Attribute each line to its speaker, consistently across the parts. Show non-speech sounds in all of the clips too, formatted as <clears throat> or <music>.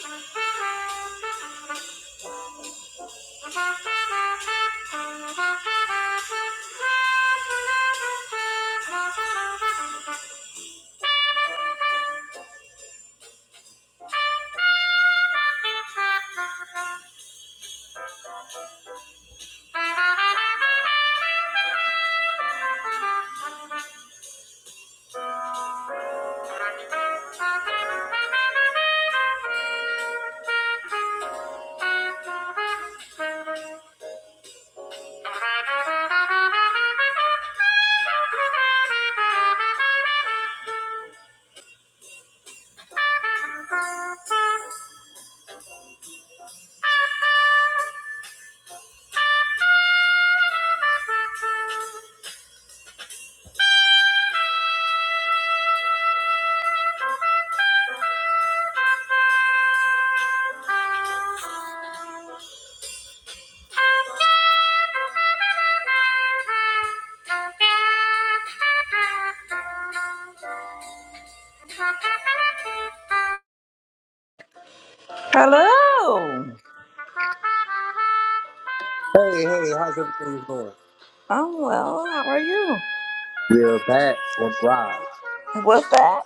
Speaker 1: Thank you. Thank you. Hello.
Speaker 2: Hey, hey, how's everything going?
Speaker 1: I'm well. How are you?
Speaker 2: We're back on Thrive.
Speaker 1: What's that?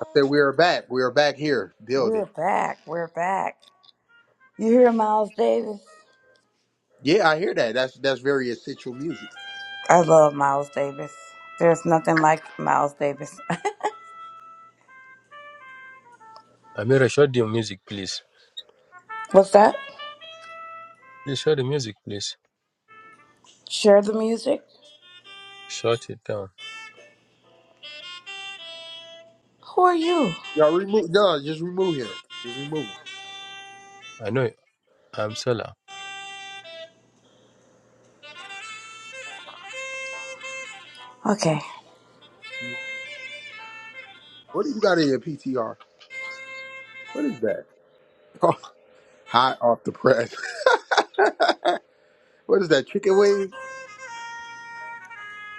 Speaker 2: I said we are back. We are back here
Speaker 1: We're
Speaker 2: building.
Speaker 1: back. We're back. You hear Miles Davis?
Speaker 2: Yeah, I hear that. That's that's very essential music.
Speaker 1: I love Miles Davis. There's nothing like Miles Davis.
Speaker 3: Amira, shut the music, please.
Speaker 1: <laughs> What's that?
Speaker 3: Please shut the music, please.
Speaker 1: Share the music.
Speaker 3: Shut it down.
Speaker 1: Who are you?
Speaker 2: Y'all remove no, just remove him. Just remove him.
Speaker 3: I know I'm Salah.
Speaker 1: Okay.
Speaker 2: Mm-hmm. What do you got in your PTR? What is that? <laughs> hot off the press. <laughs> what is that? Chicken wings?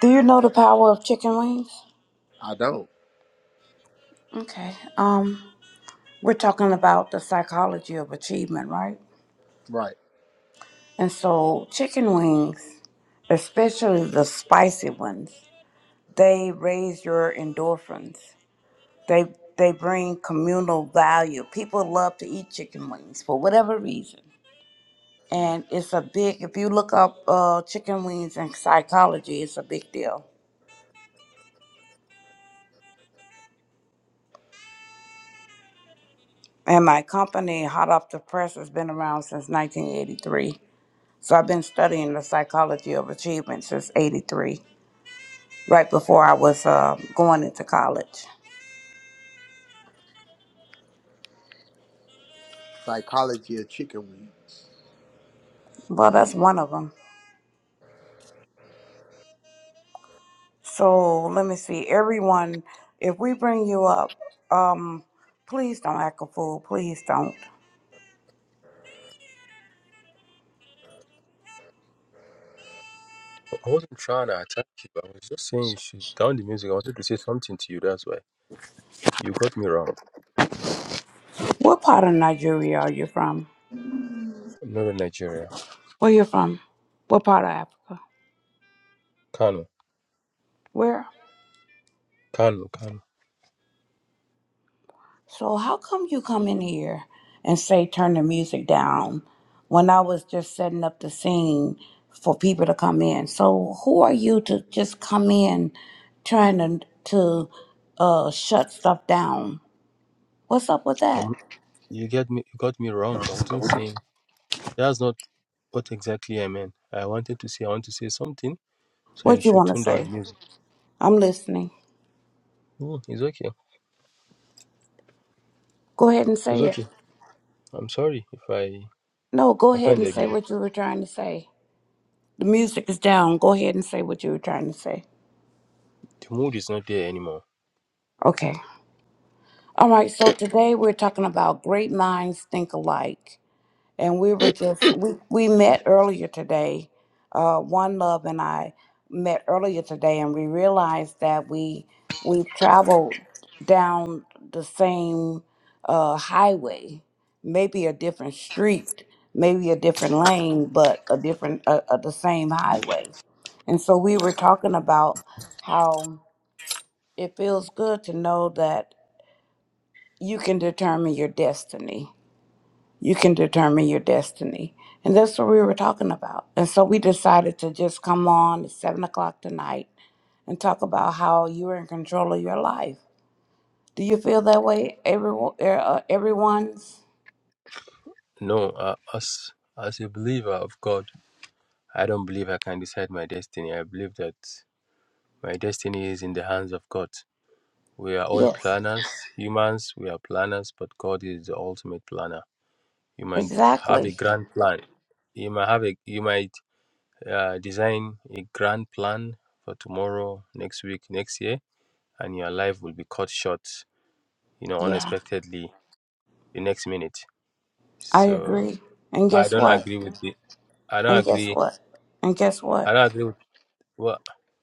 Speaker 1: Do you know the power of chicken wings?
Speaker 2: I don't.
Speaker 1: Okay. Um, we're talking about the psychology of achievement, right?
Speaker 2: Right.
Speaker 1: And so, chicken wings, especially the spicy ones, they raise your endorphins. They they bring communal value. People love to eat chicken wings for whatever reason,
Speaker 2: right.
Speaker 1: and it's a big. If you look up uh, chicken wings and psychology, it's a big deal. And my company, Hot Off the Press, has been around since 1983. So I've been studying the psychology of achievement since 83, right before I was uh, going into college.
Speaker 2: Psychology of chicken wings.
Speaker 1: Well, that's one of them. So let me see. Everyone, if we bring you up, um, please don't act a fool. Please don't.
Speaker 3: I wasn't trying to attack you. I was just saying you should down the music. I wanted to say something to you. That's why you got me wrong.
Speaker 1: What part of Nigeria are you from?
Speaker 3: Not in Nigeria.
Speaker 1: Where you from? What part of Africa?
Speaker 3: Kano,
Speaker 1: Where?
Speaker 3: Kano, Kano.
Speaker 1: So how come you come in here and say turn the music down when I was just setting up the scene for people to come in? So who are you to just come in trying to to uh shut stuff down? What's up with that?
Speaker 3: Um, you get me. You got me wrong. I wasn't saying. That's not what exactly I meant. I wanted to say. I want to say something. So you
Speaker 1: What you
Speaker 3: should
Speaker 1: want to
Speaker 3: tune down
Speaker 1: say?
Speaker 3: the music.
Speaker 1: I'm listening.
Speaker 3: Oh, it's okay.
Speaker 1: Go ahead and
Speaker 3: It's
Speaker 1: say it.
Speaker 3: okay. I'm sorry if I
Speaker 1: No, go ahead and
Speaker 3: offended
Speaker 1: say
Speaker 3: you.
Speaker 1: what you were trying to say. The music is down. Go ahead and say what you were trying to say.
Speaker 3: The mood is not there anymore.
Speaker 1: Okay. All right. So today we're talking about great minds think alike. and we were just we we met earlier today uh one love and i met earlier today and we realized that we we traveled down the same uh highway maybe a different street maybe a different lane but a different uh, uh, the same highway and so we were talking about how it feels good to know that you can determine your destiny you can determine your destiny. And that's what we were talking about. And so we decided to just come on at seven o'clock tonight and talk about how you are in control of your life. Do you feel that way? Everyone, er, uh, everyone's.
Speaker 3: No, uh, as as a believer of God, I don't believe I can decide my destiny. I believe that my destiny is in the hands of God. We are all
Speaker 1: Yes.
Speaker 3: planners, humans. We are planners, but God is the ultimate planner. You might have a
Speaker 1: Exactly.
Speaker 3: grand plan. You might have a you might uh, design a grand plan for tomorrow, next week, next year, and your life will be cut short. You know,
Speaker 1: Yeah,
Speaker 3: unexpectedly, the next minute.
Speaker 1: I
Speaker 3: So
Speaker 1: agree. And
Speaker 3: I
Speaker 1: guess
Speaker 3: don't
Speaker 1: what?
Speaker 3: agree with the. I don't
Speaker 1: And guess
Speaker 3: agree.
Speaker 1: what? And guess what?
Speaker 3: I don't agree with. well,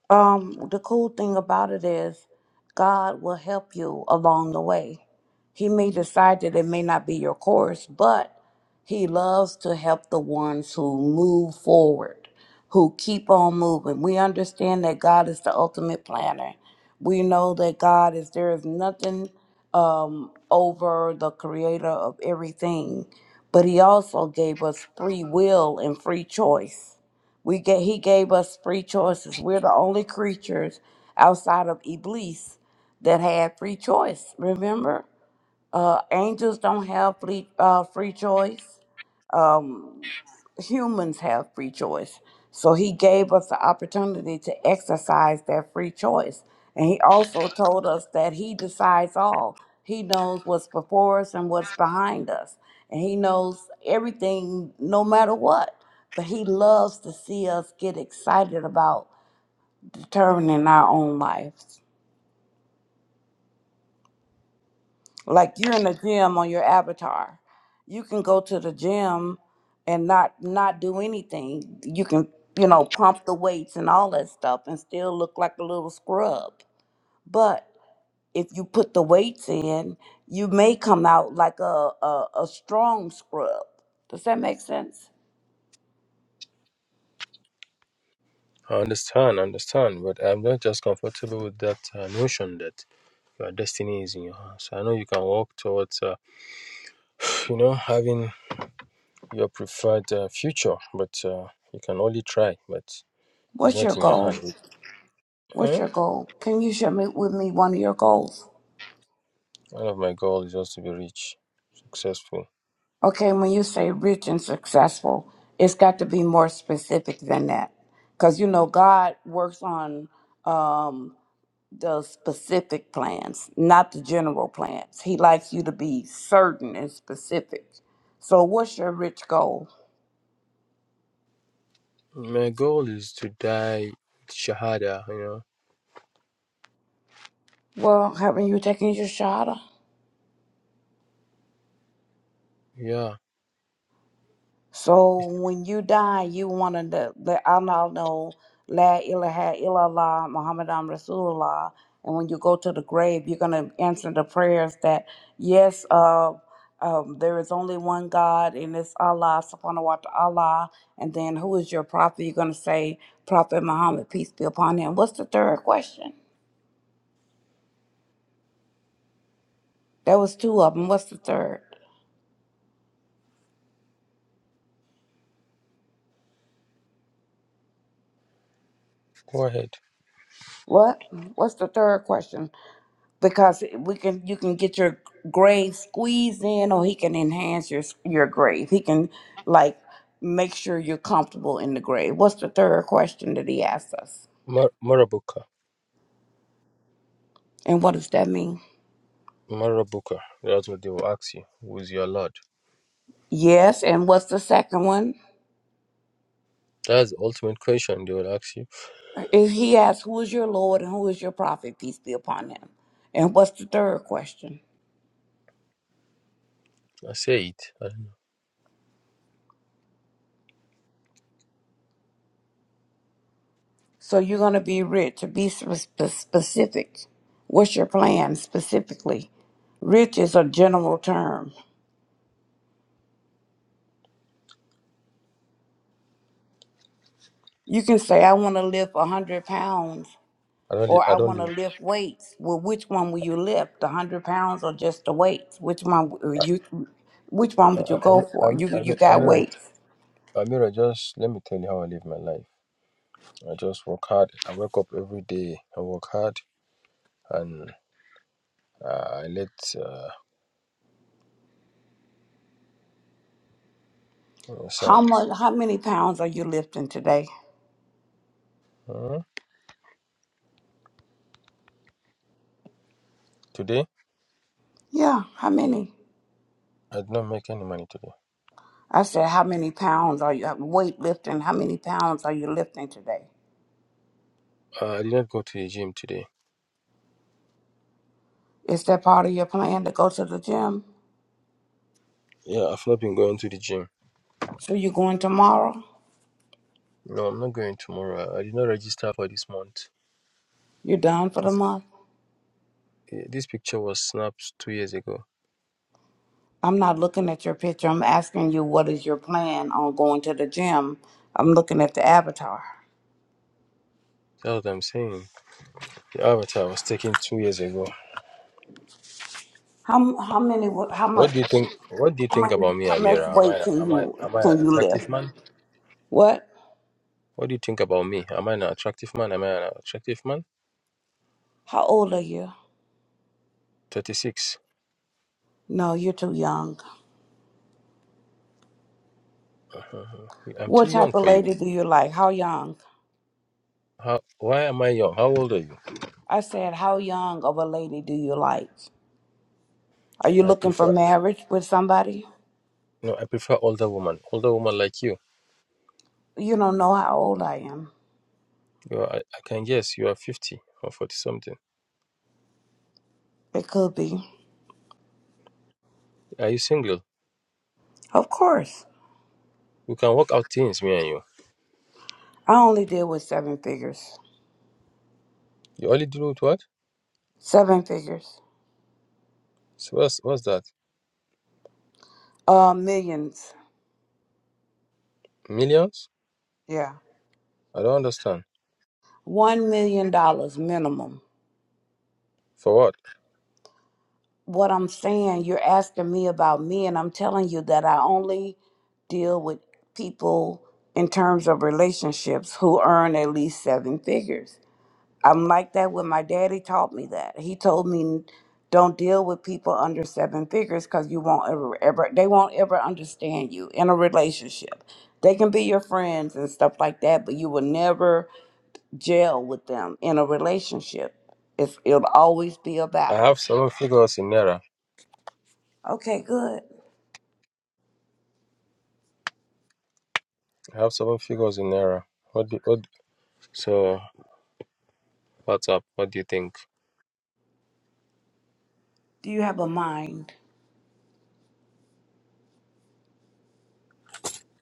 Speaker 1: Um, the cool thing about it is God will help you along the way. He may decide that it may not be your course, but he loves to help the ones who move forward, who keep on moving. We understand that God is the ultimate planner. We know that God is there is nothing um over the creator of everything, but he also gave us free will and free choice we get, he gave us free choices. We're the only creatures outside of Iblis that had free choice. Remember, uh, angels don't have free, uh, free choice um, humans have free choice. So he gave us the opportunity to exercise that free choice. And he also told us that he decides all. He knows what's before us and what's behind us. And he knows everything no matter what. But he loves to see us get excited about determining our own life. like you're in the gym on your avatar you can go to the gym and not not do anything you can you know pump the weights and all that stuff and still look like a little scrub but if you put the weights in you may come out like a a, a strong scrub does that make sense
Speaker 3: I understand, understand, but I'm not just comfortable with that uh, notion that your destiny is in your hands. I know you can walk towards, uh, you know, having your preferred uh, future, but uh, you can only try, but it's
Speaker 1: what's
Speaker 3: not
Speaker 1: your
Speaker 3: in your
Speaker 1: goal
Speaker 3: hand.
Speaker 1: what's
Speaker 3: Eh?
Speaker 1: your goal can you share me, with me one of your goals
Speaker 3: One of my goals is just to be rich, successful.
Speaker 1: Okay, when you say rich and successful, it's got to be more specific than that. Because, you know, God works on um, the specific plans, not the general plans. He likes you to be certain and specific. So, what's your rich goal?
Speaker 3: My goal is to die with shahada, you know.
Speaker 1: Well, haven't you taken your shot?
Speaker 3: Yeah,
Speaker 1: So when you die, you want to the, the Allah know La ilaha illallah Muhammadan Rasulullah. And when you go to the grave, you're gonna answer the prayers that yes, uh, um, there is only one God, and it's Allah Subhanahu wa Taala. And then who is your prophet? You're gonna say Prophet Muhammad, peace be upon him. What's the third question? There was two of them. What's the third?
Speaker 3: go ahead.
Speaker 1: What? What's the third question? because we can you can get your grave squeezed in or he can enhance your your grave he can like make sure you're comfortable in the grave what's the third question that he asked us
Speaker 3: Mar- Marabuka,
Speaker 1: and what does that mean
Speaker 3: Marabuka, that's what they will ask you. Who is your Lord?
Speaker 1: yes and what's the second one
Speaker 3: That's the ultimate question they will ask you.
Speaker 1: if he asked who is your lord and who is your prophet peace be upon him and what's the third question
Speaker 3: I say it.
Speaker 1: so you're going to be rich be spe- spe- specific what's your plan specifically rich is a general term You can say, I want to lift 100 pounds
Speaker 3: I don't live.
Speaker 1: or
Speaker 3: I
Speaker 1: I
Speaker 3: don't
Speaker 1: want to
Speaker 3: live.
Speaker 1: lift weights. Well, which one will you lift, the 100 pounds or just the weights? Which one w- you which one
Speaker 3: I,
Speaker 1: would
Speaker 3: I,
Speaker 1: you go
Speaker 3: I,
Speaker 1: for? You
Speaker 3: I,
Speaker 1: you
Speaker 3: I,
Speaker 1: got
Speaker 3: Amira,
Speaker 1: weights.
Speaker 3: Amira, just let me tell you how I live my life. I just work hard. I wake up every day. I work hard, and uh, I let. Uh, uh, sir,
Speaker 1: How much how many pounds are you lifting today?
Speaker 3: hmm? today
Speaker 1: Yeah, how many?
Speaker 3: I did not make any money today.
Speaker 1: I said, how many pounds are you weight lifting? How many pounds are you lifting today?
Speaker 3: Uh, I did not go to the gym today.
Speaker 1: Is that part of your plan to go to the gym?
Speaker 3: Yeah, I've not been going to the gym.
Speaker 1: So you're going tomorrow?
Speaker 3: No, I'm not going tomorrow. I did not register for this month.
Speaker 1: You're done for the month?
Speaker 3: Eh, This picture was snapped two years ago.
Speaker 1: I'm not looking at your picture. I'm asking you what is your plan on going to the gym. I'm looking at the avatar.
Speaker 3: That's what I'm saying. The avatar was taken two years ago.
Speaker 1: How how many how
Speaker 3: What
Speaker 1: much
Speaker 3: do you think? What do you
Speaker 1: how
Speaker 3: think
Speaker 1: many
Speaker 3: about me,
Speaker 1: how much
Speaker 3: Amira? Am
Speaker 1: weight
Speaker 3: I
Speaker 1: can
Speaker 3: am
Speaker 1: you
Speaker 3: I am I
Speaker 1: can
Speaker 3: an
Speaker 1: you lift?
Speaker 3: attractive man?
Speaker 1: What?
Speaker 3: What do you think about me? Am I an attractive man? Am I an attractive man?
Speaker 1: How old are you?
Speaker 3: Thirty six.
Speaker 1: No, you're too young.
Speaker 3: I'm too
Speaker 1: What
Speaker 3: young
Speaker 1: type of
Speaker 3: for you.
Speaker 1: lady do you like? How young?
Speaker 3: How? Why am I young? How old are you?
Speaker 1: I said, how young of a lady do you like? Are you
Speaker 3: I
Speaker 1: looking for
Speaker 3: prefer
Speaker 1: marriage with somebody?
Speaker 3: no. I prefer older woman. Older woman like you.
Speaker 1: You don't know how old I am.
Speaker 3: You are. I, I can guess you are fifty or forty something.
Speaker 1: It could be.
Speaker 3: Are you single?
Speaker 1: Of course.
Speaker 3: We can work out things, me and you.
Speaker 1: I only deal with seven figures.
Speaker 3: You only do with what?
Speaker 1: Seven figures.
Speaker 3: So what's what's that?
Speaker 1: Uh, millions.
Speaker 3: Millions?
Speaker 1: Yeah.
Speaker 3: I don't understand.
Speaker 1: One million dollars minimum.
Speaker 3: For what?
Speaker 1: What I'm saying, you're asking me about me, and I'm telling you that I only deal with people in terms of relationships who earn at least seven figures. I'm like that when my daddy taught me that. He told me don't deal with people under seven figures because you won't ever ever they won't ever understand you in a relationship. They can be your friends and stuff like that, but you will never jail with them in a relationship. It's, it'll always be a
Speaker 3: I
Speaker 1: battle.
Speaker 3: have seven figures in naira.
Speaker 1: Okay, good.
Speaker 3: I have seven figures in Naira. What do, what so what's up? What do you think?
Speaker 1: Do you have a mind,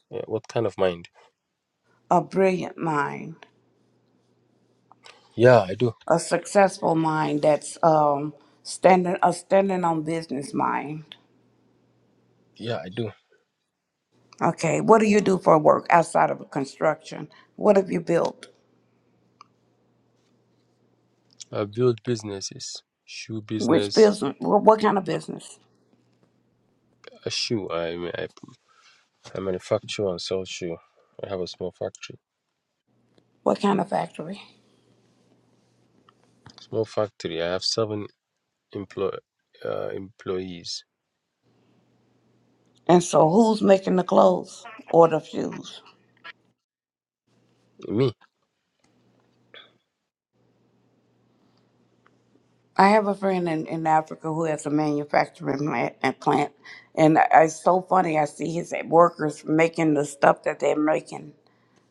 Speaker 3: Yeah, what kind of mind?
Speaker 1: a brilliant mind,
Speaker 3: Yeah, I do.
Speaker 1: a successful mind that's um, standing a standing on business mind?
Speaker 3: Yeah, I do.
Speaker 1: Okay, what do you do for work outside of construction? What have you built?
Speaker 3: I build businesses. Shoe
Speaker 1: Which
Speaker 3: business,
Speaker 1: business? What, what kind of business?
Speaker 3: a shoe. I ma- I, I manufacture and sell shoe. I have a small factory.
Speaker 1: What kind of factory?
Speaker 3: Small factory. I have seven employ uh, employees.
Speaker 1: And so, who's making the clothes or the shoes?
Speaker 3: Me.
Speaker 1: I have a friend in, in Africa who has a manufacturing plant, and plant, and I, it's so funny. I see his workers making the stuff that they're making.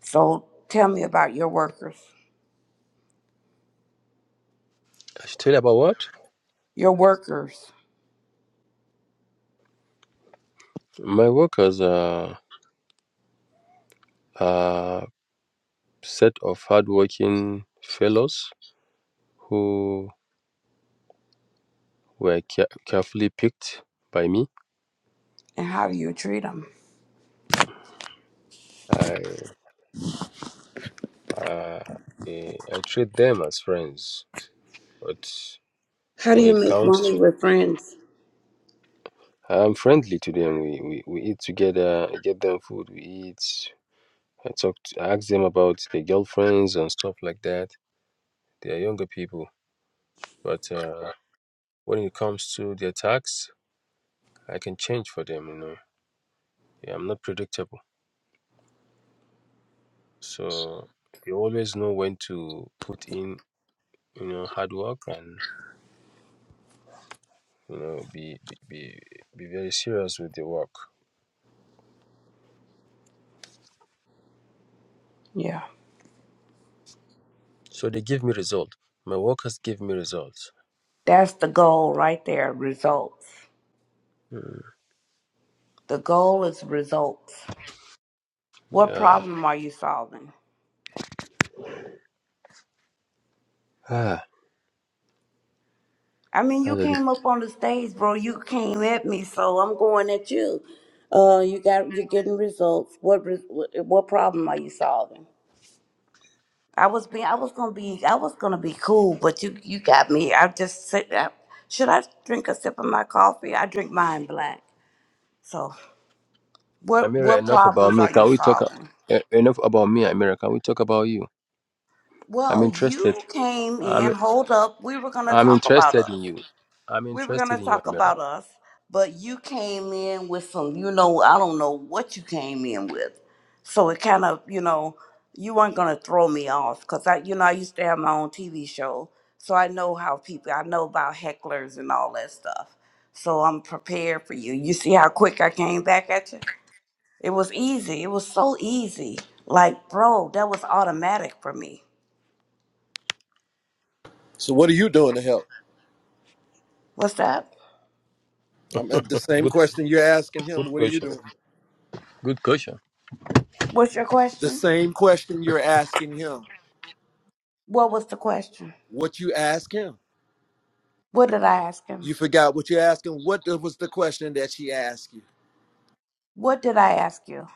Speaker 1: So tell me about your workers,
Speaker 3: I should tell you about what?
Speaker 1: your workers,
Speaker 3: My workers are a set of hardworking fellows who were care- carefully picked by me.
Speaker 1: and how do you treat them?
Speaker 3: I. Uh, eh, I treat them as friends, but
Speaker 1: How do
Speaker 3: when
Speaker 1: you
Speaker 3: it
Speaker 1: make
Speaker 3: comes
Speaker 1: money
Speaker 3: to,
Speaker 1: with friends?
Speaker 3: I'm friendly to them. We, we, we eat together, I get them food, we eat. I talk, to, I ask them about their girlfriends and stuff like that. They are younger people, but uh, when it comes to their tax, I can change for them, you know. Yeah, I'm not predictable. So you always know when to put in, you know, hard work and, you know, be, be, be, be very serious with the work.
Speaker 1: Yeah,
Speaker 3: So they give me result. My workers give me results.
Speaker 1: that's the goal right there. Results.
Speaker 3: Mm,
Speaker 1: The goal is results. What
Speaker 3: yeah.
Speaker 1: problem are you solving?
Speaker 3: Ah,
Speaker 1: I mean, you
Speaker 3: that's a diff-
Speaker 1: came up on the stage, bro. You came at me, so I'm going at you. Uh, you got you're getting results. What re- what what problem are you solving? I was being I was gonna be I was gonna be cool, but you you got me. I just sit. I, should I drink a sip of my coffee? I drink mine black. So what
Speaker 3: Amira,
Speaker 1: what
Speaker 3: enough about
Speaker 1: problems
Speaker 3: me.
Speaker 1: are you
Speaker 3: Can we talk a-
Speaker 1: solving?
Speaker 3: e- enough about me, Amira? Can we talk about you? I'm
Speaker 1: Well,
Speaker 3: interested.
Speaker 1: you came in.
Speaker 3: I'm
Speaker 1: Hold up, we were gonna
Speaker 3: I'm
Speaker 1: talk about
Speaker 3: interested
Speaker 1: us.
Speaker 3: in you. I'm
Speaker 1: we were going to
Speaker 3: interested in you,
Speaker 1: talk
Speaker 3: Amira.
Speaker 1: about us, but you came in with some, you know, I don't know what you came in with. So it kind of, you know, you weren't going to throw me off because I, you know, I used to have my own TV show. So I know how people, I know about hecklers and all that stuff. So I'm prepared for you. You see how quick I came back at you? It was easy. It was so easy. Like, bro, that was automatic for me.
Speaker 4: So what are you doing to help?
Speaker 1: What's that?
Speaker 4: I'm at the same
Speaker 3: Good
Speaker 4: question you're asking him.
Speaker 3: good
Speaker 4: What are you
Speaker 3: question.
Speaker 4: doing?
Speaker 3: Good question.
Speaker 1: What's your
Speaker 4: The
Speaker 1: question?
Speaker 4: same question you're asking him.
Speaker 1: What was the question?
Speaker 4: What you ask him?
Speaker 1: What did I ask him?
Speaker 4: You forgot what you asked him. What the- was the question that she asked you?
Speaker 1: What did I ask you?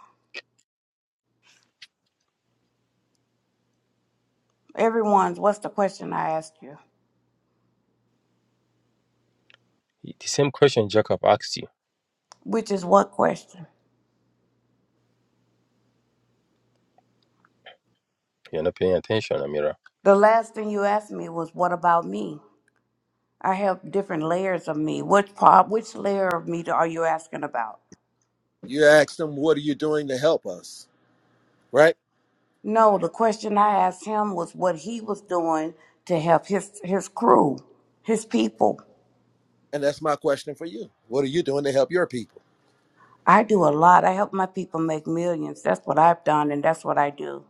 Speaker 1: Everyone's, what's the question I asked you?
Speaker 3: The same question Jacob asked you.
Speaker 1: Which is what question?
Speaker 3: You're not paying attention, Amira.
Speaker 1: The last thing you asked me was, what about me? I have different layers of me. Which part, which layer of me are you asking about?
Speaker 4: You asked him, "What are you doing to help us?" Right?
Speaker 1: No, the question I asked him was what he was doing to help his, his crew, his people.
Speaker 4: And that's my question for you. What are you doing to help your people?
Speaker 1: I do a lot. I help my people make millions. That's what I've done, and that's what I do.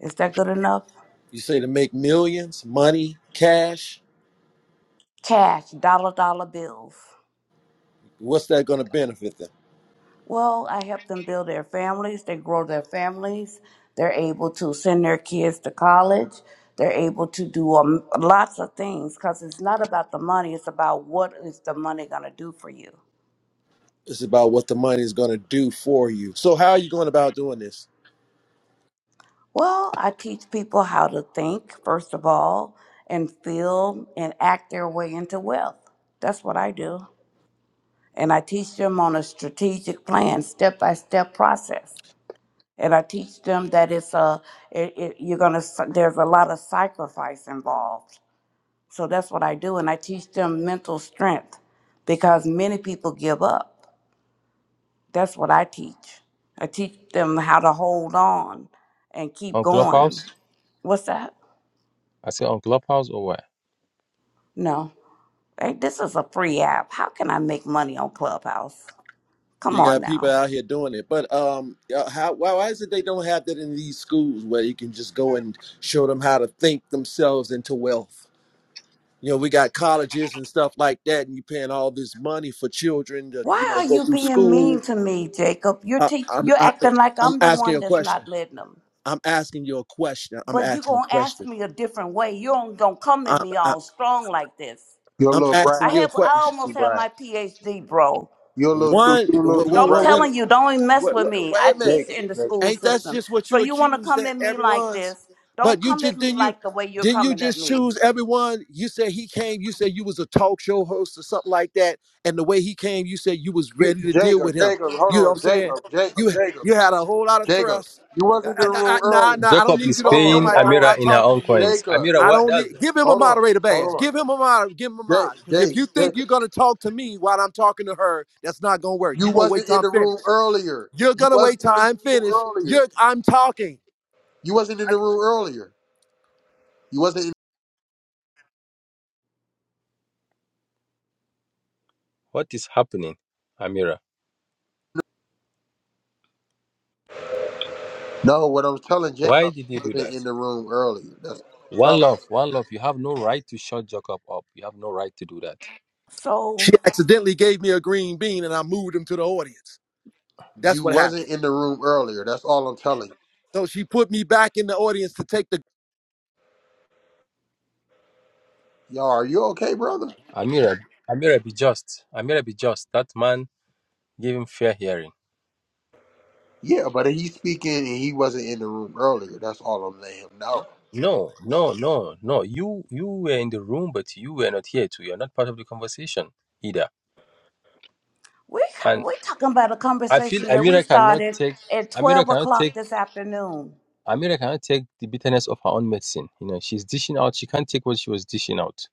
Speaker 1: Is that good enough?
Speaker 4: You say to make millions, money, cash.
Speaker 1: Cash, dollar, dollar bills.
Speaker 4: What's that going to benefit them?
Speaker 1: Well, I help them build their families. They grow their families. They're able to send their kids to college. They're able to do um, lots of things because it's not about the money, it's about what is the money going to do for you.
Speaker 4: It's about what the money is going to do for you. So how are you going about doing this?
Speaker 1: Well, I teach people how to think, first of all, and feel and act their way into wealth. That's what I do. And I teach them on a strategic plan, step by step process. and I teach them that it's a it, it, you're gonna s- there's a lot of sacrifice involved. So that's what I do, and I teach them mental strength because many people give up. That's what I teach. I teach them how to hold on and keep
Speaker 3: On
Speaker 1: going.
Speaker 3: Clubhouse?
Speaker 1: What's that?
Speaker 3: I say on Clubhouse or what?
Speaker 1: No, hey, this is a free app. How can I make money on Clubhouse? Come
Speaker 4: You
Speaker 1: on
Speaker 4: got people
Speaker 1: now.
Speaker 4: out here doing it, but um, uh, how why, why is it they don't have that in these schools where you can just go and show them how to think themselves into wealth? You know, we got colleges and stuff like that, and you paying all this money for children to you
Speaker 1: Why
Speaker 4: know
Speaker 1: are
Speaker 4: go
Speaker 1: you
Speaker 4: through
Speaker 1: being
Speaker 4: school.
Speaker 1: mean to me, Jacob? You're
Speaker 4: I,
Speaker 1: teach-
Speaker 4: I'm
Speaker 1: you're
Speaker 4: I,
Speaker 1: acting like
Speaker 4: I'm
Speaker 1: I'm the
Speaker 4: asking
Speaker 1: one
Speaker 4: you a
Speaker 1: that's
Speaker 4: question.
Speaker 1: not letting them.
Speaker 4: I'm asking you a question. I'm
Speaker 1: But you're
Speaker 4: asking a
Speaker 1: gonna ask
Speaker 4: question.
Speaker 1: me a different way. You ain't gonna come at
Speaker 4: I'm
Speaker 1: me
Speaker 4: I,
Speaker 1: all strong like this.
Speaker 2: You're a
Speaker 4: I'm
Speaker 2: little
Speaker 4: asking
Speaker 1: I
Speaker 2: brash.
Speaker 4: you a
Speaker 1: have I
Speaker 4: question.
Speaker 2: You're
Speaker 1: almost
Speaker 2: too
Speaker 1: have
Speaker 2: brash.
Speaker 1: my PhD, bro.
Speaker 2: You're a little too
Speaker 4: One,
Speaker 2: you're a little too
Speaker 1: I'm
Speaker 4: when,
Speaker 2: brash.
Speaker 1: telling you, don't even mess
Speaker 4: Wait,
Speaker 1: with
Speaker 4: wait,
Speaker 1: me.
Speaker 4: wait
Speaker 1: I
Speaker 4: a
Speaker 1: teach
Speaker 2: Jake.
Speaker 4: minute.
Speaker 1: in the
Speaker 2: Jake.
Speaker 1: school
Speaker 4: Ain't that's
Speaker 1: system.
Speaker 4: just what
Speaker 1: So
Speaker 4: you
Speaker 1: you wanna
Speaker 4: accused
Speaker 1: come
Speaker 4: that
Speaker 1: at me like
Speaker 4: everyone's?
Speaker 1: this,
Speaker 4: But
Speaker 1: don't
Speaker 4: you
Speaker 1: come at
Speaker 4: just
Speaker 1: me
Speaker 4: didn't you
Speaker 1: like the way you're
Speaker 4: didn't you
Speaker 1: coming at
Speaker 4: just
Speaker 1: me.
Speaker 4: choose everyone? You said he came, you said you was a talk show host or something like that, and the way he came, you said you was
Speaker 2: You,
Speaker 4: ready to deal
Speaker 2: Jacob,
Speaker 4: with him.
Speaker 2: Jacob, hold
Speaker 4: You know what
Speaker 2: on,
Speaker 4: I'm saying?
Speaker 2: Jacob, Jacob,
Speaker 4: You
Speaker 2: Jacob.
Speaker 4: you had a whole lot of
Speaker 2: Jacob,
Speaker 4: thrust.
Speaker 2: you
Speaker 4: I,
Speaker 2: wasn't in
Speaker 4: I,
Speaker 2: the
Speaker 4: I,
Speaker 2: room
Speaker 4: nah,
Speaker 2: early.
Speaker 4: nah, I don't
Speaker 3: Jacob
Speaker 4: need
Speaker 3: is
Speaker 4: you to
Speaker 2: Hold
Speaker 4: open your
Speaker 2: on,
Speaker 3: paying
Speaker 4: mic.
Speaker 2: hold
Speaker 4: I'm
Speaker 2: on.
Speaker 3: Amira
Speaker 4: not
Speaker 3: in her
Speaker 4: talking
Speaker 3: own
Speaker 4: to you.
Speaker 3: coins.
Speaker 2: Jacob,
Speaker 3: Amira,
Speaker 4: I
Speaker 3: what
Speaker 4: don't
Speaker 3: that's
Speaker 4: need give him a
Speaker 2: hold on,
Speaker 4: moderator
Speaker 2: hold
Speaker 4: badge.
Speaker 2: on.
Speaker 4: Give him a mod, give him a
Speaker 2: Jake,
Speaker 4: mod. Because if
Speaker 2: Jake,
Speaker 4: you think you're
Speaker 2: Jacob,
Speaker 4: gonna talk to me while I'm talking to her, that's not gonna work.
Speaker 2: you
Speaker 4: You're gonna wait
Speaker 2: wasn't
Speaker 4: till
Speaker 2: in
Speaker 4: I'm
Speaker 2: the
Speaker 4: finished.
Speaker 2: room earlier.
Speaker 4: You're
Speaker 2: You
Speaker 4: gonna wait
Speaker 2: wasn't
Speaker 4: till
Speaker 2: in the
Speaker 4: I'm
Speaker 2: room
Speaker 4: finished.
Speaker 2: earlier.
Speaker 4: You're I'm talking.
Speaker 2: You wasn't in
Speaker 4: I-
Speaker 2: the room earlier. You wasn't. In-
Speaker 3: what is happening, Amira?
Speaker 2: no, what I'm telling Jacob,
Speaker 3: Why did
Speaker 2: you
Speaker 3: you do
Speaker 2: wasn't
Speaker 3: that?
Speaker 2: in the room earlier. That's what I'm
Speaker 3: One
Speaker 2: telling
Speaker 3: love, one love. You have no right to shut Jacob up. You have no right to do that.
Speaker 4: She
Speaker 1: So
Speaker 4: accidentally gave me a green bean and I moved him to the audience.
Speaker 2: you.
Speaker 4: That's
Speaker 2: You
Speaker 4: what happened.
Speaker 2: wasn't in the room earlier. That's all I'm telling
Speaker 4: So she put me back in the audience to take the
Speaker 2: you. Y'all, are you okay, brother?
Speaker 3: Amira, Amira, be just. Amira, be just. That man gave him fair hearing.
Speaker 2: Yeah, but he's speaking and he wasn't in the room earlier. That's all I'm letting him know.
Speaker 3: No, no, no, no. You, you were in the room, but you were not here too. You're not part of the conversation either.
Speaker 1: we
Speaker 3: And
Speaker 1: we talking about a
Speaker 3: I feel
Speaker 1: conversation that we
Speaker 3: Amira cannot
Speaker 1: started
Speaker 3: take.
Speaker 1: at
Speaker 3: Amira
Speaker 1: twelve
Speaker 3: cannot
Speaker 1: o'clock
Speaker 3: take.
Speaker 1: this afternoon.
Speaker 3: Amira cannot take the bitterness of her own medicine. You know, she's dishing out. She can't take what she was dishing out.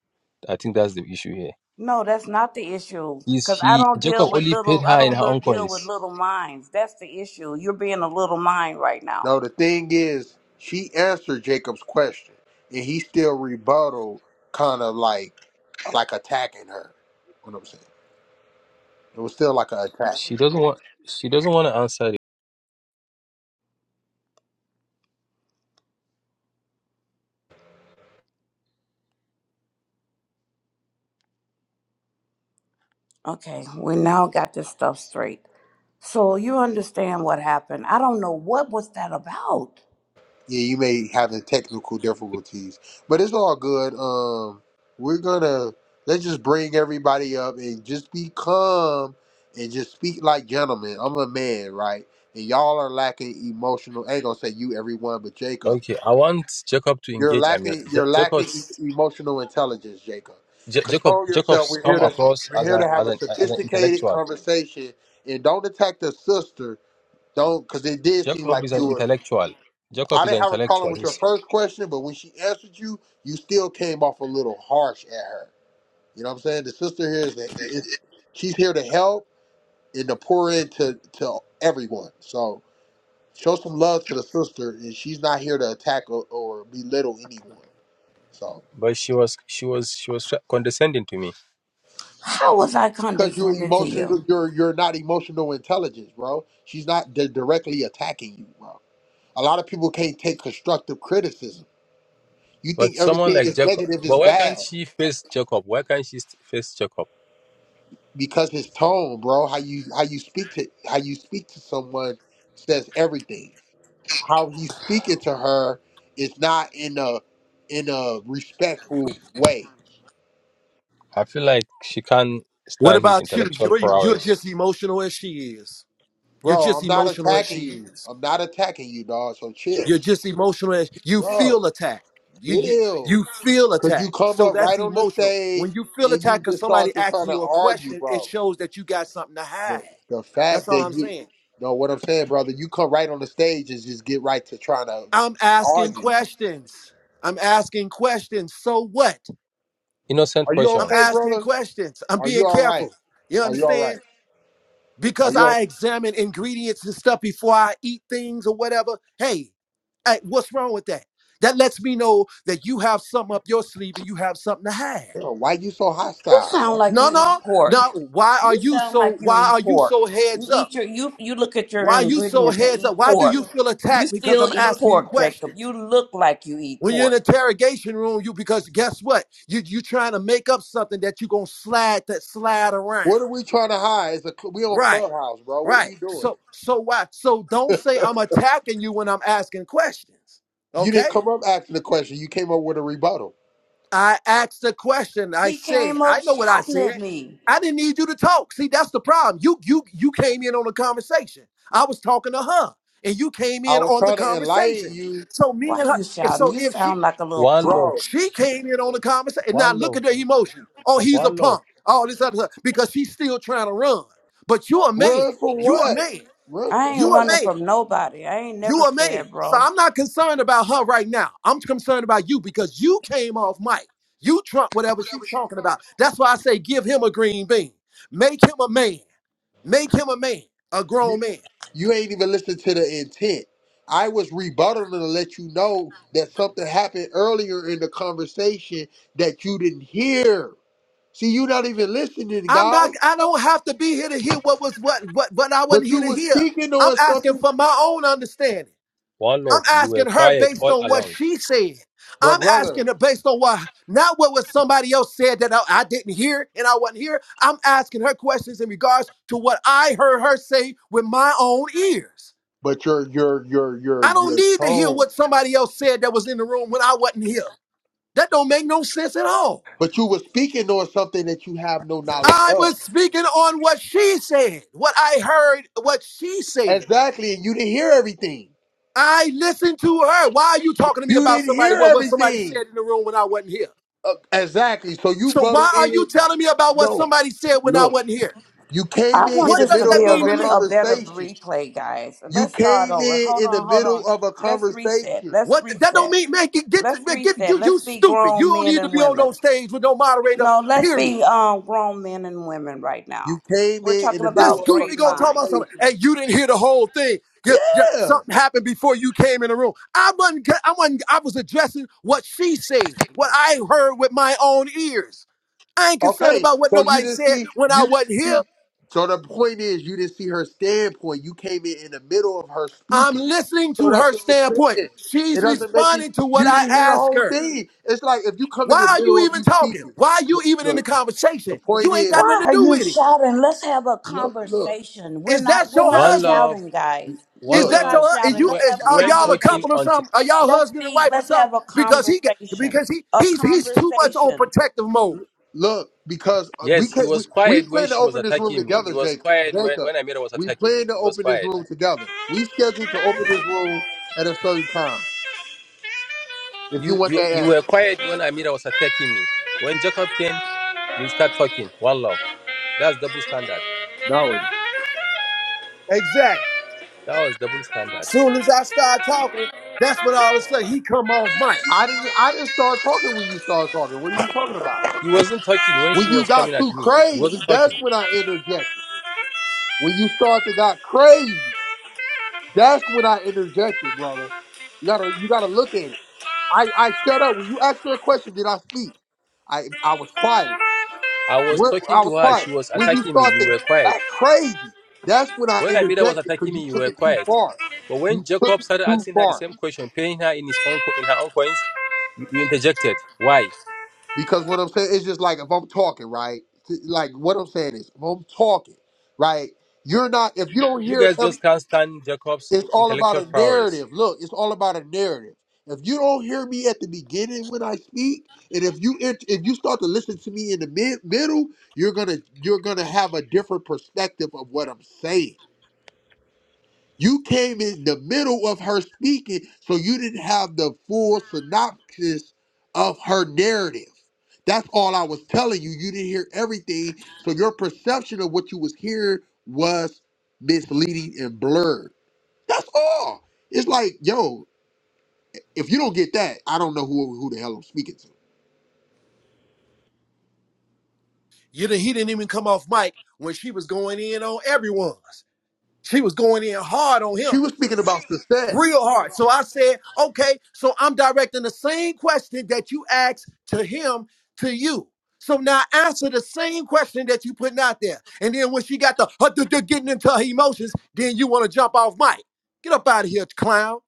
Speaker 3: I think that's the issue here.
Speaker 1: No, that's not the issue.
Speaker 3: Is
Speaker 1: Cause I
Speaker 3: he
Speaker 1: don't deal
Speaker 3: Jacob
Speaker 1: with
Speaker 3: only paid
Speaker 1: little. I
Speaker 3: her in
Speaker 1: don't
Speaker 3: her own
Speaker 1: look, deal
Speaker 3: coins?
Speaker 1: with little minds. That's the issue. You're being a little mind right now.
Speaker 2: Now the thing is, she answered Jacob's question, and he still rebutted, kind of like, like attacking her. What I'm saying, it was still like an attack.
Speaker 3: She doesn't want. She doesn't want to answer it.
Speaker 1: Okay, we now got this stuff straight. So you understand what happened. I don't know what was that about.
Speaker 2: Yeah, you may have the technical difficulties, but it's all good. Um, we're gonna let's just bring everybody up and just be calm and just speak like gentlemen. I'm a man, right? And y'all are lacking emotional. I ain't gonna say you, everyone, but Jacob.
Speaker 3: Okay, I want Jacob to
Speaker 2: You're
Speaker 3: engage Amir.
Speaker 2: lacking
Speaker 3: Ja-
Speaker 2: you're lacking
Speaker 3: Jacob's
Speaker 2: e- emotional intelligence, Jacob.
Speaker 3: Ja- Jacob
Speaker 2: Control yourself.
Speaker 3: Jacob's
Speaker 2: We're
Speaker 3: come
Speaker 2: here to
Speaker 3: across
Speaker 2: we're
Speaker 3: as
Speaker 2: here
Speaker 3: a
Speaker 2: to have
Speaker 3: as
Speaker 2: a
Speaker 3: an as an
Speaker 2: sophisticated
Speaker 3: intellectual.
Speaker 2: conversation and don't attack the sister. Don't because it did seem
Speaker 3: Jacob
Speaker 2: like
Speaker 3: is an
Speaker 2: you were.
Speaker 3: intellectual. Jacob
Speaker 2: I
Speaker 3: is an
Speaker 2: didn't have a problem
Speaker 3: intellectual.
Speaker 2: with your
Speaker 3: He's-
Speaker 2: first question, but when she answered you, you still came off a little harsh at her. You know what I'm saying? The sister here is that is, she's here to help and to pour into to everyone. So show some love to the sister, and she's not here to attack or, or belittle anyone. So,
Speaker 3: but she was she was she was condescending to me.
Speaker 1: How was I
Speaker 2: Because you're
Speaker 1: condescending to
Speaker 2: emotional,
Speaker 1: you?
Speaker 2: you're you're not emotional intelligence, bro. She's not di- directly attacking you, bro. A lot of people can't take constructive criticism. You
Speaker 3: But
Speaker 2: think
Speaker 3: someone
Speaker 2: everything
Speaker 3: like
Speaker 2: is
Speaker 3: Jacob.
Speaker 2: negative
Speaker 3: But
Speaker 2: is
Speaker 3: why can't
Speaker 2: bad
Speaker 3: she face Jacob? Why can't she st- face Jacob?
Speaker 2: because his tone, bro. How you how you speak to how you speak to someone says everything. How he's speaking to her is not in a in a respectful way,
Speaker 3: I feel like she can't
Speaker 4: What
Speaker 3: stand his
Speaker 4: about you?
Speaker 3: intellectual
Speaker 4: You're you're
Speaker 3: prowess.
Speaker 4: just emotional as she is. You're
Speaker 2: bro.
Speaker 4: just
Speaker 2: I'm not
Speaker 4: emotional as
Speaker 2: attacking
Speaker 4: she
Speaker 2: you.
Speaker 4: is.
Speaker 2: I'm not attacking you, dog. So chill,
Speaker 4: You're just emotional as you
Speaker 2: bro.
Speaker 4: feel attacked. You you
Speaker 2: Chill.
Speaker 4: you feel
Speaker 2: Cause you
Speaker 4: attacked.
Speaker 2: come
Speaker 4: So
Speaker 2: up
Speaker 4: that's
Speaker 2: right on the
Speaker 4: emotional.
Speaker 2: stage
Speaker 4: When you feel
Speaker 2: and
Speaker 4: attacked
Speaker 2: you
Speaker 4: because
Speaker 2: just start
Speaker 4: somebody
Speaker 2: to trying
Speaker 4: asking
Speaker 2: to
Speaker 4: you a
Speaker 2: argue,
Speaker 4: question, it
Speaker 2: bro.
Speaker 4: shows that you got something to
Speaker 2: The
Speaker 4: hide.
Speaker 2: the
Speaker 4: That's
Speaker 2: fact
Speaker 4: all
Speaker 2: that
Speaker 4: I'm
Speaker 2: you
Speaker 4: saying.
Speaker 2: know what I'm saying, brother, you come right on the stage and just get right to trying to
Speaker 4: I'm asking
Speaker 2: argue.
Speaker 4: questions. I'm asking questions. So what?
Speaker 3: Innocent
Speaker 2: Are you
Speaker 4: I'm
Speaker 2: okay,
Speaker 3: questions.
Speaker 4: asking
Speaker 2: brother?
Speaker 4: questions. I'm
Speaker 2: Are
Speaker 4: being
Speaker 2: you all right?
Speaker 4: careful. You
Speaker 2: Are you all right?
Speaker 4: understand?
Speaker 2: Are
Speaker 4: Because
Speaker 2: you?
Speaker 4: I examine ingredients and stuff before I eat things or whatever. Hey, hey, what's wrong with that? That lets me know that you have something up your sleeve and you have something to hide.
Speaker 2: Bro, why you so
Speaker 1: You
Speaker 2: hostile,
Speaker 1: sound
Speaker 2: bro?
Speaker 1: like
Speaker 4: No,
Speaker 1: you eat
Speaker 4: no,
Speaker 1: pork.
Speaker 4: no. Why are
Speaker 1: You
Speaker 4: you
Speaker 1: sound
Speaker 4: so?
Speaker 1: like you
Speaker 4: Why
Speaker 1: eat
Speaker 4: are you
Speaker 1: pork.
Speaker 4: so
Speaker 1: You
Speaker 4: heads up?
Speaker 1: eat your you you look at your
Speaker 4: Why you so
Speaker 1: ingredients and
Speaker 4: heads up?
Speaker 1: eat
Speaker 4: Why do
Speaker 1: pork.
Speaker 4: you feel
Speaker 1: You
Speaker 4: attacked because
Speaker 1: still
Speaker 4: I'm
Speaker 1: eat
Speaker 4: asking you
Speaker 1: pork, Jacob.
Speaker 4: questions?
Speaker 1: You look like you eat
Speaker 4: When you're in the
Speaker 1: pork.
Speaker 4: interrogation room, you because guess what? You you trying to make up something that you gonna slide that slide
Speaker 2: What are
Speaker 4: around.
Speaker 2: we trying to hide? It's a, cl- we on
Speaker 4: Right,
Speaker 2: Clubhouse, bro. What are
Speaker 4: right.
Speaker 2: you doing?
Speaker 4: So so why? So don't say I'm attacking you when I'm asking questions.
Speaker 2: You didn't
Speaker 4: Okay?
Speaker 2: come up asking the question. You came up with a rebuttal.
Speaker 4: I asked a question. I
Speaker 1: He
Speaker 4: said,
Speaker 1: came up
Speaker 4: I know what I
Speaker 1: shouting at
Speaker 4: said.
Speaker 1: me.
Speaker 4: I didn't need you to talk. See, that's the problem. You you you came in on the conversation. I was talking to her, and you came
Speaker 2: I
Speaker 4: in
Speaker 2: was
Speaker 4: on the
Speaker 2: trying to enlighten
Speaker 4: conversation.
Speaker 2: you,
Speaker 4: So me
Speaker 1: Why
Speaker 4: and her.
Speaker 1: you
Speaker 4: And
Speaker 1: shouting?
Speaker 4: so
Speaker 1: You
Speaker 4: if she
Speaker 1: sound like a little
Speaker 3: One love.
Speaker 1: punk.
Speaker 2: bro.
Speaker 4: She came in on the conversation. And Now
Speaker 3: One
Speaker 4: look
Speaker 3: love.
Speaker 4: at the emotion. Oh, he's a
Speaker 3: One love.
Speaker 4: punk. All this other stuff. Because she's still trying to run. But you a man.
Speaker 2: Run for
Speaker 4: You a
Speaker 2: what?
Speaker 4: man.
Speaker 2: Run
Speaker 1: I
Speaker 2: for
Speaker 1: ain't
Speaker 4: You a
Speaker 2: what?
Speaker 1: running
Speaker 4: man.
Speaker 1: from nobody. I ain't
Speaker 4: You
Speaker 1: never
Speaker 4: a man.
Speaker 1: scared,
Speaker 4: So
Speaker 1: bro.
Speaker 4: I'm not concerned about her right now. I'm concerned about you because you came off mic. You trump whatever she's talking about. That's why I say give him a green bean. Make him a man. Make him a man. A grown man.
Speaker 2: You ain't even listened to the intent. I was rebuttaling to let you know that something happened earlier in the conversation that you didn't hear. See, you not even listening,
Speaker 4: I'm
Speaker 2: guys.
Speaker 4: not, I don't have to be here to hear what was what what what I wasn't
Speaker 2: But
Speaker 4: here
Speaker 2: you
Speaker 4: to
Speaker 2: was
Speaker 4: hear.
Speaker 2: speaking
Speaker 4: I'm
Speaker 2: on
Speaker 4: asking
Speaker 2: something,
Speaker 4: for my own understanding.
Speaker 3: One
Speaker 4: I'm
Speaker 3: love. You were
Speaker 4: asking her
Speaker 3: quiet
Speaker 4: based
Speaker 3: all
Speaker 4: on what
Speaker 3: along.
Speaker 4: she said.
Speaker 2: but
Speaker 4: I'm
Speaker 2: brother,
Speaker 4: asking her based on what, not what was somebody else said that I, I didn't hear and I wasn't here. I'm asking her questions in regards to what I heard her say with my own ears.
Speaker 2: but your your your
Speaker 4: I
Speaker 2: your
Speaker 4: don't
Speaker 2: your
Speaker 4: need to hear
Speaker 2: tone.
Speaker 4: what somebody else said that was in the room when I wasn't here. That don't make no sense at all.
Speaker 2: But you were speaking on something that you have no knowledge
Speaker 4: I
Speaker 2: of.
Speaker 4: was speaking on what she said, what I heard, what she said.
Speaker 2: Exactly, and you didn't hear everything.
Speaker 4: I listened to her. Why are you talking to me
Speaker 2: You
Speaker 4: about
Speaker 2: didn't
Speaker 4: somebody?
Speaker 2: hear
Speaker 4: What, what somebody said
Speaker 2: everything.
Speaker 4: in the room when I wasn't here?
Speaker 2: Uh, exactly. So you
Speaker 4: So why
Speaker 2: buttled
Speaker 4: are
Speaker 2: in.
Speaker 4: you telling me about what
Speaker 2: No,
Speaker 4: somebody said when I
Speaker 2: look.
Speaker 4: wasn't here?
Speaker 2: You came
Speaker 1: I
Speaker 2: in
Speaker 1: want
Speaker 2: in
Speaker 4: What
Speaker 2: the
Speaker 1: this
Speaker 4: does
Speaker 1: to
Speaker 2: middle
Speaker 4: that
Speaker 1: be a
Speaker 2: of
Speaker 4: mean
Speaker 2: a
Speaker 4: to
Speaker 1: really
Speaker 4: me?
Speaker 1: a better
Speaker 2: conversation.
Speaker 1: replay, guys.
Speaker 2: You
Speaker 1: Let's start
Speaker 2: came
Speaker 1: over.
Speaker 2: in
Speaker 1: Hold
Speaker 2: in the
Speaker 1: on, hold on.
Speaker 2: middle of a
Speaker 1: Let's reset.
Speaker 2: conversation.
Speaker 1: Let's
Speaker 4: What that don't
Speaker 1: reset.
Speaker 4: mean, man. Get get, to,
Speaker 1: Let's
Speaker 4: man, get
Speaker 1: reset.
Speaker 4: you you
Speaker 1: Let's be
Speaker 4: stupid. You
Speaker 1: grown
Speaker 4: don't
Speaker 1: men
Speaker 4: need to
Speaker 1: and
Speaker 4: be on
Speaker 1: women.
Speaker 4: no stage with no moderator.
Speaker 1: No, let's
Speaker 4: Period.
Speaker 1: be um grown men and women right
Speaker 2: You
Speaker 1: now.
Speaker 2: came
Speaker 1: We're
Speaker 2: in in
Speaker 1: talking
Speaker 2: the
Speaker 4: This
Speaker 2: middle
Speaker 1: about
Speaker 2: of a
Speaker 4: goofy
Speaker 1: great
Speaker 4: gonna talk about
Speaker 1: minds.
Speaker 4: something,
Speaker 2: conversation.
Speaker 4: and you didn't hear the whole thing. Yeah, yeah,
Speaker 2: Yeah.
Speaker 4: something happened before you came in the room. I wasn't. ca- I wasn't. I was addressing what she said, what I heard with my own ears. I ain't concerned
Speaker 2: Okay.
Speaker 4: about what
Speaker 2: So you
Speaker 4: nobody
Speaker 2: didn't
Speaker 4: said
Speaker 2: see.
Speaker 4: when I
Speaker 2: You didn't
Speaker 4: wasn't here.
Speaker 2: see. So the point is, you didn't see her standpoint. You came in in the middle of her
Speaker 4: I'm
Speaker 2: speaking.
Speaker 4: listening
Speaker 2: So
Speaker 4: to
Speaker 2: that's
Speaker 4: her
Speaker 2: what I'm
Speaker 4: standpoint.
Speaker 2: saying. It
Speaker 4: She's
Speaker 2: doesn't make it.
Speaker 4: responding to what
Speaker 2: You
Speaker 4: I
Speaker 2: didn't hear the
Speaker 4: ask
Speaker 2: whole
Speaker 4: her.
Speaker 2: thing. It's like if you come in
Speaker 4: Why
Speaker 2: the
Speaker 4: are you
Speaker 2: middle of
Speaker 4: even
Speaker 2: me
Speaker 4: talking?
Speaker 2: speaking.
Speaker 4: Why are you
Speaker 2: Look,
Speaker 4: even in the
Speaker 2: look, the
Speaker 4: conversation?
Speaker 2: point
Speaker 4: You ain't
Speaker 2: is,
Speaker 4: got
Speaker 1: Why
Speaker 4: nothing to
Speaker 1: are
Speaker 4: do
Speaker 1: you
Speaker 4: with it.
Speaker 1: shouting? Let's have a
Speaker 2: look, look,
Speaker 1: conversation. We're
Speaker 4: Is
Speaker 1: not
Speaker 4: that
Speaker 1: we're
Speaker 4: your
Speaker 1: not
Speaker 3: One
Speaker 4: husband?
Speaker 3: love,
Speaker 1: shouting, guys.
Speaker 4: Is
Speaker 3: one
Speaker 2: look.
Speaker 1: We're
Speaker 4: that your
Speaker 1: not
Speaker 3: love.
Speaker 4: hu- is
Speaker 3: You,
Speaker 1: shouting.
Speaker 4: you
Speaker 3: were,
Speaker 1: Let's
Speaker 4: is
Speaker 1: have
Speaker 3: you
Speaker 1: a
Speaker 4: are
Speaker 3: weren't
Speaker 4: y'all a
Speaker 3: talking
Speaker 4: couple or
Speaker 1: conversation.
Speaker 3: until.
Speaker 4: something? Are y'all
Speaker 1: Let's
Speaker 4: husband and
Speaker 1: be
Speaker 4: wife or
Speaker 1: let's have
Speaker 4: something?
Speaker 1: a
Speaker 4: Because he got
Speaker 1: conversation.
Speaker 4: because he
Speaker 1: A
Speaker 4: he's he's too much on
Speaker 1: conversation.
Speaker 4: protective mode.
Speaker 2: Look, because uh, we
Speaker 3: Yes, he
Speaker 2: can we,
Speaker 3: was quiet
Speaker 2: we
Speaker 3: when
Speaker 2: plan to
Speaker 3: she was
Speaker 2: open this room
Speaker 3: attacking me. He
Speaker 2: together,
Speaker 3: was
Speaker 2: Jacob.
Speaker 3: quiet when,
Speaker 2: Jacob,
Speaker 3: when Amira was
Speaker 2: we
Speaker 3: attacking me.
Speaker 2: plan to
Speaker 3: He was
Speaker 2: open this
Speaker 3: quiet.
Speaker 2: room together.
Speaker 1: Thank
Speaker 2: We scheduled to open this room at a certain time. If you
Speaker 3: You,
Speaker 2: want
Speaker 3: you
Speaker 2: that
Speaker 3: you were
Speaker 2: answer,
Speaker 3: quiet when Amira was attacking me. When Jacob came, you start talking. One love. That's double standard.
Speaker 2: no.
Speaker 4: Exactly.
Speaker 3: That was double standard.
Speaker 4: Soon as I start talking, that's when all of a sudden he come off mic.
Speaker 2: I didn't. I didn't start talking when you started talking. What are you talking about?
Speaker 3: He wasn't talking when she
Speaker 2: When you
Speaker 3: was coming
Speaker 2: got
Speaker 1: you.
Speaker 3: at
Speaker 2: too
Speaker 3: me. He
Speaker 2: crazy,
Speaker 3: wasn't
Speaker 2: that's
Speaker 3: talking.
Speaker 2: when I interjected. When you started to got crazy, that's when I interjected, brother. You gotta you gotta look at it. I I shut up when you asked her a question. Did I speak? I I was quiet.
Speaker 3: I was
Speaker 2: When
Speaker 3: talking
Speaker 2: I was
Speaker 3: to her.
Speaker 2: quiet.
Speaker 3: She was
Speaker 2: When you
Speaker 3: attacking me.
Speaker 2: start
Speaker 3: You
Speaker 2: to
Speaker 3: were quiet.
Speaker 2: act crazy, that's when I
Speaker 3: When Amira was
Speaker 2: interjected
Speaker 3: attacking
Speaker 2: because you
Speaker 3: me, you
Speaker 2: took
Speaker 3: were
Speaker 2: it too
Speaker 3: quiet.
Speaker 2: far.
Speaker 3: But when
Speaker 2: You took
Speaker 3: Jacob
Speaker 2: it
Speaker 3: started
Speaker 2: too
Speaker 3: asking her the
Speaker 2: far.
Speaker 3: same question, paying her in his own co- in her own coins, you, you interjected. Why?
Speaker 2: Because what I'm saying is just like if I'm talking, right? T- Like what I'm saying is if I'm talking, right? You're not if you don't
Speaker 3: You
Speaker 2: hear
Speaker 3: guys
Speaker 2: every
Speaker 3: just can't stand Jacob's in-
Speaker 2: it's all about
Speaker 3: intellectual
Speaker 2: a
Speaker 3: prowess.
Speaker 2: narrative. Look, it's all about a narrative. If you don't hear me at the beginning when I speak, and if you int- if you start to listen to me in the mid, middle, you're gonna you're gonna have a different perspective of what I'm saying You came in the middle of her speaking, so you didn't have the full synopsis of her narrative. That's all I was telling you. You didn't hear everything, so your perception of what you was hearing was misleading and blurred. That's all. It's like, yo, if you don't get that, I don't know who who the hell I'm speaking to.
Speaker 4: You did he didn't even come off mic when she was going in on everyone's. She was going in hard on
Speaker 2: She
Speaker 4: him
Speaker 2: was speaking about success,
Speaker 4: real hard. So I said, okay, so I'm directing the same question that you asked to him to you. So now answer the same question that you putting out there. And then when she got the uh, duh, duh, getting into her emotions, then you want to jump off mic. Get up out of here, clown.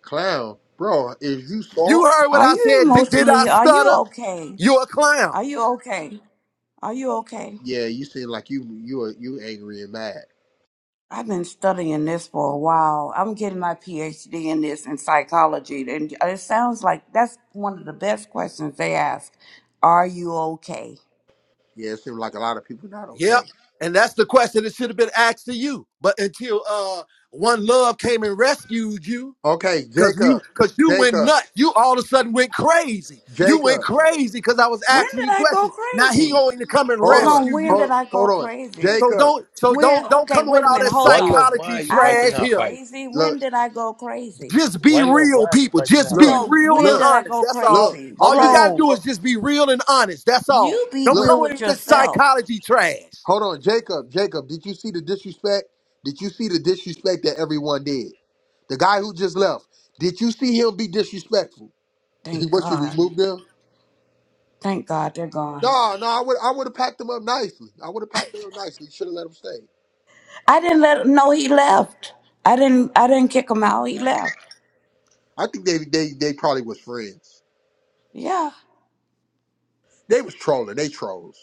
Speaker 2: clown, bro. Is you
Speaker 4: You
Speaker 2: soft?
Speaker 4: heard what
Speaker 1: Are
Speaker 4: I
Speaker 1: you
Speaker 4: said. Did, did I
Speaker 1: emotionally? Are you
Speaker 4: stutter?
Speaker 1: okay?
Speaker 4: You're a clown.
Speaker 1: Are you okay? Are you okay?
Speaker 2: Yeah, you seem like you you are you angry and mad.
Speaker 1: I've been studying this for a while. I'm getting my PhD in this in psychology, and it sounds like that's one of the best questions they ask. Are you okay?
Speaker 2: Yeah, it seems like a lot of people not
Speaker 4: Yep.
Speaker 2: okay.
Speaker 4: And that's the question that should have been asked to you. But until uh one love came and rescued you,
Speaker 2: Okay,
Speaker 4: Cause
Speaker 2: Jacob,
Speaker 4: you, cause you went
Speaker 2: Jacob,
Speaker 4: nuts. You all of a sudden went crazy. You went
Speaker 2: Jacob.
Speaker 4: crazy because I was
Speaker 1: When
Speaker 4: asking
Speaker 1: did
Speaker 4: you
Speaker 1: I go
Speaker 4: questions. Now he
Speaker 1: crazy?
Speaker 4: going to come and
Speaker 2: Hold
Speaker 1: Hold
Speaker 2: on,
Speaker 1: on,
Speaker 4: rescue
Speaker 1: when
Speaker 4: you.
Speaker 1: did
Speaker 2: hold,
Speaker 1: I go
Speaker 2: hold on,
Speaker 1: crazy?
Speaker 4: So
Speaker 2: Jacob.
Speaker 4: don't, so
Speaker 1: When,
Speaker 4: don't, don't
Speaker 1: okay,
Speaker 4: come with
Speaker 1: wait a
Speaker 4: all
Speaker 1: minute,
Speaker 4: that
Speaker 1: hold
Speaker 3: One
Speaker 1: on.
Speaker 3: love, why
Speaker 4: psychology
Speaker 3: are you
Speaker 1: I
Speaker 4: trash
Speaker 3: fighting
Speaker 1: went
Speaker 3: her
Speaker 4: here.
Speaker 3: fight?
Speaker 1: crazy.
Speaker 2: Look,
Speaker 1: When did I go crazy?
Speaker 4: Just be
Speaker 3: One love, why
Speaker 4: real,
Speaker 3: are you
Speaker 4: people.
Speaker 3: fighting
Speaker 4: Just
Speaker 3: her
Speaker 4: be
Speaker 2: look,
Speaker 3: fight?
Speaker 1: No,
Speaker 4: real
Speaker 1: when
Speaker 4: and
Speaker 1: did
Speaker 2: look,
Speaker 1: I
Speaker 4: honest.
Speaker 1: go
Speaker 4: That's all.
Speaker 2: look.
Speaker 1: crazy?
Speaker 4: All you
Speaker 2: Okay,
Speaker 4: gotta
Speaker 1: Bro,
Speaker 4: do
Speaker 2: oh,
Speaker 4: is just be real and honest. That's all.
Speaker 1: you be
Speaker 4: Don't
Speaker 2: look.
Speaker 4: come
Speaker 1: real with
Speaker 4: with this
Speaker 1: yourself.
Speaker 4: psychology trash.
Speaker 2: Hold on, Jacob, Jacob. Did you see the disrespect? Did you see the disrespect that everyone did? The guy who just left. Did you see him be disrespectful? <laughs>
Speaker 1: Thank
Speaker 2: what you
Speaker 1: God.
Speaker 2: removed him?
Speaker 1: Thank God they're gone.
Speaker 2: No, no. I would, I would have packed him up nicely. I would have packed him up nicely. Should have let him stay.
Speaker 1: I didn't let him know he left. I didn't I didn't kick him out. He left.
Speaker 2: I think they, they, they probably was friends.
Speaker 1: Yeah.
Speaker 2: They was trolling. They trolls.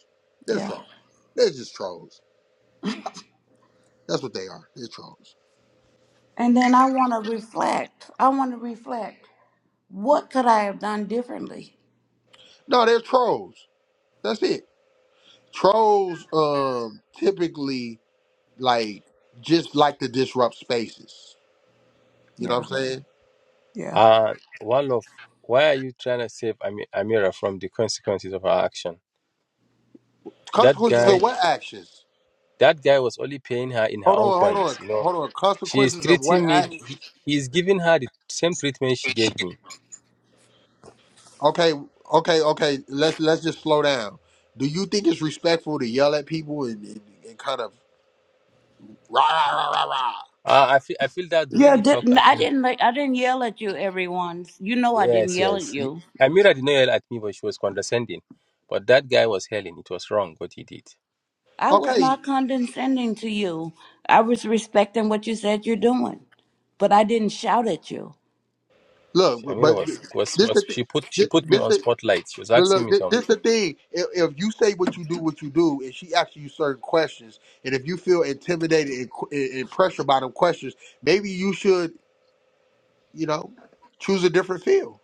Speaker 2: They're
Speaker 1: Yeah.
Speaker 2: trolls. They're just trolls. That's what they are. They're trolls.
Speaker 1: And then I want to reflect. I want to reflect. What could I have done differently?
Speaker 2: No, they're trolls. That's it. Trolls um typically like just like to disrupt spaces. You know
Speaker 1: Yeah.
Speaker 2: what I'm saying?
Speaker 1: Yeah.
Speaker 3: Uh one love, why are you trying to save Ami- Amira from the consequences of her action? That
Speaker 2: Consequences
Speaker 3: guy,
Speaker 2: of what actions?
Speaker 3: that guy was only paying her in her
Speaker 2: Hold
Speaker 3: own
Speaker 2: on, hold
Speaker 3: coins.
Speaker 2: on,
Speaker 3: You know,
Speaker 2: hold on.
Speaker 3: she is
Speaker 2: Consequences of what
Speaker 3: treating me.
Speaker 2: act
Speaker 3: He, he is giving her the same treatment she gave me.
Speaker 2: <laughs> okay, okay, okay. Let's let's just slow down. Do you think it's respectful to yell at people and, and, and kind of rah rah rah rah
Speaker 3: Uh, I feel I feel that the way
Speaker 1: Yeah,
Speaker 3: he talked
Speaker 1: didn't
Speaker 3: at
Speaker 1: I
Speaker 3: me.
Speaker 1: didn't like I didn't yell at you everyone. You know I didn't
Speaker 3: Yes,
Speaker 1: yell at
Speaker 3: yes. He,
Speaker 1: you.
Speaker 3: Amira did not yell at me, but she was condescending. But that guy was hailing. It was wrong what he did.
Speaker 1: I
Speaker 2: rah?
Speaker 1: was
Speaker 2: Okay,
Speaker 1: not condescending to you. I was respecting what you said you're doing, but I didn't shout at you.
Speaker 2: look,
Speaker 3: She,
Speaker 2: but
Speaker 3: Amira
Speaker 2: but
Speaker 3: was, was
Speaker 2: this
Speaker 3: was
Speaker 2: the
Speaker 3: she put she
Speaker 2: thi-
Speaker 3: put me
Speaker 2: this
Speaker 3: on
Speaker 2: this
Speaker 3: spotlight. She was
Speaker 2: But
Speaker 3: asking
Speaker 2: look,
Speaker 3: me
Speaker 2: thi-
Speaker 3: some.
Speaker 2: this the thing. If, if you say what you do, what you do, and she asks you certain questions, and if you feel intimidated and, qu- and and pressured by them questions, maybe you should, you know, choose a different field.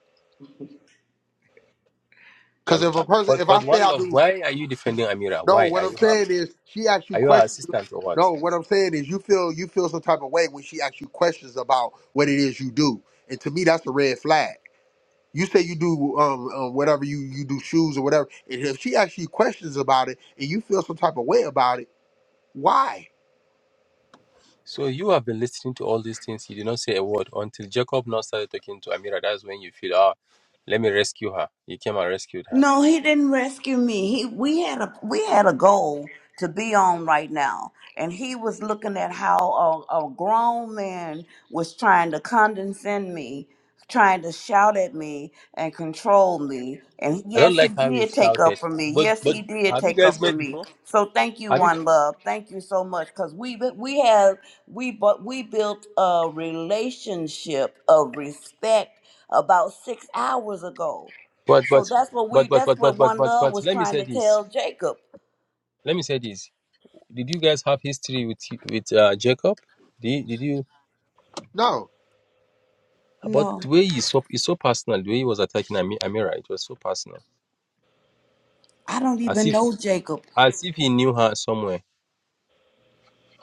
Speaker 2: Because
Speaker 3: Um,
Speaker 2: if
Speaker 3: uh,
Speaker 2: a person,
Speaker 3: but
Speaker 2: if
Speaker 3: but
Speaker 2: I say
Speaker 3: one
Speaker 2: I
Speaker 3: love,
Speaker 2: do,
Speaker 3: why are you defending Amira?
Speaker 2: no,
Speaker 3: Why
Speaker 2: what
Speaker 3: are
Speaker 2: I'm
Speaker 3: you her
Speaker 2: saying is she asks you
Speaker 3: are you her
Speaker 2: questions.
Speaker 3: assistant or what?
Speaker 2: No, what I'm saying is you feel you feel some type of way when she asks you questions about what it is you do, and to me that's a red flag. You say you do um, um whatever you you do shoes or whatever, and if she asks you questions about it and you feel some type of way about it Why?
Speaker 3: So you have been listening to all these things. You did not say a word until Jacob now started talking to Amira. That's when you feel ah, let me rescue her. You came and rescued her.
Speaker 1: No, he didn't rescue me. He we had a we had a goal to be on right now, and he was looking at how a, a grown man was trying to condescend me, trying to shout at me and control me. And
Speaker 3: I don't
Speaker 1: yes, he
Speaker 3: like how you
Speaker 1: did take
Speaker 3: shouted.
Speaker 1: up for me.
Speaker 3: But
Speaker 1: Yes,
Speaker 3: but
Speaker 1: he did
Speaker 3: have you
Speaker 1: take
Speaker 3: guys
Speaker 1: up for
Speaker 3: met
Speaker 1: me.
Speaker 3: before?
Speaker 1: So thank you,
Speaker 3: Have you?
Speaker 1: one love. Thank you so much, cause we bu- we have we but we built a relationship of respect about six hours ago
Speaker 3: But
Speaker 1: so
Speaker 3: but
Speaker 1: that's what
Speaker 3: but
Speaker 1: we
Speaker 3: but
Speaker 1: that's
Speaker 3: but but
Speaker 1: what
Speaker 3: but
Speaker 1: one
Speaker 3: but
Speaker 1: love
Speaker 3: but
Speaker 1: was
Speaker 3: let me
Speaker 1: trying
Speaker 3: say
Speaker 1: to
Speaker 3: this.
Speaker 1: tell Jacob.
Speaker 3: Let me say this. Did you guys have history with with uh, Jacob? Did did you?
Speaker 2: No.
Speaker 3: But
Speaker 1: No,
Speaker 3: the way he so it's so personal. The way he was attacking Ami, Amira, it was so personal.
Speaker 1: I don't
Speaker 3: As
Speaker 1: even
Speaker 3: if
Speaker 1: know Jacob.
Speaker 3: as if he knew her somewhere,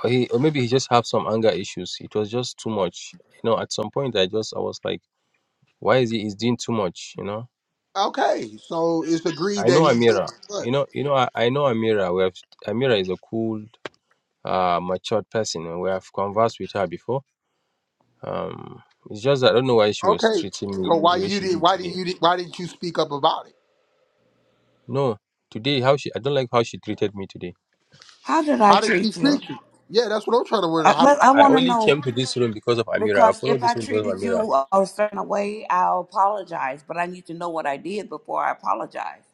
Speaker 3: or he or maybe he just have some anger issues. It was just too much. You know, at some point I just I was like, why is he he's doing too much? You know,
Speaker 2: Okay. So it's agreed
Speaker 3: I
Speaker 2: that
Speaker 3: know
Speaker 2: he did
Speaker 3: Amira.
Speaker 2: as
Speaker 3: You
Speaker 2: much.
Speaker 3: know, you know, I, I know Amira. We have Amira is a cool, uh, matured person, and we have conversed with her before Um, it's just that I don't know why she was
Speaker 2: Okay.
Speaker 3: treating me
Speaker 2: So why
Speaker 3: the way
Speaker 2: you
Speaker 3: she
Speaker 2: didn't?
Speaker 3: did
Speaker 2: Why didn't
Speaker 3: today.
Speaker 2: you? Why didn't you speak up about it?
Speaker 3: No, today how she I don't like how she treated me today.
Speaker 1: How did I
Speaker 2: How did she
Speaker 1: treat you?
Speaker 2: treat you? Yeah, that's what I'm trying to wonder.
Speaker 1: I,
Speaker 2: How did?
Speaker 1: let- I
Speaker 3: I
Speaker 1: want to
Speaker 3: only
Speaker 1: know
Speaker 3: came to this room because of Amira. I
Speaker 1: because
Speaker 3: followed
Speaker 1: if I
Speaker 3: this room because of
Speaker 1: treated
Speaker 3: Amira.
Speaker 1: you a certain way, I'll apologize. But I need to know what I did before I apologize.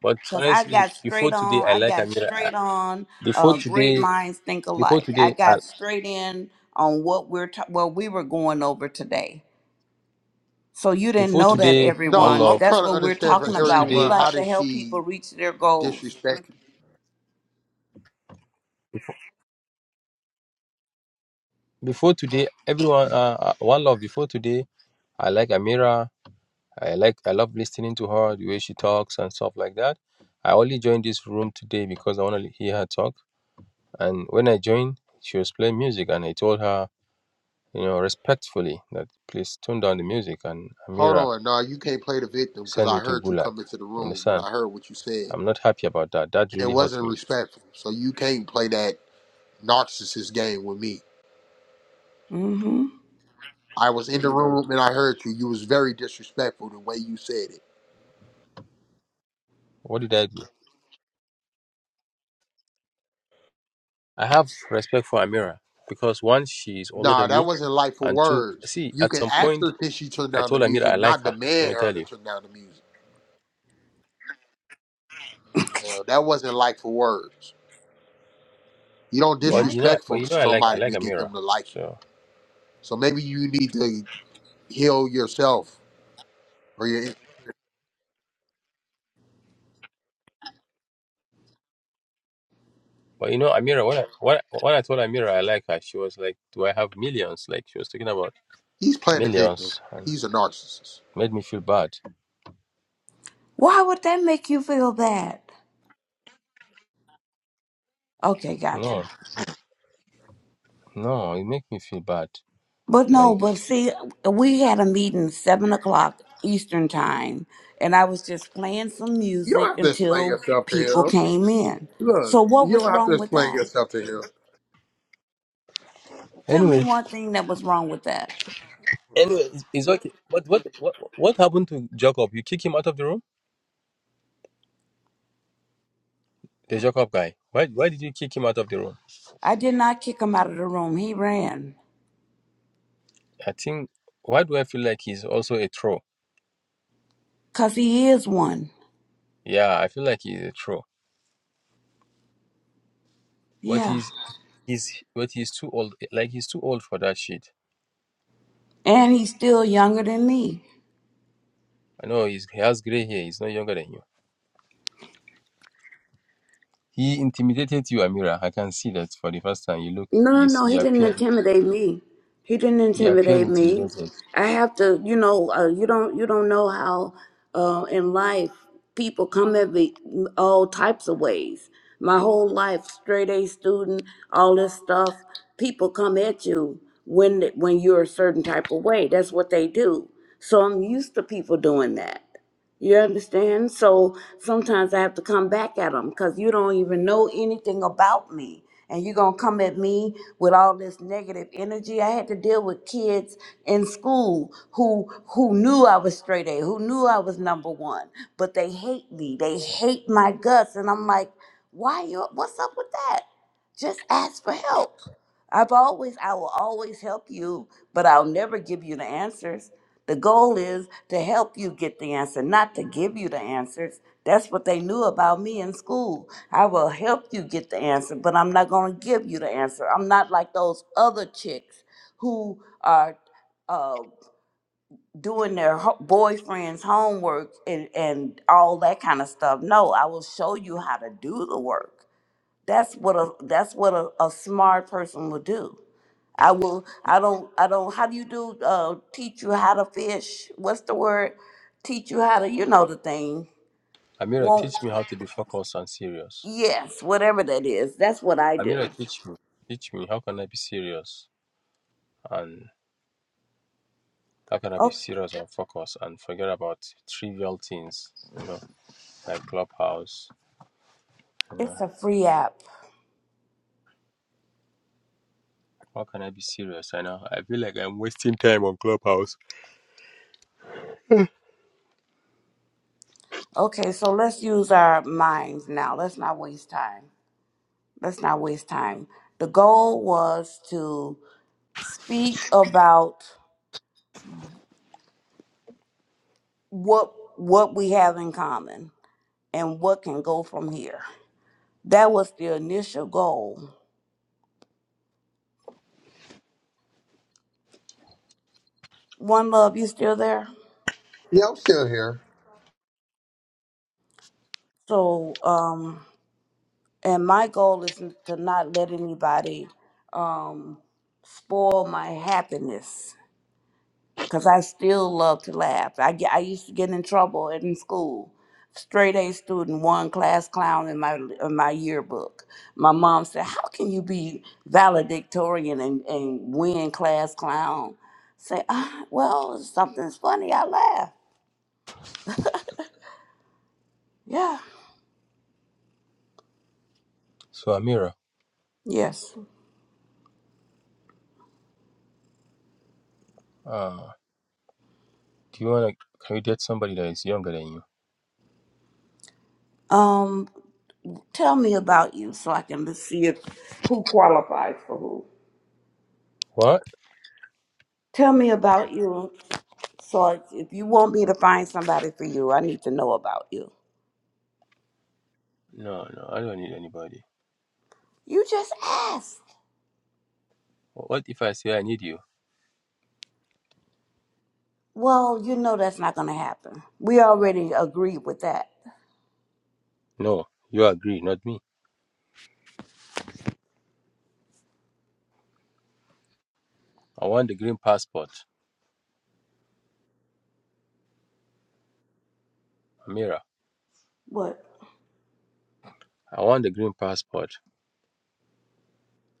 Speaker 3: But
Speaker 1: Cause I
Speaker 3: honestly,
Speaker 1: got
Speaker 3: before
Speaker 1: straight
Speaker 3: today,
Speaker 1: on.
Speaker 3: I
Speaker 1: I
Speaker 3: like
Speaker 1: got
Speaker 3: Amira.
Speaker 1: straight
Speaker 3: I-
Speaker 1: on.
Speaker 3: Before
Speaker 1: Uh, great
Speaker 3: today,
Speaker 1: minds think
Speaker 3: before
Speaker 1: alike. I
Speaker 3: today, I,
Speaker 1: got straight in on what we're ta- what we were going over today. So you didn't
Speaker 3: before
Speaker 1: know
Speaker 2: did
Speaker 1: that,
Speaker 3: today,
Speaker 2: no,
Speaker 3: one
Speaker 1: everyone.
Speaker 3: love.
Speaker 2: I'm
Speaker 1: That's
Speaker 2: trying to
Speaker 1: what we're
Speaker 2: understand for
Speaker 1: talking
Speaker 3: Before
Speaker 1: about. We
Speaker 3: today,
Speaker 2: everyone.
Speaker 3: I,
Speaker 2: How
Speaker 1: like to
Speaker 2: did
Speaker 1: help
Speaker 2: she
Speaker 1: people reach their goals.
Speaker 2: disrespect you?
Speaker 3: before today, everyone, uh, uh, one love. Before today, I like Amira. I like, I love listening to her, the way she talks and stuff like that. I only joined this room today because I want to hear her talk And when I joined, she was playing music, and I told her, you know, respectfully that please tone down the music. And
Speaker 2: Hold
Speaker 3: Amira
Speaker 2: on. No, you can't play the victim because
Speaker 3: sent me
Speaker 2: I
Speaker 3: to
Speaker 2: heard you
Speaker 3: Gulag
Speaker 2: come into the
Speaker 3: in the
Speaker 2: room and
Speaker 3: sun.
Speaker 2: I heard what you said.
Speaker 3: I'm not happy about that. That
Speaker 2: And it
Speaker 3: really hurts
Speaker 2: wasn't
Speaker 3: me.
Speaker 2: respectful. So you can't play that narcissist game with me.
Speaker 1: Mm-hmm.
Speaker 2: I was in the room and I heard you. You was very disrespectful the way you said it.
Speaker 3: What did I do? I have respect for Amira because one, she is older
Speaker 2: Nah,
Speaker 3: than
Speaker 2: that
Speaker 3: me,
Speaker 2: wasn't Lightful
Speaker 3: and two,
Speaker 2: Words.
Speaker 3: see,
Speaker 2: You
Speaker 3: at
Speaker 2: can
Speaker 3: some
Speaker 2: ask
Speaker 3: point,
Speaker 2: her can she turn
Speaker 3: I
Speaker 2: down the
Speaker 3: told Amira
Speaker 2: music,
Speaker 3: I like
Speaker 2: not
Speaker 3: her. Let
Speaker 2: demand
Speaker 3: me
Speaker 2: her
Speaker 3: tell
Speaker 2: to
Speaker 3: you.
Speaker 2: turn down the music. Well, that wasn't Lightful Words. You don't
Speaker 3: But
Speaker 1: Yeah.
Speaker 3: you know,
Speaker 2: disrespect
Speaker 3: but
Speaker 2: for
Speaker 3: you know, I like I
Speaker 2: somebody
Speaker 3: like
Speaker 2: to get
Speaker 3: Amira.
Speaker 2: them to like you.
Speaker 3: So,
Speaker 2: So maybe you need to heal yourself. Or your,
Speaker 3: but you know, Amira, when I when, I- when I told Amira I like her, she was like, "Do I have millions?" Like she was talking about
Speaker 2: he's playing the victim.
Speaker 3: millions, and
Speaker 2: He's a narcissist.
Speaker 3: made me feel bad.
Speaker 1: Why would that make you feel bad? Okay, gotcha.
Speaker 3: No, no, it make me feel bad.
Speaker 1: But no,
Speaker 3: Like
Speaker 1: but see, we had a meeting seven o'clock Eastern time, and I was just playing some
Speaker 2: You
Speaker 1: music
Speaker 2: don't have to explain
Speaker 1: until
Speaker 2: yourself to
Speaker 1: people
Speaker 2: him.
Speaker 1: came in.
Speaker 2: Look,
Speaker 1: So what
Speaker 2: you
Speaker 1: was
Speaker 2: don't have to
Speaker 1: wrong with
Speaker 2: explain
Speaker 1: that?
Speaker 2: yourself to him.
Speaker 1: Tell me
Speaker 3: anyway,
Speaker 1: one thing that was wrong with that.
Speaker 3: anyway, it's, it's okay. But what what what happened to Jacob? You kick him out of the room? The Jacob guy. Why why did you kick him out of the room?
Speaker 1: I did not kick him out of the room. He ran.
Speaker 3: I think why do I feel like he's also a troll?
Speaker 1: Cause he is one.
Speaker 3: Yeah, I feel like he's a troll. But
Speaker 1: Yeah.
Speaker 3: he's he's but he's too old. Like he's too old for that shit.
Speaker 1: And he's still younger than me.
Speaker 3: I know he's, he has gray hair. He's not younger than you. He intimidated you, Amira. I can see that for the first time. You look,
Speaker 1: No, no,
Speaker 3: you, s-
Speaker 1: no. He
Speaker 3: you
Speaker 1: didn't
Speaker 3: appear,
Speaker 1: intimidate me. He didn't
Speaker 3: you appear
Speaker 1: intimidate me.
Speaker 3: intimidated.
Speaker 1: I have to, you know, uh, you don't, you don't know how uh, in life people come at me all types of ways. My whole life, straight A student, all this stuff. People come at you when when you're a certain type of way. That's what they do. So I'm used to people doing that. You understand? So sometimes I have to come back at them because you don't even know anything about me. And you're going to come at me with all this negative energy. I had to deal with kids in school who who knew I was straight A, who knew I was number one, but they hate me. They hate my guts. And I'm like, why you what's up with that? Just ask for help. I've always I will always help you, but I'll never give you the answers. The goal is to help you get the answer, not to give you the answers. That's what they knew about me in school. I will help you get the answer, but I'm not going to give you the answer. I'm not like those other chicks who are uh, doing their ho- boyfriend's homework and, and all that kind of stuff. No, I will show you how to do the work. That's what a that's what a, a smart person will do. I will. I don't. I don't. How do you do? Uh, teach you how to fish? What's the word? Teach you how to. You know the thing.
Speaker 3: Amira, teach
Speaker 1: Won't.
Speaker 3: me how to be focused and serious.
Speaker 1: Yes, whatever that is. That's what I
Speaker 3: Amira,
Speaker 1: do.
Speaker 3: teach me. Teach me. How can I be serious? And how can I be
Speaker 1: Oh,
Speaker 3: serious and focused and forget about trivial things, you know, like Clubhouse? You know,
Speaker 1: it's a free app.
Speaker 3: how can I be serious? I know. I feel like I'm wasting time on Clubhouse.
Speaker 1: Okay, so let's use our minds now. Let's not waste time. Let's not waste time. The goal was to speak about what what we have in common and what can go from here. That was the initial goal. One love, you still there?
Speaker 2: Yeah, I'm still here.
Speaker 1: So, um, and my goal is n- to not let anybody um, spoil my happiness because I still love to laugh. I, get, I used to get in trouble in school. Straight A student, one class clown in my in my yearbook. My mom said, "How can you be valedictorian and, and win class clown?" Say, ah, "Well, something's funny. I laugh." Yeah.
Speaker 3: So, Amira,
Speaker 1: Yes.
Speaker 3: uh, do you want to. Can you date somebody that is younger than you?
Speaker 1: Um. Tell me about you so I can see if, who qualifies for who.
Speaker 3: What?
Speaker 1: Tell me about you so if if you want me to find somebody for you, I need to know about you.
Speaker 3: No, no, I don't need anybody.
Speaker 1: You just ask.
Speaker 3: What if I say I need you?
Speaker 1: Well, you know that's not going to happen. We already agreed with that.
Speaker 3: No, you agree, not me. I want the green passport. Amira,
Speaker 1: What?
Speaker 3: I want the green passport.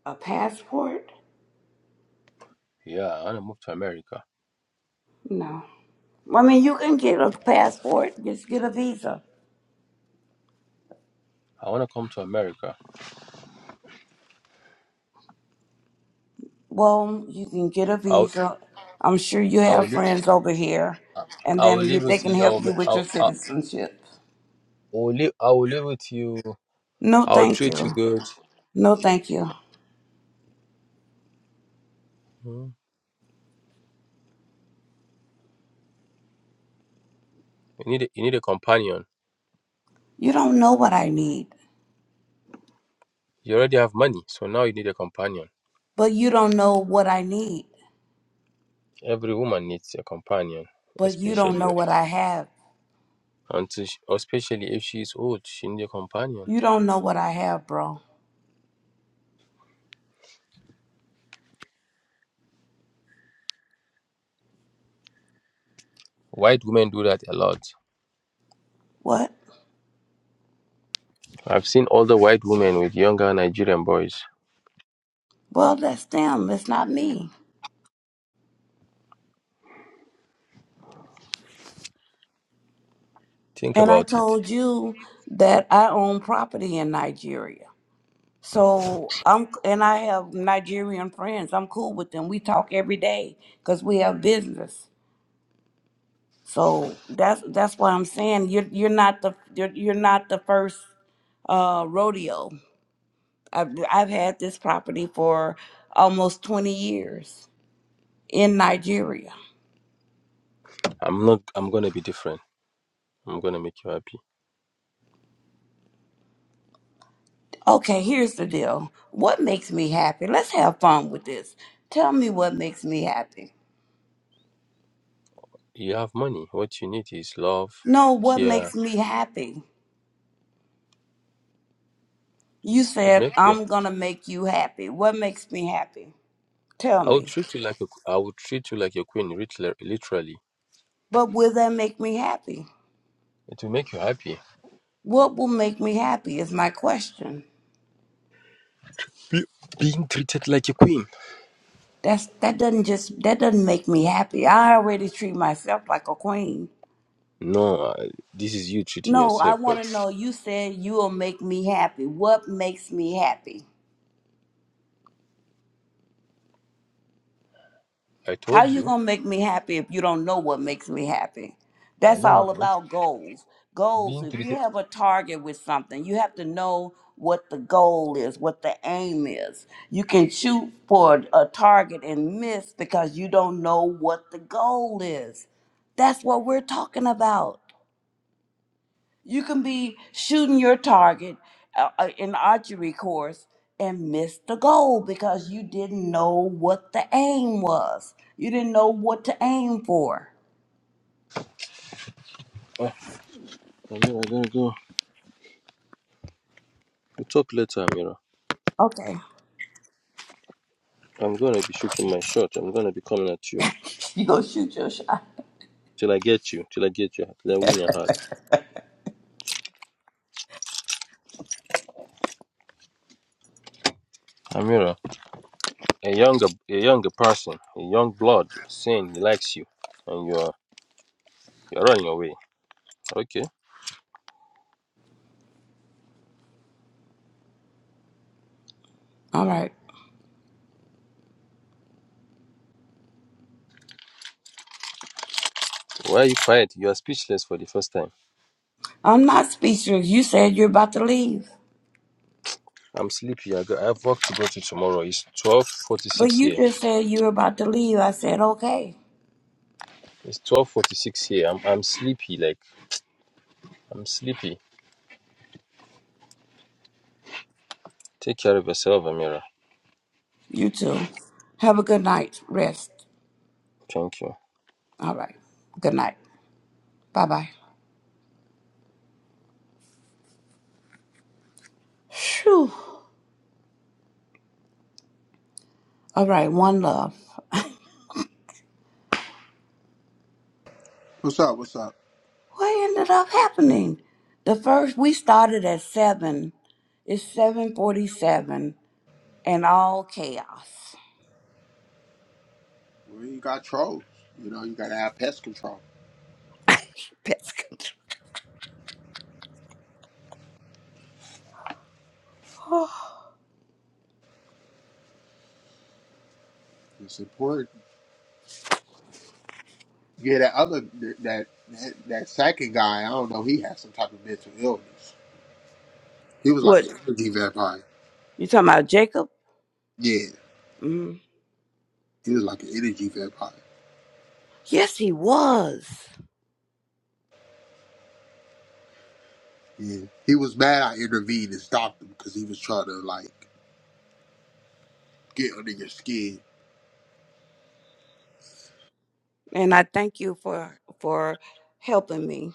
Speaker 1: A passport?
Speaker 3: Yeah, I want to move to America.
Speaker 1: No. I mean, you can get a passport, just get a visa.
Speaker 3: I want to come to America.
Speaker 1: Well, you can get a
Speaker 3: I'll
Speaker 1: visa. I'm sure you
Speaker 3: I'll
Speaker 1: have
Speaker 3: leave,
Speaker 1: friends over here, and
Speaker 3: I'll
Speaker 1: then you,
Speaker 3: leave with
Speaker 1: they can
Speaker 3: you.
Speaker 1: help
Speaker 3: I'll, ma-
Speaker 1: you with
Speaker 3: I'll,
Speaker 1: your
Speaker 3: I'll,
Speaker 1: citizenship.
Speaker 3: I'll leave, I'll leave it you.
Speaker 1: No,
Speaker 3: I'll
Speaker 1: thank
Speaker 3: treat
Speaker 1: you.
Speaker 3: you good.
Speaker 1: No, thank you.
Speaker 3: Mm. You need a, you need a companion.
Speaker 1: You don't know what I need,
Speaker 3: You already have money, so now you need a companion.
Speaker 1: but you don't know what I need,
Speaker 3: Every woman needs a companion,
Speaker 1: but you don't know
Speaker 3: especially
Speaker 1: what I have.
Speaker 3: until she, especially if she is old, she needs a companion.
Speaker 1: You don't know what I have, bro.
Speaker 3: White women do that a lot.
Speaker 1: What?
Speaker 3: I've seen older white women with younger Nigerian boys.
Speaker 1: Well, that's them. It's not me.
Speaker 3: Think
Speaker 1: And I
Speaker 3: about it.
Speaker 1: told you that I own property in Nigeria. So I'm, and I have Nigerian friends. I'm cool with them. We talk every day because we have business. So that's that's why I'm saying you're you're not the you're, you're not the first uh rodeo I've, I've had this property for almost 20 years in Nigeria.
Speaker 3: I'm not. I'm gonna be different. I'm gonna make you happy.
Speaker 1: Okay, here's the deal. What makes me happy? Let's have fun with this. Tell me what makes me happy.
Speaker 3: You have money. What you need is love,
Speaker 1: No, what
Speaker 3: care.
Speaker 1: makes me happy? You
Speaker 3: What
Speaker 1: said,
Speaker 3: makes you?
Speaker 1: I'm going to make you happy. What makes me happy? Tell
Speaker 3: I will
Speaker 1: me.
Speaker 3: treat you like a, I will treat you like a queen, lit- literally.
Speaker 1: But will that make me happy?
Speaker 3: It will make you happy.
Speaker 1: What will make me happy is my question.
Speaker 3: Be- being treated like a queen.
Speaker 1: That's that doesn't just that doesn't make me happy. I already treat myself like a queen.
Speaker 3: No, uh, this is you treating
Speaker 1: No, I
Speaker 3: yourself.
Speaker 1: want
Speaker 3: But
Speaker 1: to know. You said you will make me happy. What makes me happy?
Speaker 3: I
Speaker 1: How
Speaker 3: told
Speaker 1: you
Speaker 3: you,
Speaker 1: gonna make me happy if you don't know what makes me happy?
Speaker 3: I
Speaker 1: That's
Speaker 3: know
Speaker 1: all
Speaker 3: what makes
Speaker 1: about goals. Goals.
Speaker 3: being
Speaker 1: If you
Speaker 3: treated.
Speaker 1: have a target with something, you have to know what the goal is, what the aim is. You can shoot for a target and miss because you don't know what the goal is. That's what we're talking about. You can be shooting your target uh, uh, in archery course and miss the goal because you didn't know what the aim was. You didn't know what to aim for.
Speaker 3: Oh, Amira, I gotta go. We talk later, Amira.
Speaker 1: Okay,
Speaker 3: I'm gonna be shooting my shot. I'm gonna be coming at you
Speaker 1: <laughs> you go shoot your shot.
Speaker 3: till I get you. Till I get you. Till I win your heart. Amira, a younger, a younger person, a young blood, saying he likes you, and you are. You're on your way. Okay.
Speaker 1: All right.
Speaker 3: Why are you quiet? You are speechless for the first time.
Speaker 1: I'm not speechless. You said you're about to leave,
Speaker 3: I'm sleepy. I, go, I have work to go to tomorrow. It's
Speaker 1: but
Speaker 3: 12.46
Speaker 1: you
Speaker 3: here.
Speaker 1: just said you were about to leave. I said, okay.
Speaker 3: It's 12.46 here. I'm, I'm sleepy. Like, I'm sleepy. Take care of yourself, Amira.
Speaker 1: You too. Have a good night. Rest.
Speaker 3: Thank you.
Speaker 1: All right. Good night. Bye bye. Phew. All right. One love. <laughs>
Speaker 2: What's up? What's up?
Speaker 1: what ended up happening? The first we started at seven. It's seven forty-seven, and all chaos.
Speaker 2: Well, you got trolls. You know, you got to have pest control.
Speaker 1: <laughs> Pest control.
Speaker 2: It's important. Yeah, that other that that, that second guy, I don't know. He had some type of mental illness. He was like
Speaker 1: What
Speaker 2: an energy vampire.
Speaker 1: you talking about, Jacob?
Speaker 2: Yeah,
Speaker 1: Mm.
Speaker 2: he was like an energy vampire.
Speaker 1: Yes, he was,
Speaker 2: Yeah, he was mad I intervened and stopped him because he was trying to like get under your skin.
Speaker 1: and I thank you for for helping me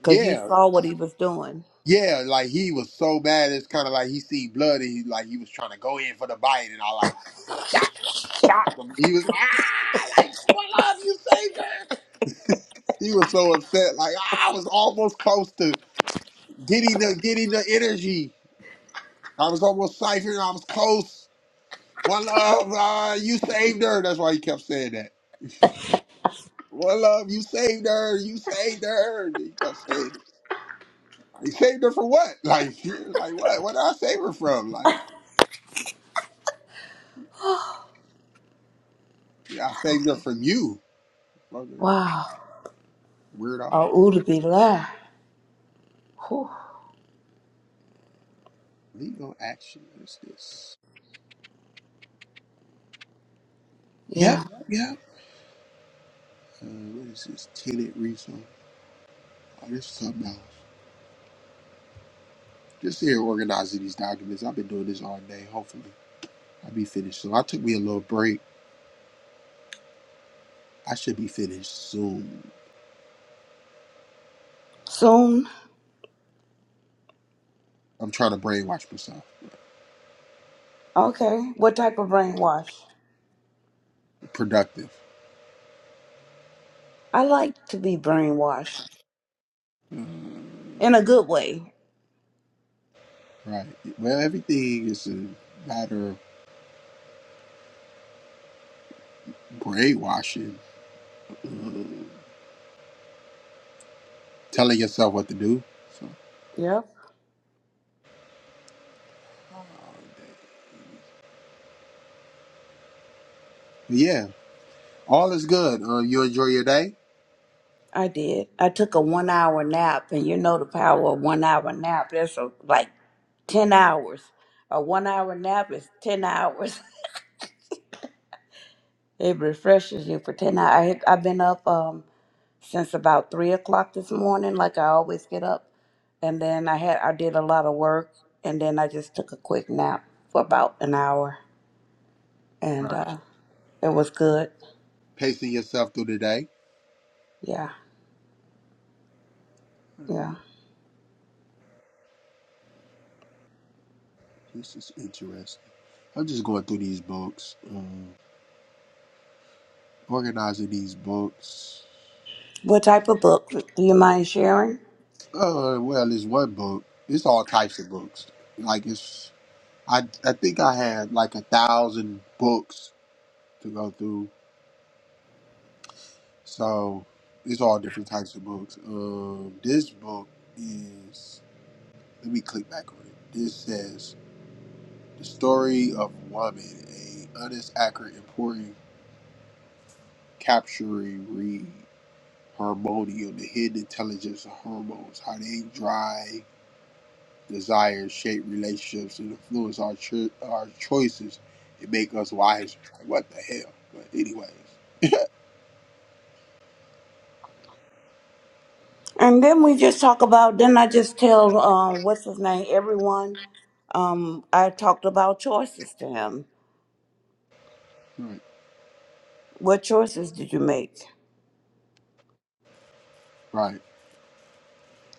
Speaker 1: because you
Speaker 2: Yeah,
Speaker 1: saw what he was doing.
Speaker 2: yeah, like he was so mad. It's kind of like he seen blood and he like he was trying to go in for the bite, and I like he was. like, I love you, Savior. He was so upset. Like I was almost close to getting the getting the energy. I was almost siphoning. I was close. One love, uh, you saved her. That's why he kept saying that. One love, you saved her. You saved her. He kept saying, it. he saved her for what? Like, <laughs> like what? What did I save her from? Like, yeah, I saved her from you, mother
Speaker 1: Wow.
Speaker 2: weirdo.
Speaker 1: Oh, to be la. Whew.
Speaker 2: Legal action. What's this? Yep,
Speaker 1: Yeah.
Speaker 2: yep. Uh, what is this? Tenant refund. Oh, this is something else. Just here organizing these documents. I've been doing this all day. Hopefully, I'll be finished soon. I took me a little break. I should be finished soon.
Speaker 1: Soon.
Speaker 2: I'm trying to brainwash myself.
Speaker 1: Okay. What type of brainwash?
Speaker 2: Productive.
Speaker 1: I like to be brainwashed
Speaker 2: Uh,
Speaker 1: in a good way.
Speaker 2: right. Well, everything is a matter of brainwashing, uh, telling yourself what to do. So,
Speaker 1: Yep.
Speaker 2: uh, but yeah, all is good. Uh, you enjoy your day.
Speaker 1: I did. I took a one hour nap, and you know the power of one hour nap. That's a, like 10 hours. A one hour nap is 10 hours. <laughs> it refreshes you for 10 hours. I, had- I've been up um, since about 3 o'clock this morning, like I always get up. And then I had I did a lot of work, and then I just took a quick nap for about an hour, and
Speaker 2: Right.
Speaker 1: uh, it was good.
Speaker 2: Pacing yourself through the day.
Speaker 1: Yeah,
Speaker 2: I mean,
Speaker 1: yeah.
Speaker 2: This is interesting. I'm just going through these books, um, organizing these books.
Speaker 1: What type of book do you mind sharing?
Speaker 2: Uh, well, it's one book. It's all types of books. Like it's, I I think I had like a thousand books to go through So it's all different types of books. Um, this book is let me click back on it. This says the story of woman, a honest, accurate, important, capturing read harmonium, the hidden intelligence of hormones, how they drive desires, shape relationships, and influence our cho- our choices and make us wiser. Like, what the hell? But anyways,
Speaker 1: And then we just talk about, then I just tell, um, what's his name, everyone, um, I talked about choices to him.
Speaker 2: right,
Speaker 1: What choices did you make?
Speaker 2: right.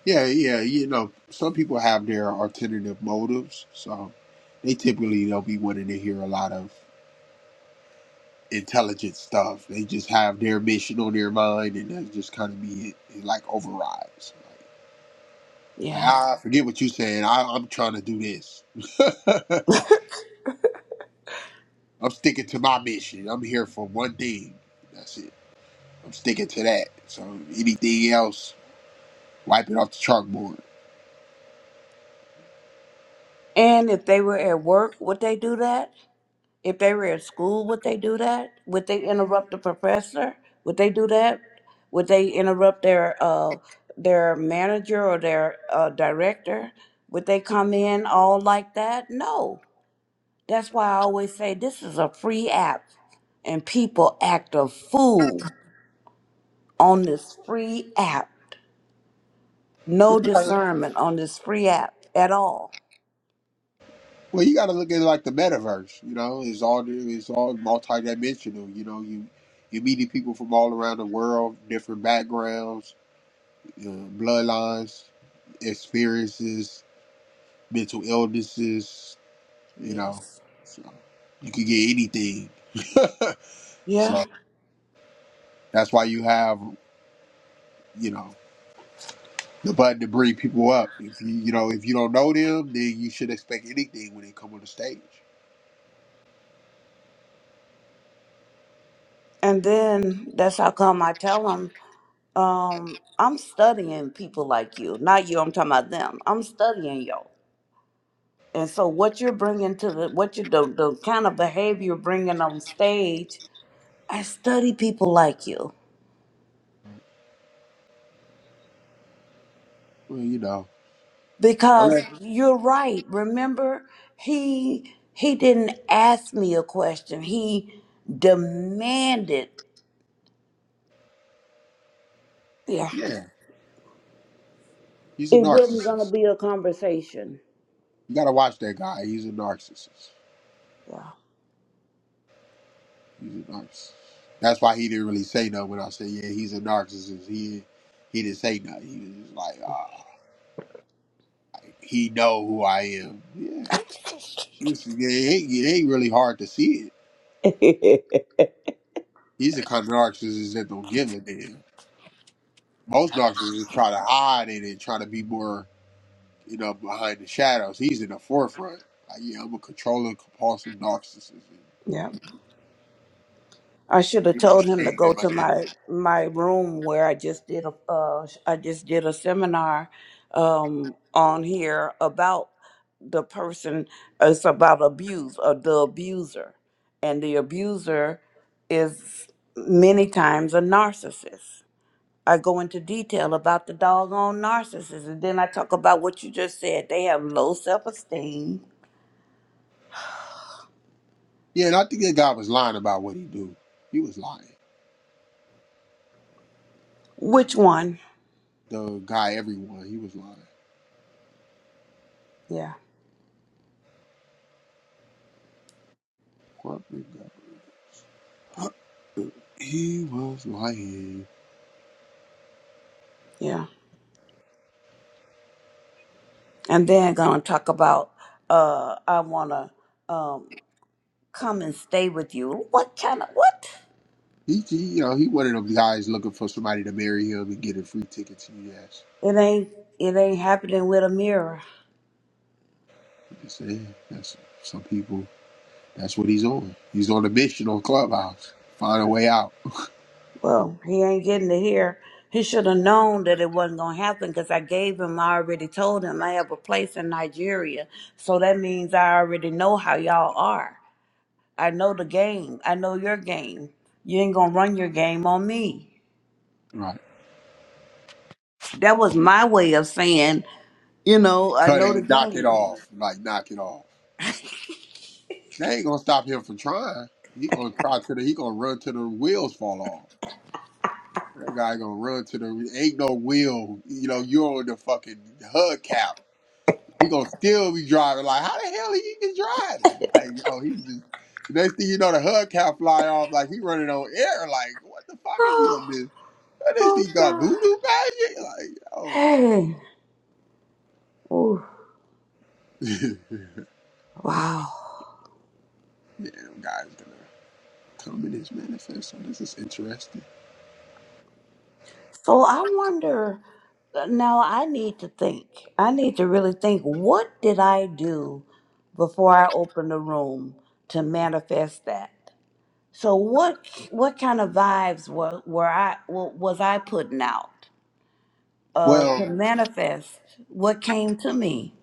Speaker 2: Yeah, yeah, you know, some people have their alternative motives, so they typically don't be wanting to hear a lot of intelligent stuff. They just have their mission on their mind, and that's just kind of be it. It like overrides. Like,
Speaker 1: Yeah.
Speaker 2: "Ah, I forget what you saying. I, I'm trying to do this. <laughs> I'm sticking to my mission. I'm here for one thing. That's it. I'm sticking to that. So anything else, wipe it off the chalkboard.
Speaker 1: And if they were at work, would they do that? If they were at school, would they do that? Would they interrupt the professor? Would they do that? Would they interrupt their uh their manager or their uh, director? Would they come in all like that? No. That's why I always say this is a free app, and people act a fool on this free app. No discernment on this free app at all.
Speaker 2: Well, you got to look at it like the metaverse. You know, it's all it's all multidimensional. You know, you you're meeting people from all around the world, different backgrounds, uh, bloodlines, experiences, mental illnesses. You know,
Speaker 1: Yes.
Speaker 2: so you could get anything. <laughs>
Speaker 1: Yeah.
Speaker 2: so that's why you have you know the button to bring people up. If you you know if you don't know them, then you should expect anything when they come on the stage.
Speaker 1: And then that's how come I tell them, um, I'm studying people like you, not you. I'm talking about them. I'm studying y'all. And so what you're bringing to the what you the, the kind of behavior you're bringing on stage, I study people like you.
Speaker 2: Well, you know,
Speaker 1: because
Speaker 2: unless
Speaker 1: you're right remember he he didn't ask me a question he demanded yeah
Speaker 2: yeah, he's a
Speaker 1: it wasn't going
Speaker 2: narcissist.
Speaker 1: to be a conversation
Speaker 2: You gotta watch that guy. He's a narcissist. He's a narcissist. That's why he didn't really say nothing when I said, "Yeah, he's a narcissist." He he didn't say nothing. He was just like, uh, "He know who I am." Yeah, it's, it, ain't, it ain't really hard to see it.
Speaker 1: yeah <laughs>
Speaker 2: He's the kind of narcissist that don't give a damn. Most narcissists try to hide it and try to be more, you know, behind the shadows. He's in the forefront. Like, yeah, I'm a controlling, compulsive narcissist.
Speaker 1: yeah i should have
Speaker 2: There's no
Speaker 1: told him to
Speaker 2: shame
Speaker 1: go
Speaker 2: in my
Speaker 1: to
Speaker 2: name.
Speaker 1: my my room where i just did a uh, i just did a seminar um on here about. the person it's about abuse or the abuser and the abuser is many times a narcissist i go into detail about the doggone narcissist and then i talk about what you just said they have low self-esteem
Speaker 2: Yeah, and I think that guy was lying about what he do. He was lying. was
Speaker 1: which one
Speaker 2: the guy everyone. He was lying.
Speaker 1: yeah
Speaker 2: What we He was lying.
Speaker 1: yeah and then gonna talk about uh i wanna um come and stay with you what kind of what
Speaker 2: He, he you know, he one of them guys looking for somebody to marry him and get a free ticket to US.
Speaker 1: it ain't it ain't happening with a mirror
Speaker 2: You can say eh, that's some people. That's what he's on. He's on a mission on Clubhouse. Find a way out.
Speaker 1: Well, he ain't getting to hear. He should have known that it wasn't going to happen because I gave him, I already told him I have a place in Nigeria. So that means I already know how y'all are. I know the game. I know your game. You ain't going to run your game on me.
Speaker 2: Right.
Speaker 1: That was my way of saying, you know, I
Speaker 2: Cut it
Speaker 1: know the
Speaker 2: and knock it
Speaker 1: game. <gasps>
Speaker 2: off. Like knock it off. They ain't gonna stop him from trying. He gonna try to the. He gonna run till the wheels fall off. That guy gonna run to the ain't no wheel. You know, you're on the fucking hubcap. we gonna still be driving. Like, how the hell he even driving? Like, yo, he just next thing you know, the hubcap fly off. Like he running on air. Like, what the fuck is he up
Speaker 1: Oh,
Speaker 2: this? What is
Speaker 1: oh
Speaker 2: he got voodoo
Speaker 1: God.
Speaker 2: magic? Like, yo,
Speaker 1: Hey. Ooh,
Speaker 2: <laughs> yeah,
Speaker 1: wow.
Speaker 2: them guys gonna come in his manifesto. This is interesting.
Speaker 1: So I wonder uh, now I need to think. I need to really think what did I do before I opened the room to manifest that? So what what kind of vibes were were I wa- was I putting out uh
Speaker 2: Well,
Speaker 1: to manifest what came to me?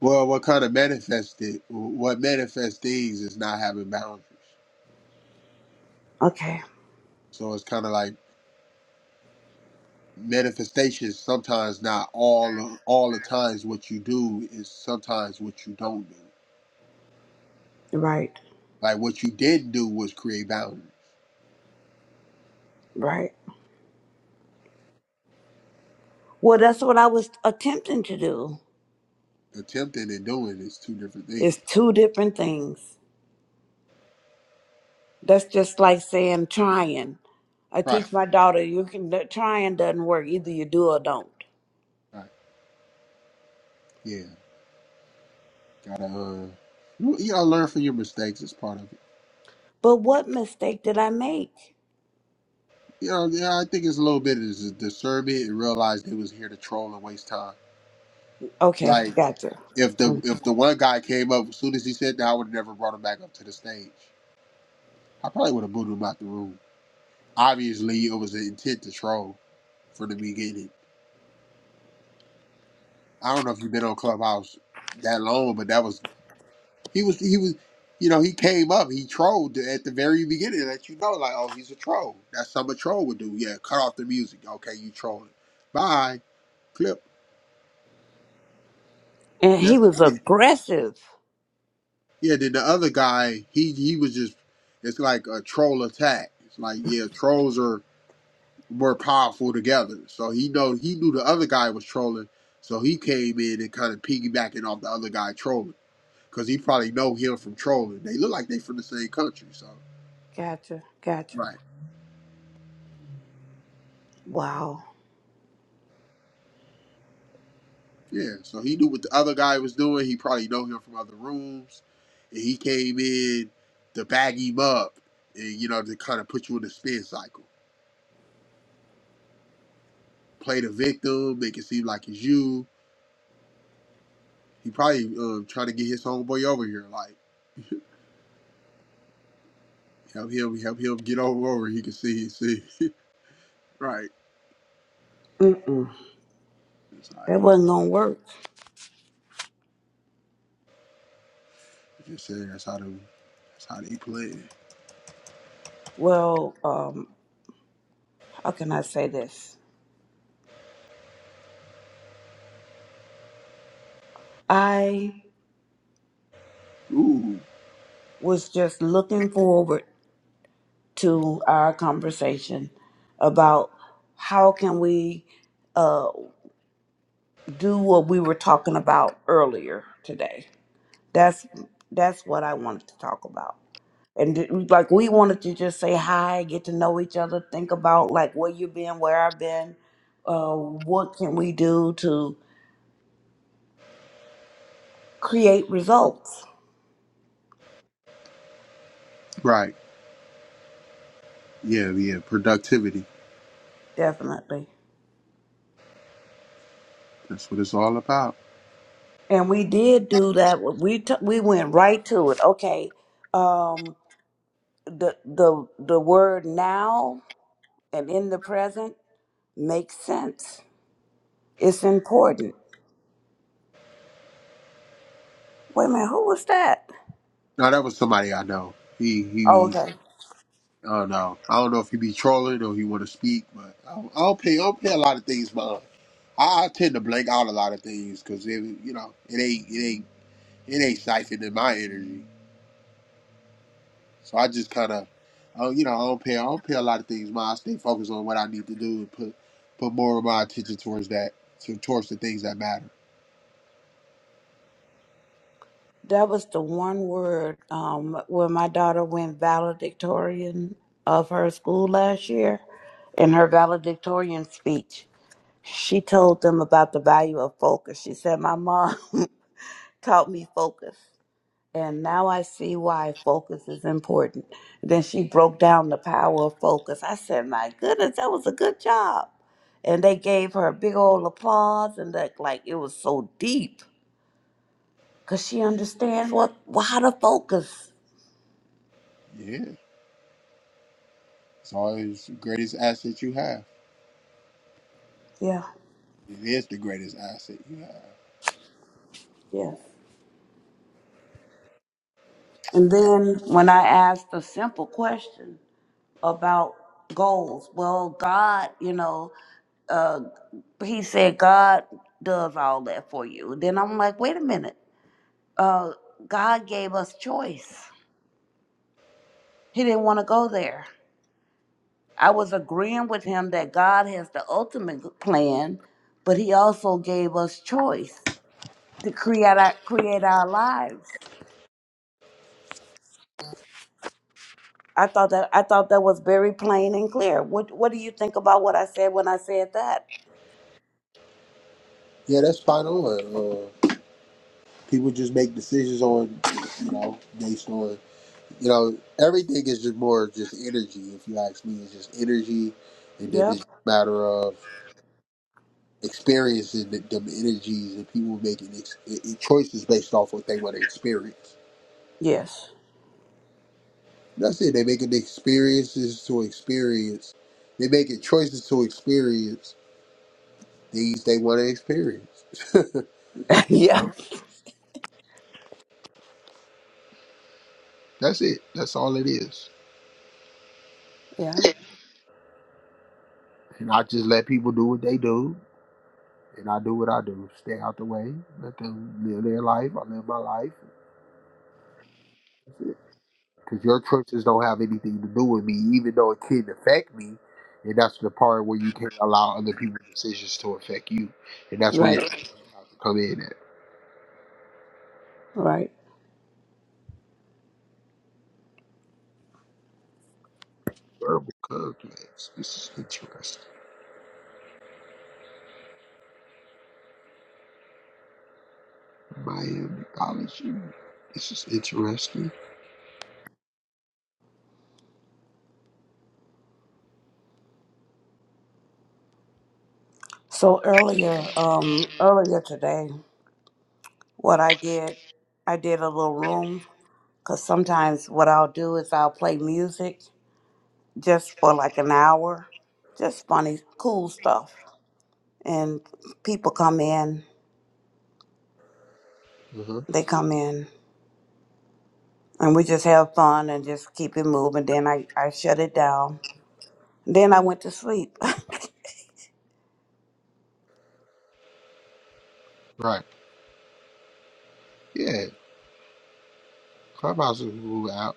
Speaker 2: well, what kind of manifested? What manifest things is not having boundaries.
Speaker 1: Okay.
Speaker 2: So it's kind of like manifestations. Sometimes not all all the times what you do is sometimes what you don't do.
Speaker 1: Right.
Speaker 2: Like what you did do was create boundaries.
Speaker 1: Right. Well, that's what I was attempting to do.
Speaker 2: Attempting and doing is two different things.
Speaker 1: It's two different things. That's just like saying trying. I
Speaker 2: Right.
Speaker 1: teach my daughter, you can trying doesn't work. Either you do or don't.
Speaker 2: Right. Yeah. Gotta uh you you gotta learn from your mistakes as part of it.
Speaker 1: But what mistake did I make?
Speaker 2: You know, yeah, I think it's a little bit of dis- discernment and realize they was here to troll and waste time.
Speaker 1: Okay,
Speaker 2: Like
Speaker 1: gotcha.
Speaker 2: if the
Speaker 1: Mm.
Speaker 2: if the one guy came up as soon as he said that I would have never brought him back up to the stage. I probably would have booted him out the room. Obviously it was an intent to troll from the beginning. I don't know if you've been on Clubhouse that long, but that was He was he was you know, he came up, he trolled at the very beginning, let you know, like, oh, he's a troll. That's something a troll would do. Yeah, cut off the music. Okay, you trolling. Bye. Clip.
Speaker 1: And he
Speaker 2: That's
Speaker 1: was
Speaker 2: it.
Speaker 1: aggressive.
Speaker 2: Yeah, then the other guy, he he was just it's like a troll attack. It's like, yeah, trolls are more powerful together. So he know he knew the other guy was trolling, so he came in and kind of piggybacking off the other guy trolling. Cause he probably know him from trolling. They look like they from the same country, so
Speaker 1: Gotcha, gotcha.
Speaker 2: right.
Speaker 1: Wow,
Speaker 2: Yeah, so he knew what the other guy was doing. He probably know him from other rooms, and he came in to bag him up, and you know to kind of put you in the spin cycle, play the victim, make it seem like it's you. He probably um, trying to get his homeboy over here, like <laughs> help him, help him get over over. He can see, see, <laughs> right.
Speaker 1: Mm,
Speaker 2: That's how I
Speaker 1: that
Speaker 2: go.
Speaker 1: wasn't gonna work.
Speaker 2: Just saying, that's how to. that's how they play.
Speaker 1: Well, um, how can I say this? I
Speaker 2: Ooh,
Speaker 1: was just looking forward to our conversation about how can we uh, do what we were talking about earlier today. That's that's what I wanted to talk about. And d- like we wanted to just say hi, get to know each other, think about like where you've been, where I've been, uh, what can we do to create results?
Speaker 2: right. Yeah, yeah. Productivity.
Speaker 1: Definitely.
Speaker 2: That's what it's all about.
Speaker 1: And we did do that. We t- we went right to it. Okay, um, the the the word now and in the present makes sense. It's important. Wait a minute, who was that?
Speaker 2: No, that was somebody I know. He
Speaker 1: Oh,
Speaker 2: he
Speaker 1: okay.
Speaker 2: Oh no, I don't know if he be trolling or he want to speak, but I'll, I'll pay. I'll pay a lot of things, but uh, I, I tend to blank out a lot of things because it, you know, it ain't, it ain't, it ain't siphoned in my energy. So I just kind of, oh, you know, I don't pay. I don't pay a lot of things, but I stay focused on what I need to do and put put more of my attention towards that, to, towards the things that matter.
Speaker 1: That was the one word um, where my daughter went valedictorian of her school last year. In her valedictorian speech, she told them about the value of focus. She said, My mom <laughs> taught me focus, and now I see why focus is important. Then she broke down the power of focus. I said, My goodness, that was a good job. And they gave her a big old applause, and that, like, it was so deep because she understands what how to focus.
Speaker 2: Yeah, it's always the greatest asset you have.
Speaker 1: Yeah.
Speaker 2: It is the greatest asset you have.
Speaker 1: Yes. And then when I asked a simple question about goals, well, God, you know, uh, He said God does all that for you. Then I'm like, wait a minute, uh, God gave us choice. He didn't want to go there. I was agreeing with him that God has the ultimate plan, but He also gave us choice to create our, create our lives. I thought that I thought that was very plain and clear. What What do you think about what I said when I said that?
Speaker 2: Yeah, that's spot on. Uh, people just make decisions on, you know, based on. you know, everything is just more just energy. If you ask me, it's just energy, and then it's
Speaker 1: Yep.
Speaker 2: a matter of experiencing the, them energies and people making ex- e- e, choices based off what they want to experience.
Speaker 1: Yes.
Speaker 2: That's it. They making the experiences to experience. They making choices to experience things they want to experience. You
Speaker 1: <laughs> yeah,
Speaker 2: know? That's it. That's all it is.
Speaker 1: yeah,
Speaker 2: And I just let people do what they do, and I do what I do. Stay out the way. Let them live their life. I live my life. Because your choices don't have anything to do with me, even though it can affect me. And that's the part where you can't allow other people's decisions to affect you. And that's where your
Speaker 1: Right.
Speaker 2: actions have to come in at.
Speaker 1: Right.
Speaker 2: Verbal conflicts. This is interesting. Miami College. mm, This is interesting.
Speaker 1: So earlier, um, earlier today, what I did, I did a little room because sometimes what I'll do is I'll play music just for like an hour, just funny, cool stuff, and people come in,
Speaker 2: Uh-huh.
Speaker 1: they come in, and we just have fun and just keep it moving. Then I I shut it down Then I went to sleep.
Speaker 2: Right. Yeah. Clubhouse is ruled out.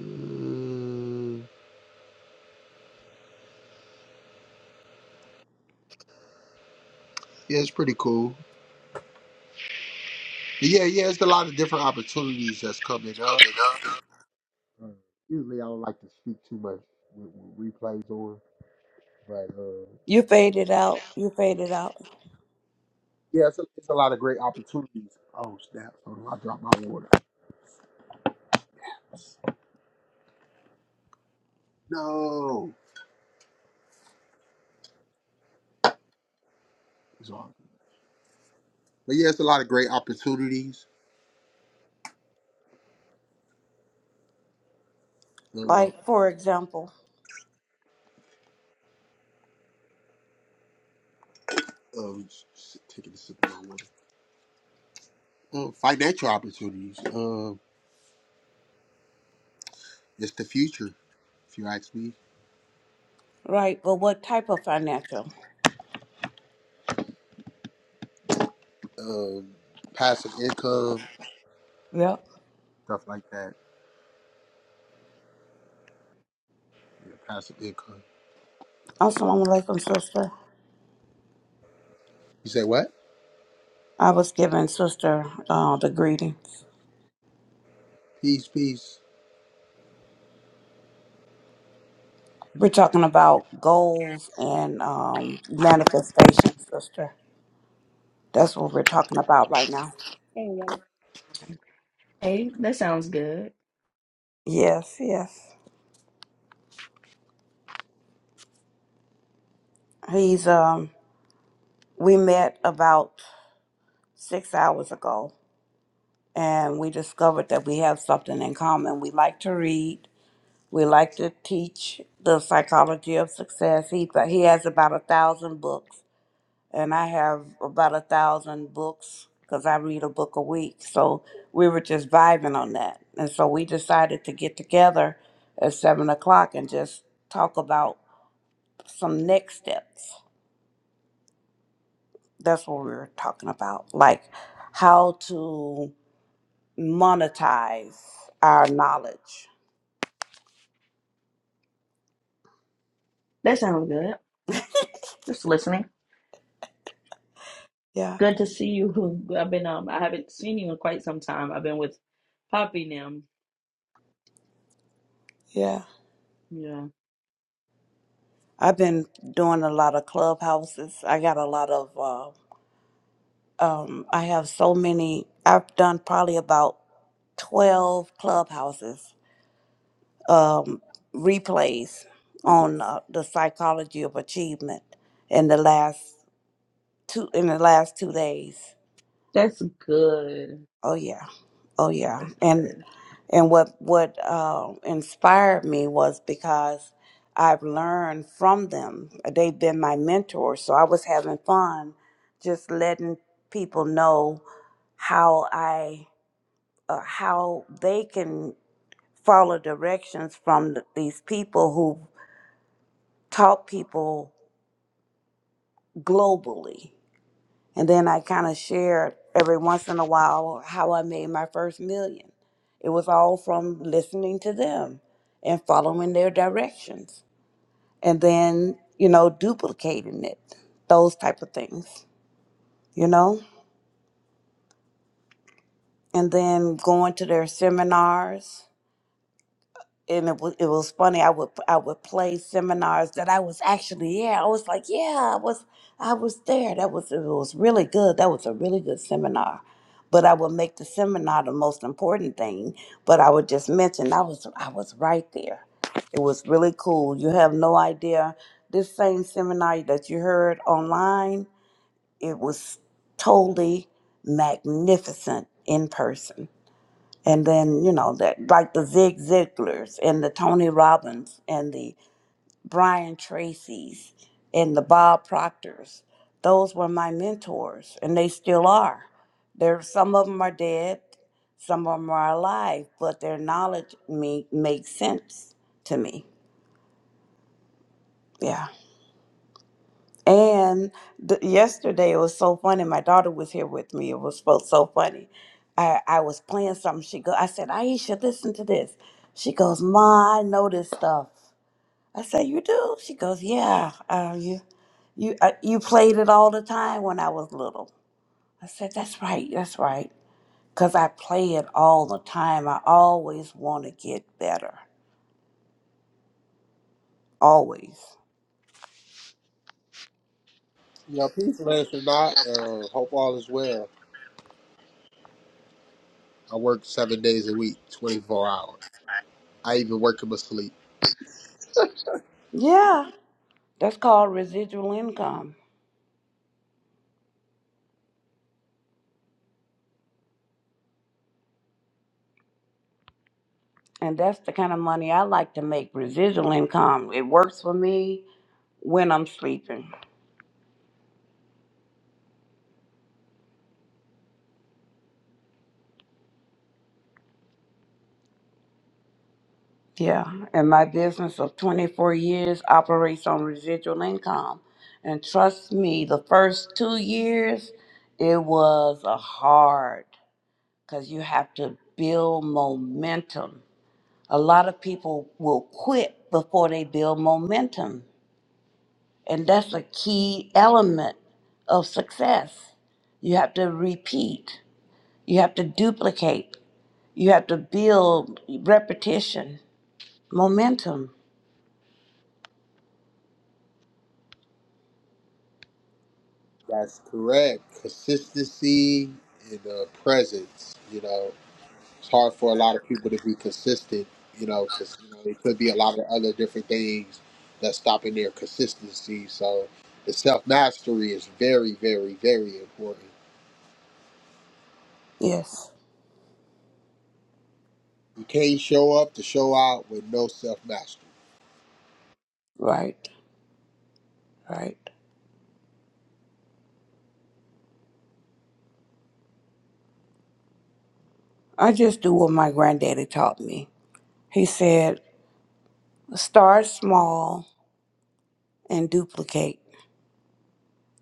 Speaker 2: Mm, yeah, it's pretty cool. But yeah, yeah, it's a lot of different opportunities that's coming up. Uh, Usually I don't like to speak too much with, with replays on. Right. Uh,
Speaker 1: <laughs> you faded out. You faded out.
Speaker 2: yeah, it's a, it's a lot of great opportunities. Oh snap! Hold on, I dropped my water. No, it's all. good. But yeah, it's a lot of great opportunities. Uh,
Speaker 1: Like, for example,
Speaker 2: um, s- taking a sip of my water. Uh, financial opportunities. Um, it's the future, if you ask me.
Speaker 1: right, but what type of financial?
Speaker 2: Um, passive income,
Speaker 1: Yep.
Speaker 2: stuff like that. Yeah, passive income.
Speaker 1: Assalamu alaikum, sister.
Speaker 2: You say what?
Speaker 1: I was giving sister uh, the greetings.
Speaker 2: Peace, peace.
Speaker 1: We're talking about goals and um, manifestation, sister. That's what we're talking about right now.
Speaker 5: Hey, Wally. Hey, that sounds good.
Speaker 1: Yes, yes. He's um we met about six hours ago and we discovered that we have something in common. We like to read We like to teach the psychology of success. He he has about a thousand books, and I have about a thousand books because I read a book a week. So we were just vibing on that, and so we decided to get together at seven o'clock and just talk about some next steps. That's what we were talking about, like how to monetize our knowledge.
Speaker 5: That sounds good. Just listening.
Speaker 1: Yeah,
Speaker 5: Good to see you. <laughs> I've been um I haven't seen you in quite some time. I've been with Poppy now.
Speaker 1: yeah.
Speaker 5: Yeah.
Speaker 1: I've been doing a lot of clubhouses. I got a lot of, uh, um, I have so many, I've done probably about 12 clubhouses, um, replays
Speaker 5: Nice.
Speaker 1: on uh, the psychology of achievement in the last two, in the last two days.
Speaker 5: That's good.
Speaker 1: Oh yeah. Oh yeah.
Speaker 5: That's
Speaker 1: And
Speaker 5: good.
Speaker 1: and what what uh, inspired me was because I've learned from them. They've been my mentors, so I was having fun just letting people know how I uh, how they can follow directions from th- these people who taught people globally And then I kind of shared every once in a while how I made my first million. It was all from listening to them and following their directions and then, you know, duplicating it, those type of things, you know? And then going to their seminars and it was it was funny. I would I would play seminars that I was actually yeah. I was like yeah, I was I was there. That was it was really good. That was a really good seminar. But I would make the seminar the most important thing. But I would just mention I was I was right there. It was really cool. You have no idea. This same seminar that you heard online, it was totally magnificent in person and then you know that like the Zig Ziglars and the Tony Robbins and the Brian Tracy's and the Bob Proctors. Those were my mentors, and they still are. There, some of them are dead, some of them are alive, but their knowledge me makes sense to me. Yeah. And the, yesterday it was so funny. My daughter was here with me. It was so so funny. I, I was playing something. She go. I said, Aisha, listen to this. She goes, Ma, I know this stuff. I said, You do? She goes, Yeah. Uh, you you uh, you played it all the time when I was little. I said, That's right. That's right. Cause I play it all the time. I always want to get better. Always.
Speaker 2: Yeah, peace, Lance or not. Uh, hope all is well. I work seven days a week, twenty four hours. I even work in my sleep.
Speaker 1: Yeah. That's called residual income. And that's the kind of money I like to make residual income. It works for me when I'm sleeping. Yeah. And my business of 24 years operates on residual income. And trust me, the first two years, it was a hard because you have to build momentum. A lot of people will quit before they build momentum. And that's a key element of success. You have to repeat. You have to duplicate. You have to build repetition, momentum.
Speaker 2: That's correct. Consistency and uh, presence. You know, it's hard for a lot of people to be consistent. You know, because you know it could be a lot of other different things that's stopping their consistency. So the self mastery is very, very, very important.
Speaker 1: Yes,
Speaker 2: You can't show up to show out with no self mastery.
Speaker 1: right, right. I just do what my granddaddy taught me. He said, start small and duplicate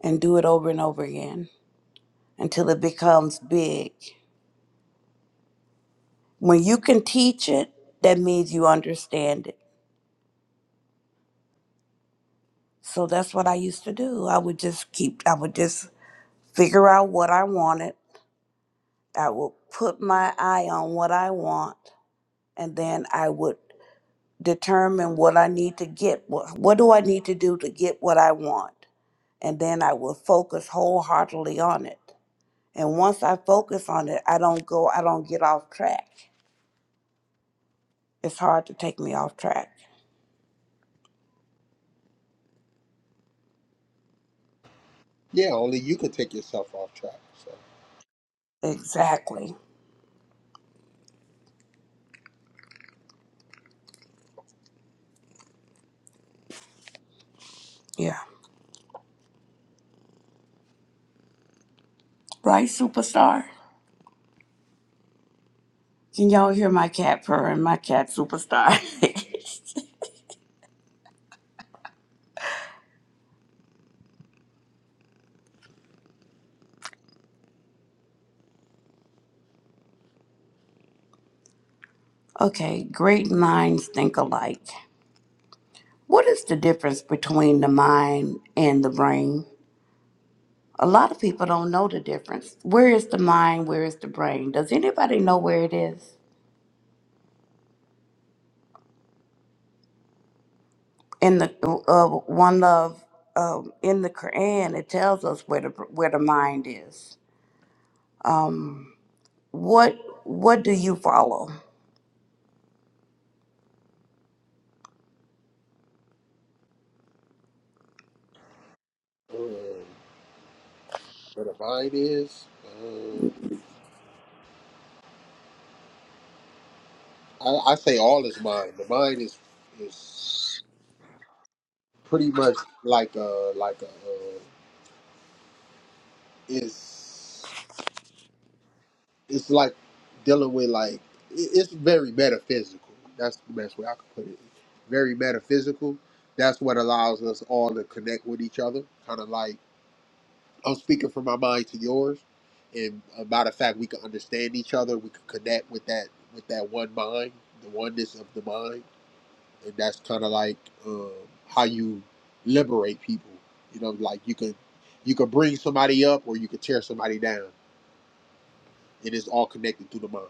Speaker 1: and do it over and over again until it becomes big. When you can teach it, that means you understand it. So that's what I used to do. I would just keep, I would just figure out what I wanted. I would put my eye on what I want and then I would determine what I need to get. What, what do I need to do to get what I want? And then I will focus wholeheartedly on it. And once I focus on it, I don't go, I don't get off track. It's hard to take me off track.
Speaker 2: Yeah, only you can take yourself off track. So,
Speaker 1: Exactly. Yeah. Right, superstar? Can y'all hear my cat purring? My cat, superstar. <laughs> okay, great minds think alike. What is the difference between the mind and the brain? A lot of people don't know the difference. Where is the mind? Where is the brain? Does anybody know where it is? In the uh, one love, um, in the Quran, it tells us where the where the mind is. Um, what what do you follow?
Speaker 2: um, where the mind is, um, I, I say all is mind. The mind is is. pretty much like a like a uh, it's it's like dealing with like it- it's very metaphysical. That's the best way I could put it. Very metaphysical. That's what allows us all to connect with each other. Kind of like I'm speaking from my mind to yours, and a matter of fact, we can understand each other. We can connect with that with that one mind, the oneness of the mind and that's kind of like um, how you liberate people. You know, like you could you could bring somebody up or you could tear somebody down. It is all connected through the mind.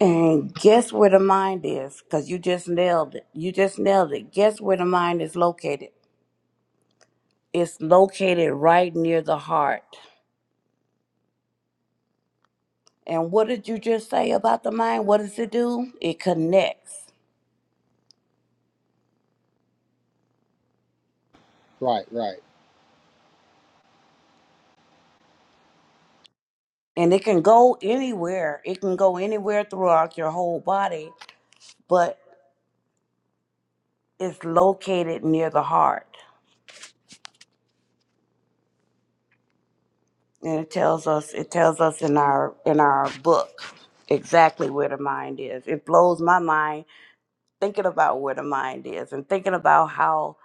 Speaker 1: And guess where the mind is? Because you just nailed it. You just nailed it. Guess where the mind is located? It's located right near the heart. And what did you just say about the mind? What does it do? It connects.
Speaker 2: Right, right.
Speaker 1: and it can go anywhere. It can go anywhere throughout your whole body, but it's located near the heart. And it tells us it tells us in our in our book exactly where the mind is. It blows my mind thinking about where the mind is and thinking about how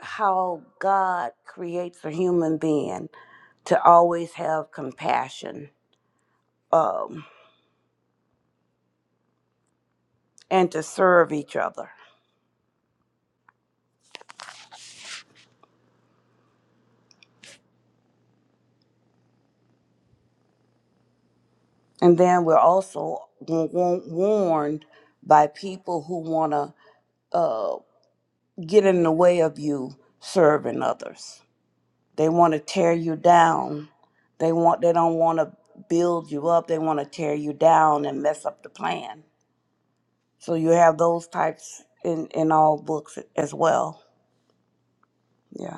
Speaker 1: how God creates a human being to always have compassion um, and to serve each other And then we're also wa- wa- warned by people who want to uh, get in the way of you serving others. They want to tear you down. They want. They don't want to build you up. They want to tear you down and mess up the plan. So you have those types in in all books as well. Yeah.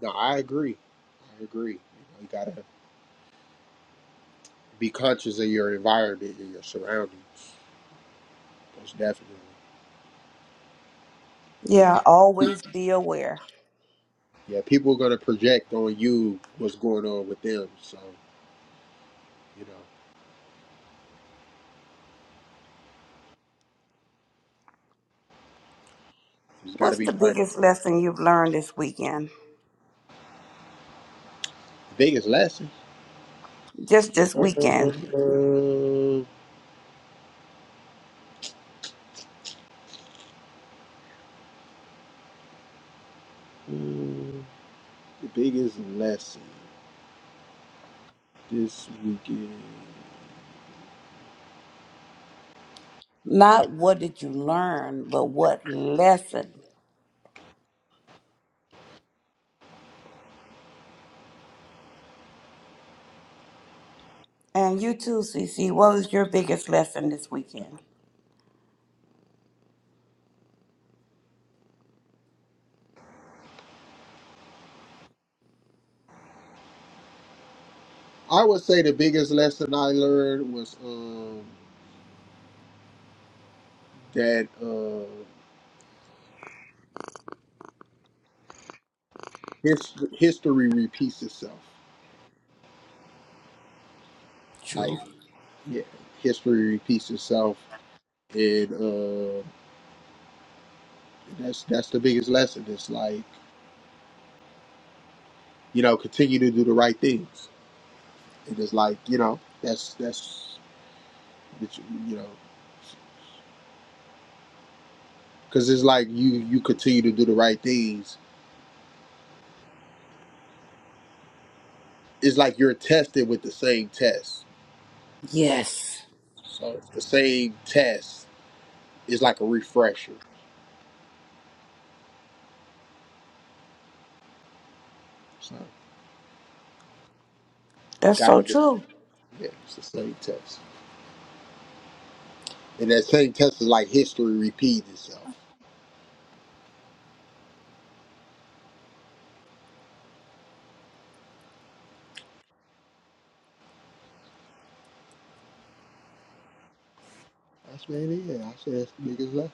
Speaker 2: No, I agree. I agree. You, know, you gotta be conscious of your environment and your surroundings. Most definitely, 'Cause
Speaker 1: Yeah.
Speaker 2: people,
Speaker 1: Always be aware.
Speaker 2: yeah, people are gonna project on you what's going on with them. So you know, you just gotta
Speaker 1: What's
Speaker 2: be
Speaker 1: the
Speaker 2: mindful.
Speaker 1: biggest lesson you've learned this weekend?
Speaker 2: Biggest lesson.
Speaker 1: Just this
Speaker 2: Uh, uh,
Speaker 1: weekend.
Speaker 2: the biggest lesson. this weekend.
Speaker 1: Not what did you learn, but what lesson. And you too, CC. What was your biggest lesson this weekend?
Speaker 2: I would say the biggest lesson I learned was um, that uh, his, history repeats itself.
Speaker 1: True.
Speaker 2: Like, yeah, history repeats itself, and uh, that's that's the biggest lesson. It's like you know, continue to do the right things. And it's like you know, that's that's that you you know, because it's like you you continue to do the right things. It's like you're tested with the same test.
Speaker 1: Yes.
Speaker 2: So it's the same test It's like a refresher. So
Speaker 1: That's
Speaker 2: gotta
Speaker 1: so true.
Speaker 2: yeah, it's the same test. And that same test is like history repeating itself. That's man, yeah. I said that's the biggest lesson.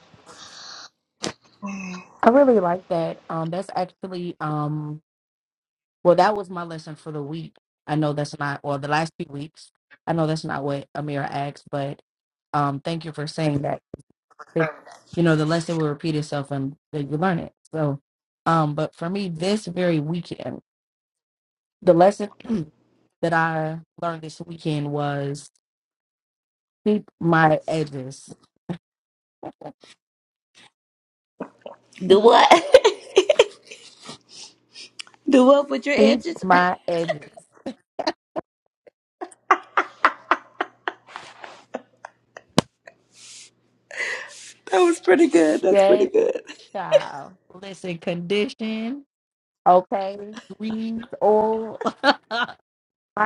Speaker 5: I really like that. Um, that's actually um, well, that was my lesson for the week. I know that's not, or the last few weeks. I know that's not what Amira asked, but um, thank you for saying that it, you know, the lesson will repeat itself and that you learn it. So, um, but for me, this very weekend, the lesson <clears throat> that I learned this weekend was keep my edges.
Speaker 1: Do what? <laughs> Do what with your
Speaker 5: Keep
Speaker 1: edges? <laughs>
Speaker 5: my edges.
Speaker 1: That was pretty good. That's pretty
Speaker 5: Yes,
Speaker 1: good.
Speaker 5: child. Listen, condition, okay, grease, oil, <laughs> my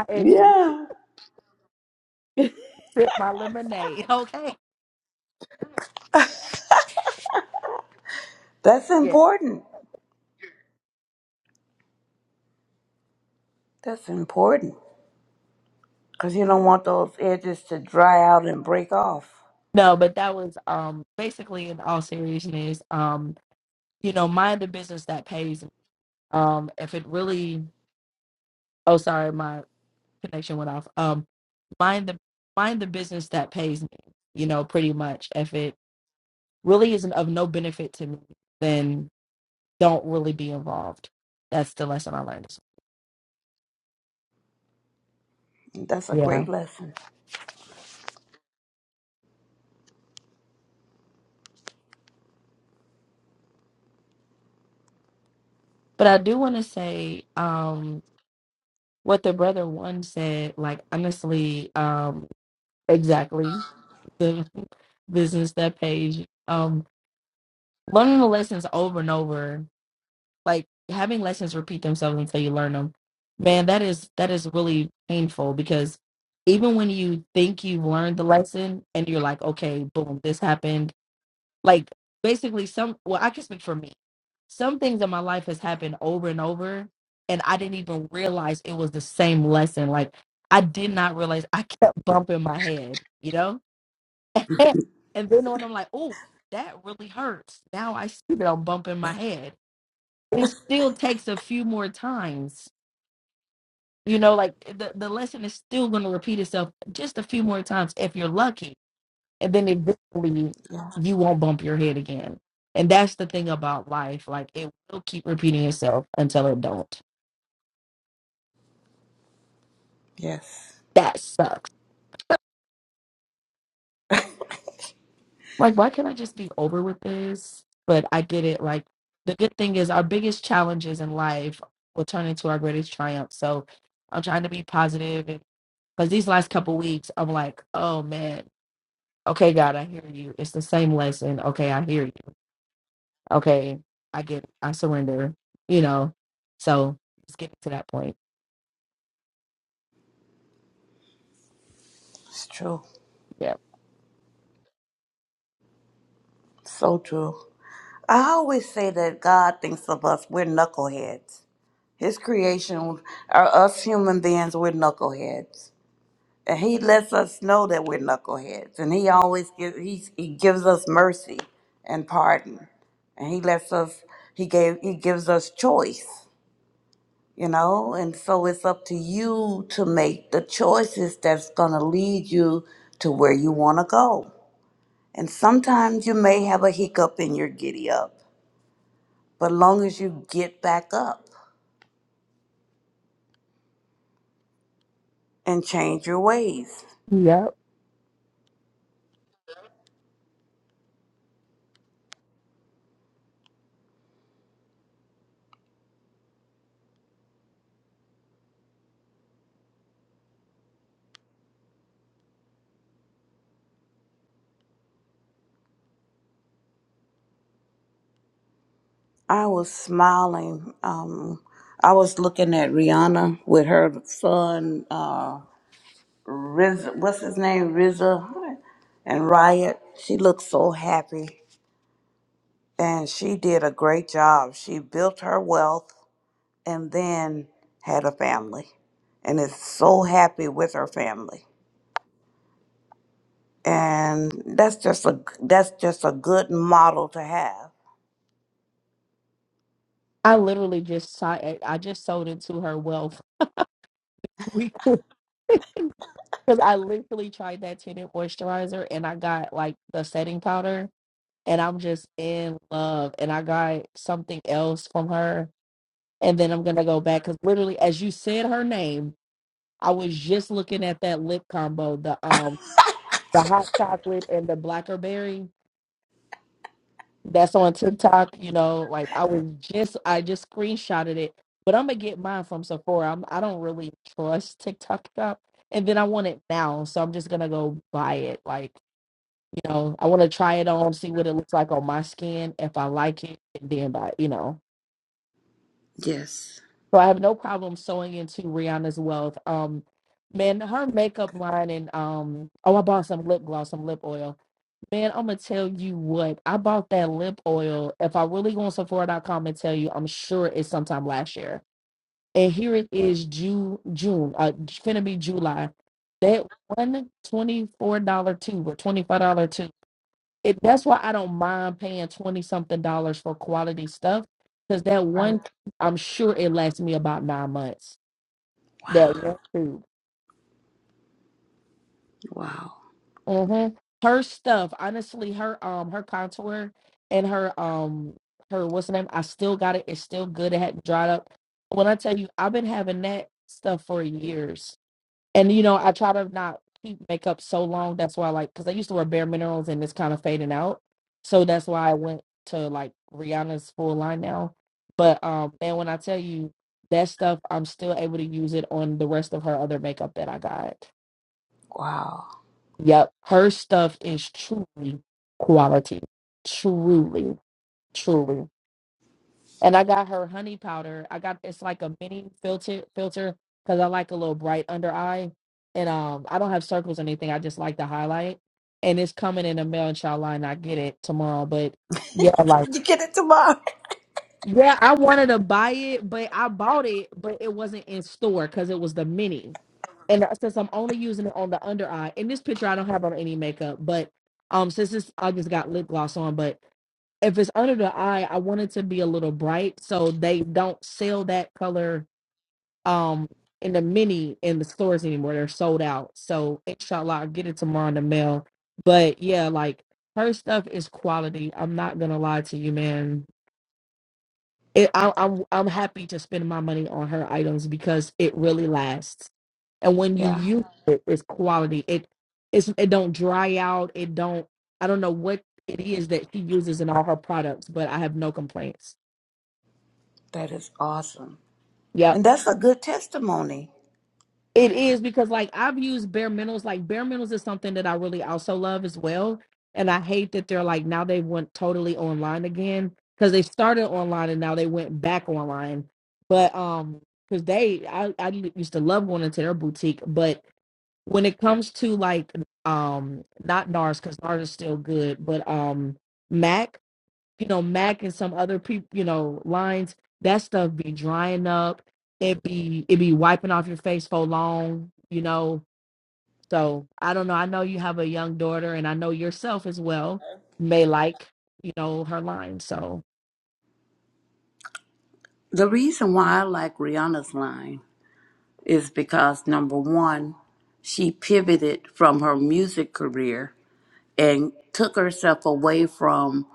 Speaker 5: edges.
Speaker 1: Yeah.
Speaker 5: Sip my lemonade, <laughs> okay?
Speaker 1: That's
Speaker 5: Yes.
Speaker 1: important. That's important. Because you don't want those edges to dry out and break off.
Speaker 5: No, but that was um basically in all seriousness, um, you know, mind the business that pays Um, if it really, oh, sorry, my connection went off. Um, mind the mind the business that pays me. You know, pretty much. If it really isn't of no benefit to me, then don't really be involved. That's the lesson I learned.
Speaker 1: That's a
Speaker 5: Yeah,
Speaker 1: great lesson.
Speaker 5: but I do want to say um, what the brother one said. Like honestly, um, exactly the <laughs> business that pays. Um, learning the lessons over and over like having lessons repeat themselves until you learn them man that is that is really painful because even when you think you've learned the lesson and you're like okay boom this happened like basically some well i can speak for me some things in my life has happened over and over and i didn't even realize it was the same lesson like i did not realize i kept bumping my head you know <laughs> and then when i'm like oh that really hurts now i see that i'm bumping my head it still takes a few more times. You know, like eh, the, the lesson is still going to repeat itself just a few more times if you're lucky. And then eventually
Speaker 1: Yeah.
Speaker 5: you won't bump your head again. And that's the thing about life. Like it will keep repeating itself until it don't.
Speaker 1: Yes.
Speaker 5: That sucks. Like, why can't I just be over with this? But I get it. Like, the good thing is our biggest challenges in life will turn into our greatest triumph. So I'm trying to be positive positive, because these last couple weeks, I'm like, oh man, Okay, God, I hear you. It's the same lesson. Okay, I hear you. Okay, I get it. I surrender, you know. So it's getting to that point.
Speaker 1: It's true.
Speaker 5: Yeah.
Speaker 1: So true. I always say that God thinks of us, we're knuckleheads. His creation are us human beings, we're knuckleheads. And he lets us know that we're knuckleheads. And he always gives he, he gives us mercy and pardon. And he lets us he gave he gives us choice, you know? And so it's up to you to make the choices that's gonna lead you to where you wanna go. And sometimes you may have a hiccup in your giddy up But long as you get back up and change your ways.
Speaker 5: Yeah.
Speaker 1: I was smiling. Um, I was looking at Rihanna with her son, uh, Riz, what's his name, Rizza, and Riot. She looked so happy, and she did a great job. She built her wealth and then had a family, and is so happy with her family. And that's just a that's just a good model to have.
Speaker 5: I literally just si- I just sold into her wealth <laughs> because I literally tried that tinted moisturizer and I got like the setting powder and I'm just in love and I got something else from her and then I'm gonna go back because literally as you said her name, I was just looking at that lip combo, the um the hot chocolate and the blackberry that's on TikTok. You know, like I was just I just screenshotted it, but I'm gonna get mine from Sephora. I'm, I don't really trust TikTok shop, and then I want it now, so I'm just gonna go buy it. Like you know, I want to try it on, see what it looks like on my skin. If I like it, and then buy. You know,
Speaker 1: Yes.
Speaker 5: so I have no problem sewing into Rihanna's wealth. Um. Man, her makeup line and um oh I bought some lip gloss, some lip oil Man, I'm gonna tell you what. I bought that lip oil. If I really go on Sephora.com and tell you, I'm sure it's sometime last year. And here it is, June, June, uh, finna be July. That one twenty-four dollar tube or twenty-five dollar tube. It, that's why I don't mind paying twenty something dollars for quality stuff, because that
Speaker 1: Right.
Speaker 5: one, I'm sure it lasts me about nine months. That one tube.
Speaker 1: Wow.
Speaker 5: hmm Her stuff, honestly, her um her contour and her um her what's the name? I still got it. It's still good. It hadn't dried up. When I tell you, I've been having that stuff for years, and you know I try to not keep makeup so long. That's why, I like, because I used to wear bare minerals and it's kind of fading out, so that's why I went to like Rihanna's full line now. But um, man, when I tell you that stuff, I'm still able to use it on the rest of her other makeup that I got.
Speaker 1: Wow.
Speaker 5: Yep, her stuff is truly quality. Truly, truly. And I got her honey powder. I got it's like a mini filter filter because I like a little bright under eye. And um I don't have circles or anything. I just like the highlight. And it's coming in the mail, inshallah, and I get it tomorrow. But yeah, like
Speaker 1: you get it tomorrow?
Speaker 5: yeah, I wanted to buy it, but I bought it, but it wasn't in store because it was the mini. And uh, since I'm only using it on the under eye, in this picture I don't have on any makeup, but um, since this I just got lip gloss on, but if it's under the eye, I want it to be a little bright, so they don't sell that color um in the mini in the stores anymore. They're sold out. So inshallah, I'll get it tomorrow in the mail. But yeah, like her stuff is quality. I'm not gonna lie to you, man it, I, I'm I'm happy to spend my money on her items because it really lasts. And when you
Speaker 1: Yeah.
Speaker 5: use it, it's quality. It it's it don't dry out. It don't. I don't know what it is that she uses in all her products, but I have no complaints.
Speaker 1: That is awesome.
Speaker 5: Yep.
Speaker 1: And that's a good testimony.
Speaker 5: It is because like I've used bare minerals. Like bare minerals is something that I really also love as well. And I hate that they're like now they went totally online again because they started online and now they went back online. But um, because they I I used to love going into their boutique, but when it comes to like um not NARS because NARS is still good, but um Mac you know, Mac and some other people, you know, lines, that stuff be drying up. It be it be wiping off your face for long, you know. So I don't know. I know you have a young daughter and I know yourself as well may like, you know, her lines. So
Speaker 1: The reason why I like Rihanna's line is because number one, she pivoted from her music career and took herself away from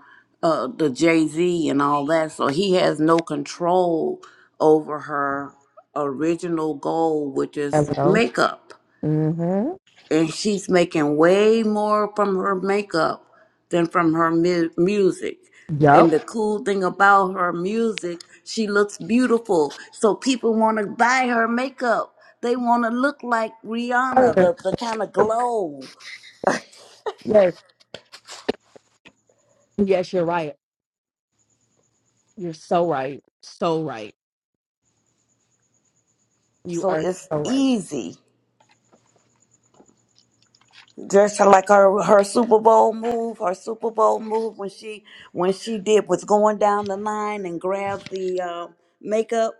Speaker 1: uh, the Jay Z and all that. So he has no control over her original goal, which is
Speaker 5: Hello.
Speaker 1: makeup.
Speaker 5: Mm-hmm.
Speaker 1: and she's making way more from her makeup than from her mu- music. And
Speaker 5: Yep.
Speaker 1: the cool thing about her music, she looks beautiful. So people want to buy her makeup. They want to look like Rihanna,
Speaker 5: Uh,
Speaker 1: the, the kind of glow.
Speaker 5: Yes. Yes, you're right. You're so right. So right. You
Speaker 1: So
Speaker 5: are
Speaker 1: it's
Speaker 5: so right.
Speaker 1: easy. just like her her Super Bowl move, her Super Bowl move when she when she did was going down the line and grabbed the uh, makeup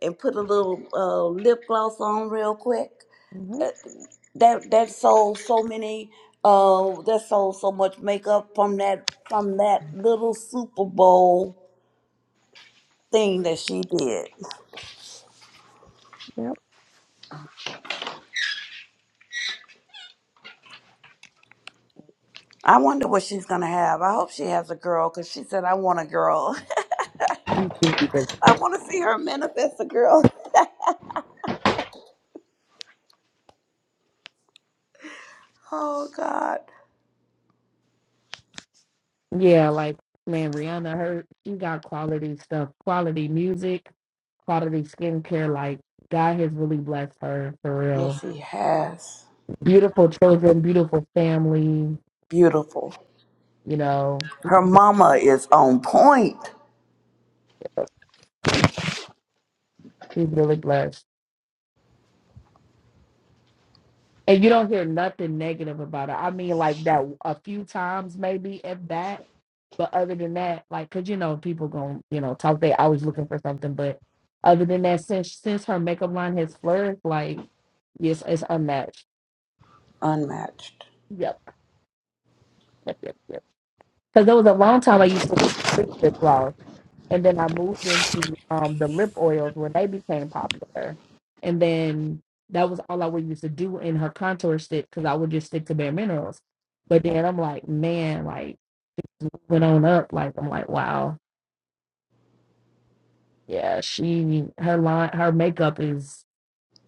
Speaker 1: and put a little uh, lip gloss on real quick.
Speaker 5: hmm
Speaker 1: That that sold so many uh that sold so much makeup from that from that little Super Bowl thing that she did.
Speaker 5: Yep.
Speaker 1: I wonder what she's gonna have. I hope she has a girl because she said I want a girl. <laughs> I want to see her manifest a girl. <laughs> Oh God.
Speaker 5: Yeah, like man, Rihanna, her she got quality stuff, quality music quality skincare. Like God has really blessed her for
Speaker 1: Yes,
Speaker 5: real.
Speaker 1: he has.
Speaker 5: Beautiful children, beautiful family.
Speaker 1: Beautiful.
Speaker 5: You know,
Speaker 1: Her mama is on point.
Speaker 5: he's really blessed. And you don't hear nothing negative about it. I mean, like that a few times maybe if that. But other than that, like, cause you know people gonna you know talk. They always looking for something. But other than that, since since her makeup line has flourished, like yes, it's unmatched.
Speaker 1: Unmatched.
Speaker 5: Yep, yep, yep, yep. Because there was a long time I used to lip gloss. and then I moved into um the lip oils when they became popular, and then that was all I would used to do in her contour stick because I would just stick to bare minerals. But then I'm like, man, like went on up, like I'm like, wow, yeah, she her line her makeup is.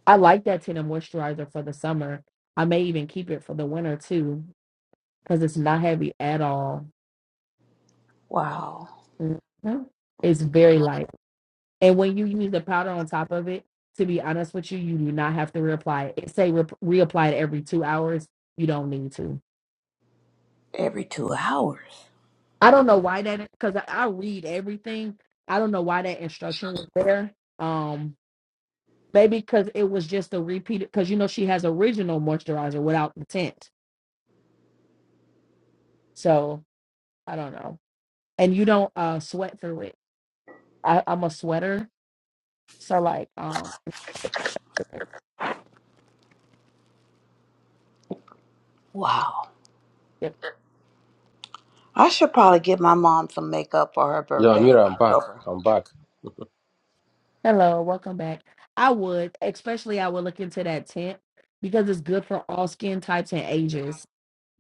Speaker 5: I like that tinted moisturizer for the summer. I may even keep it for the winter too because it's not heavy at all.
Speaker 1: Wow.
Speaker 5: Mhm. It's very light. And when you use the powder on top of it, to be honest with you, you do not have to reapply it. Say re- reapply it every two hours. You don't need to.
Speaker 1: Every two hours.
Speaker 5: I don't know why that because I, I read everything. I don't know why that instruction was there. Um, maybe because it was just a repeat. Because you know she has original moisturizer without the tint. So I don't know. And you don't uh sweat through it. I, I'm a sweater, so like um
Speaker 1: Wow. I should probably get my mom some makeup for her
Speaker 3: Yeah,
Speaker 1: birthday in
Speaker 3: Amira, I'm back.
Speaker 1: October.
Speaker 3: I'm back.
Speaker 5: Hello, welcome back. I would, especially I would look into that tent because it's good for all skin types and ages.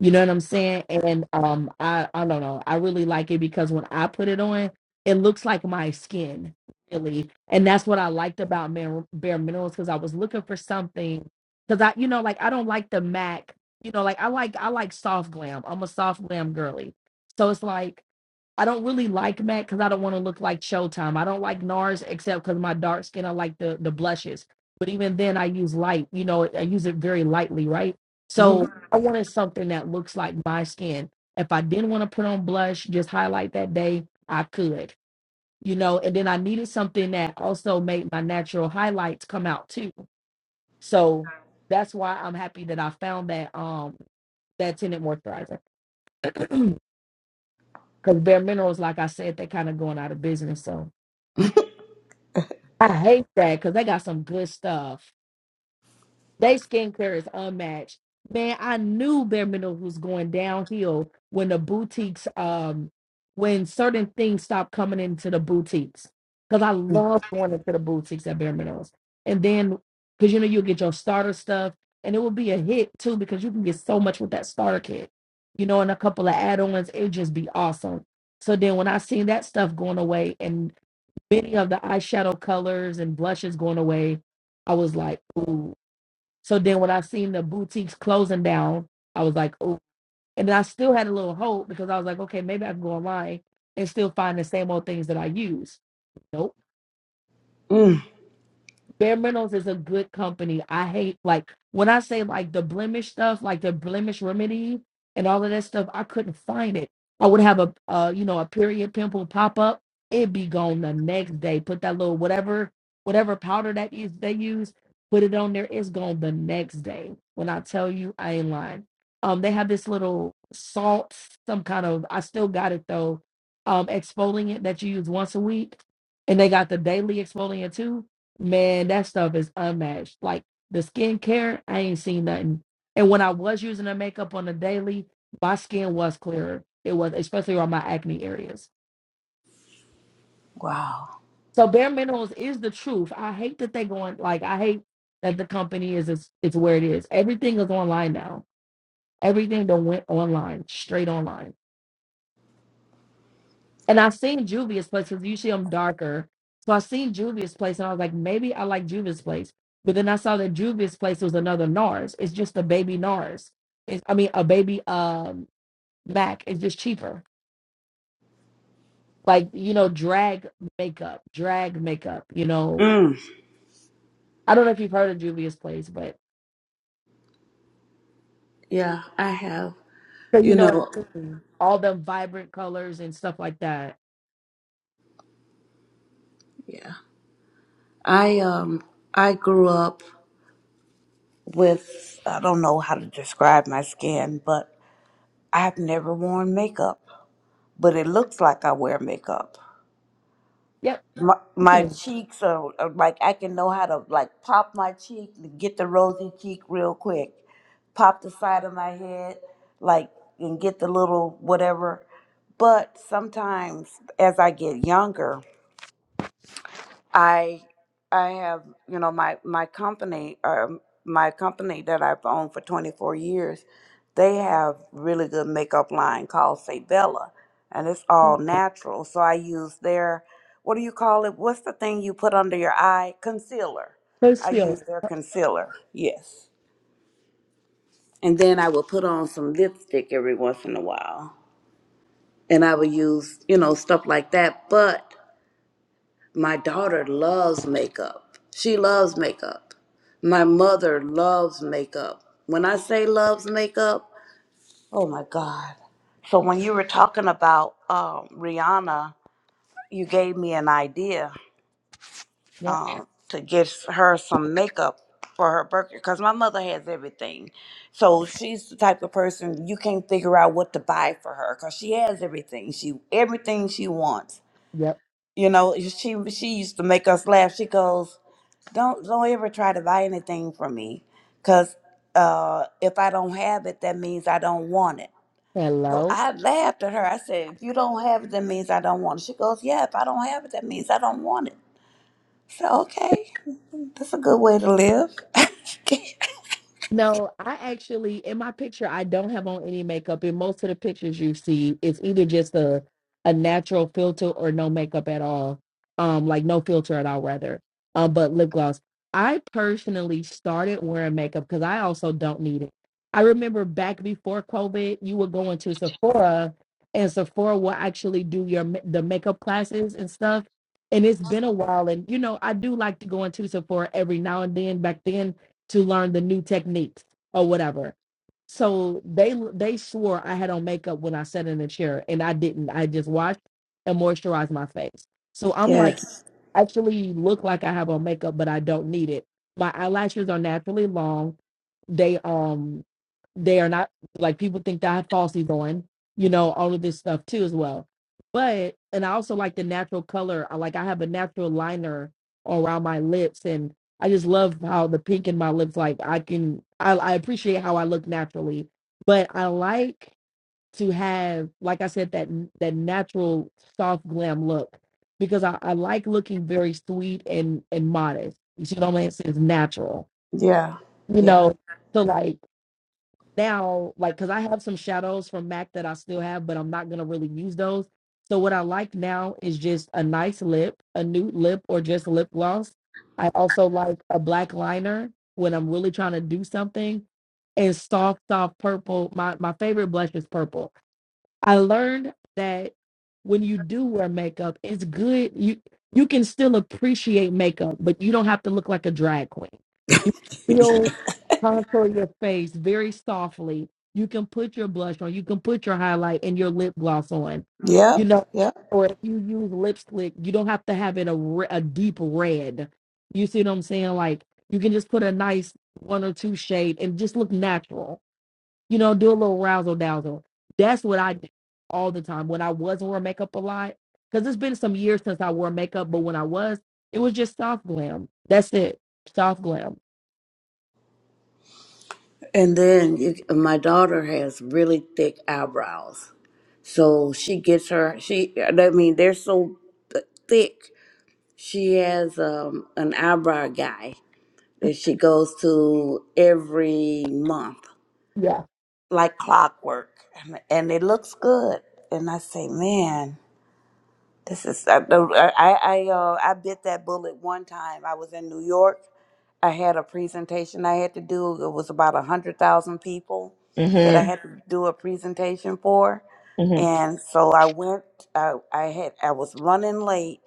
Speaker 5: You know what I'm saying? And um I I don't know. I really like it because when I put it on, it looks like my skin, really. And that's what I liked about Bare, Bare Minerals because I was looking for something cuz I you know like I don't like the MAC. You know, like I like I like soft glam. I'm a soft glam girly. So it's like I don't really like Mac because I don't want to look like Showtime. I don't like NARS except because my dark skin, I like the the blushes. But even then, I use light. You know, I use it very lightly, right?
Speaker 1: hmm
Speaker 5: So I wanted something that looks like my skin. If I didn't want to put on blush, just highlight that day, I could. You know, and then I needed something that also made my natural highlights come out too. So that's why I'm happy that I found that um that tinted moisturizer <clears throat> because bare minerals, like I said, they're kind of going out of business. So. I hate that because they got some good stuff. They skincare is unmatched. Man, I knew Bare Minerals was going downhill when the boutiques, um, when certain things stopped coming into the boutiques. Because I love going into the boutiques at Bare Minerals. And then, because you know, you'll get your starter stuff and it will be a hit too because you can get so much with that starter kit, you know, and a couple of add ons. It'd just be awesome. So then when I seen that stuff going away and many of the eyeshadow colors and blushes going away. I was like, ooh. So then when I seen the boutiques closing down, I was like, ooh. And then I still had a little hope because I was like, okay, maybe I can go online and still find the same old things that I use. Nope.
Speaker 1: Mm.
Speaker 5: Bare Minerals is a good company. I hate like when I say like the blemish stuff, like the blemish remedy and all of that stuff. I couldn't find it. I would have a uh, you know a period pimple pop up. It'd be gone the next day. Put that little whatever whatever powder that is they use, put it on there. It's gone the next day. When I tell you, I ain't lying. Um, they have this little salt, some kind of. I still got it though. Um, exfoliant that you use once a week, and they got the daily exfoliant too Man, that stuff is unmatched. Like the skincare, I ain't seen nothing. And when I was using the makeup on the daily, my skin was clearer. It was, especially around my acne areas.
Speaker 1: Wow.
Speaker 5: So bare minerals is the truth. I hate that they going like I hate that the company is it's, it's where it is. Everything is online now. Everything that went online, straight online. And I seen Juvia's place because usually I'm darker. So I seen Juvia's place and I was like, maybe I like Juvia's place. But then I saw that Juvia's place was another NARS. It's just a baby NARS. It's, I mean, a baby um Mac. It's just cheaper. Like, you know, drag makeup, drag makeup, you know.
Speaker 1: Mm.
Speaker 5: I don't know if you've heard of Juvia's place, but
Speaker 1: Yeah, I have.
Speaker 5: so you
Speaker 1: You
Speaker 5: know what
Speaker 1: know,
Speaker 5: I mean. All the vibrant colors and stuff like that.
Speaker 1: yeah. I um I grew up with I don't know how to describe my skin, but I've never worn makeup, but it looks like I wear makeup.
Speaker 5: Yep.
Speaker 1: my, my
Speaker 5: Tiffany,
Speaker 1: cheeks are, are like I can know how to like pop my cheek, to get the rosy cheek real quick, pop the side of my head, like and get the little whatever. But sometimes as I get younger, I I have you know my my company um, my company that I've owned for 24 years, they have really good makeup line called Sabella, and it's all natural. So I use their what do you call it? What's the thing you put under your eye? Concealer.
Speaker 5: Please
Speaker 1: I
Speaker 5: feel.
Speaker 1: use their concealer. Yes. And then I will put on some lipstick every once in a while. And I will use, you know, stuff like that. But My daughter loves makeup. She loves makeup. My mother loves makeup. When I say loves makeup, oh my God. So when you were talking about um, Rihanna, you gave me an idea
Speaker 5: Yep.
Speaker 1: um, to get her some makeup for her birthday because my mother has everything. So she's the type of person you can't figure out what to buy for her because she has everything. She everything she wants.
Speaker 5: Yep.
Speaker 1: You know, she she used to make us laugh. She goes, don't don't ever try to buy anything from me because uh if i don't have it that means i don't want it so
Speaker 5: Hello.
Speaker 1: i laughed at her i said if you don't have it that means i don't want it she goes yeah if i don't have it that means i don't want it so okay that's a good way to live <laughs>
Speaker 5: No, I actually in my picture I don't have on any makeup. In most of the pictures you see, it's either just a a natural filter or no makeup at all. Um, like no filter at all, rather. Um, but lip gloss. I personally started wearing makeup because I also don't need it. I remember back before COVID, you would go into Sephora, and Sephora will actually do your ma- the makeup classes and stuff. And it's been a while, and you know I do like to go into Sephora every now and then. Back then to learn the new techniques or whatever. So they they swore I had on makeup when I sat in the chair, and I didn't. I just washed and moisturized my face. So I'm like,
Speaker 1: Yes.
Speaker 5: actually look like I have on makeup, but I don't need it. My eyelashes are naturally long. They um they are not like people think that I have falsies on, you know, all of this stuff too as well. But and I also like the natural color. I like I have a natural liner around my lips and I just love how the pink in my lips. Like I can, I, I appreciate how I look naturally, but I like to have, like I said, that that natural soft glam look because I, I like looking very sweet and and modest. You see what I'm saying? It's natural,
Speaker 1: yeah
Speaker 5: you
Speaker 1: yeah
Speaker 5: know. So like now like because i have some shadows from mac that i still have but i'm not going to really use those so what i like now is just a nice lip a nude lip or just lip gloss i also like a black liner when i'm really trying to do something and soft soft purple my my favorite blush is purple I learned that when you do wear makeup, it's good. You you can still appreciate makeup, but you don't have to look like a drag queen. You can still contour your face very softly. You can put your blush on. You can put your highlight and your lip gloss on. You
Speaker 1: yep
Speaker 5: know,
Speaker 1: yep
Speaker 5: or if you use lipstick, you don't have to have it a re- a deep red. You see what I'm saying? Like you can just put a nice one or two shade and just look natural you know, do a little razzle dazzle. That's what I did all the time when I wasn't wearing makeup a lot. Because it's been some years since I wore makeup, but when I was, it was just soft glam. That's it, soft glam.
Speaker 1: And then it, my daughter has really thick eyebrows. So she gets her, she, I mean, they're so th- thick. She has um, an eyebrow guy that she goes to every month,
Speaker 5: Yeah.
Speaker 1: like clockwork, and, and it looks good. And I say, man, this is I I I, uh, I bit that bullet one time. I was in New York. I had a presentation I had to do. It was about a hundred thousand people that I
Speaker 5: mm
Speaker 1: had to do a presentation for,
Speaker 5: hmm mm hmm
Speaker 1: and so I went. I I had I was running late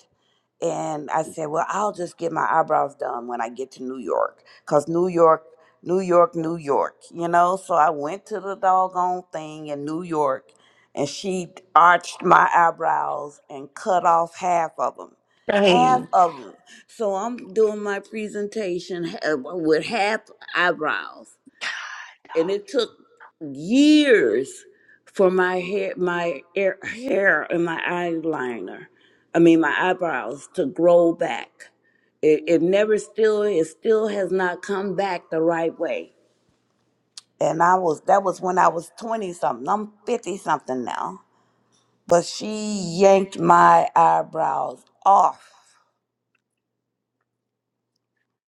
Speaker 1: and I said, "Well, I'll just get my eyebrows done when I get to New York, cause New York, New York, New York, you know." So I went to the doggone thing in New York, and she arched my eyebrows and cut off half of them, half
Speaker 5: Dang.
Speaker 1: of them. So I'm doing my presentation ha- with half eyebrows, and it took years for my hair, my air, hair, and my eyeliner. I mean, my eyebrows to grow back. It, it never still, it still has not come back the right way. And I was that was when I was twenty something. I'm fifty something now. But she yanked my eyebrows off.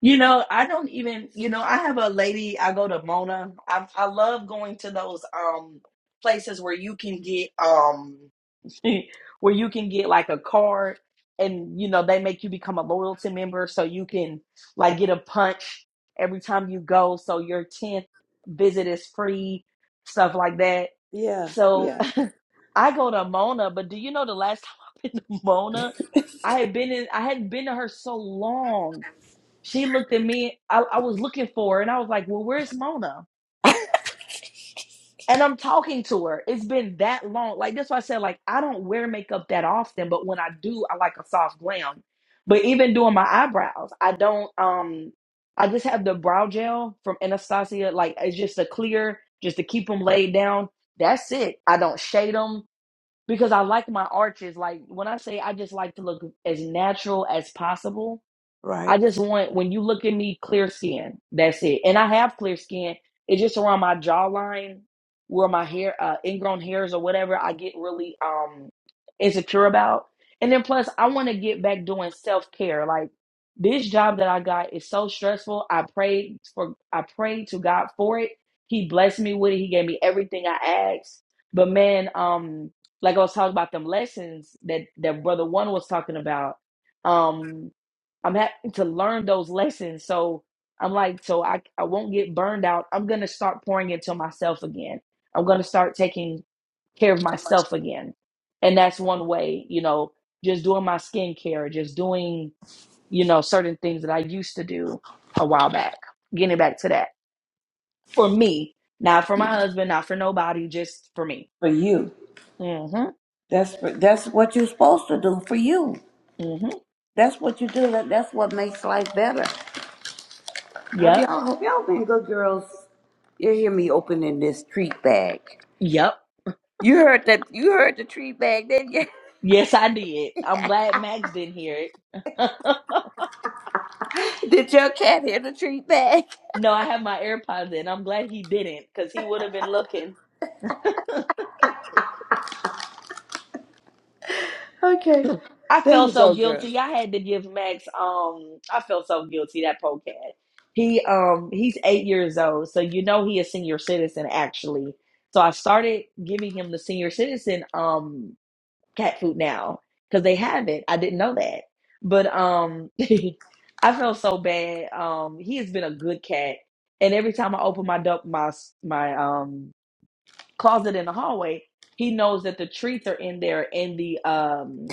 Speaker 5: You know, I don't even, you know, I have a lady, I go to Mona. I, I love going to those um places where you can get um <laughs> where you can get like a card and you know they make you become a loyalty member so you can like get a punch every time you go so your 10th visit is free stuff like that
Speaker 1: Yeah,
Speaker 5: so
Speaker 1: yeah.
Speaker 5: <laughs> i go to mona but do you know the last <laughs> time i've been to mona i had been in i hadn't been to her so long she looked at me i, I was looking for her and i was like well where's mona And I'm talking to her. It's been that long. Like that's why I said, like, I don't wear makeup that often, but when I do, I like a soft glam. But even doing my eyebrows, I don't um I just have the brow gel from Anastasia. Like it's just a clear, just to keep them laid down. That's it. I don't shade them because I like my arches. Like when I say I just like to look as natural as possible I
Speaker 1: Right.
Speaker 5: just want when you look at me, clear skin. That's it. And I have clear skin. It's just around my jawline where my hair, uh, ingrown hairs or whatever, I get really um insecure about. And then plus, I want to get back doing self care. Like this job that I got is so stressful. I prayed for, I prayed to God for it. He blessed me with it. He gave me everything I asked. But man, um, like I was talking about them lessons that that brother one was talking about. Um, I'm having to learn those lessons. So I'm like, so I, I won't get burned out. I'm going to start pouring into myself again. I'm going to start taking care of myself again. And that's one way, you know, just doing my skincare, just doing, you know, certain things that I used to do a while back, getting back to that for me, not for my husband, not for nobody, just for me.
Speaker 1: For you,
Speaker 5: Mm hmm.
Speaker 1: that's for, that's what you're supposed to do for you.
Speaker 5: Mm hmm.
Speaker 1: That's what you do. That, that's what makes life better. hope
Speaker 5: Yep.
Speaker 1: y'all, hope y'all been good girls. You hear me opening this treat bag.
Speaker 5: Yep.
Speaker 1: You heard that. You heard the treat bag, didn't you?
Speaker 5: Yes, I did. I'm glad Max didn't hear it. <laughs>
Speaker 1: <laughs> Did your cat hear the treat bag?
Speaker 5: No, I have my AirPods in. I'm glad he didn't because he would have been looking.
Speaker 1: Okay.
Speaker 5: <laughs> I
Speaker 1: There
Speaker 5: felt
Speaker 1: you
Speaker 5: so
Speaker 1: go, girl.
Speaker 5: guilty. I had to give Max um I felt so guilty that poor cat. He um he's eight years old, so you know he a senior citizen actually. So I started giving him the senior citizen um cat food now because they have it. I didn't know that. But um <laughs> I felt so bad. Um he has been a good cat. And every time I open my door my my um closet in the hallway, he knows that the treats are in there and the um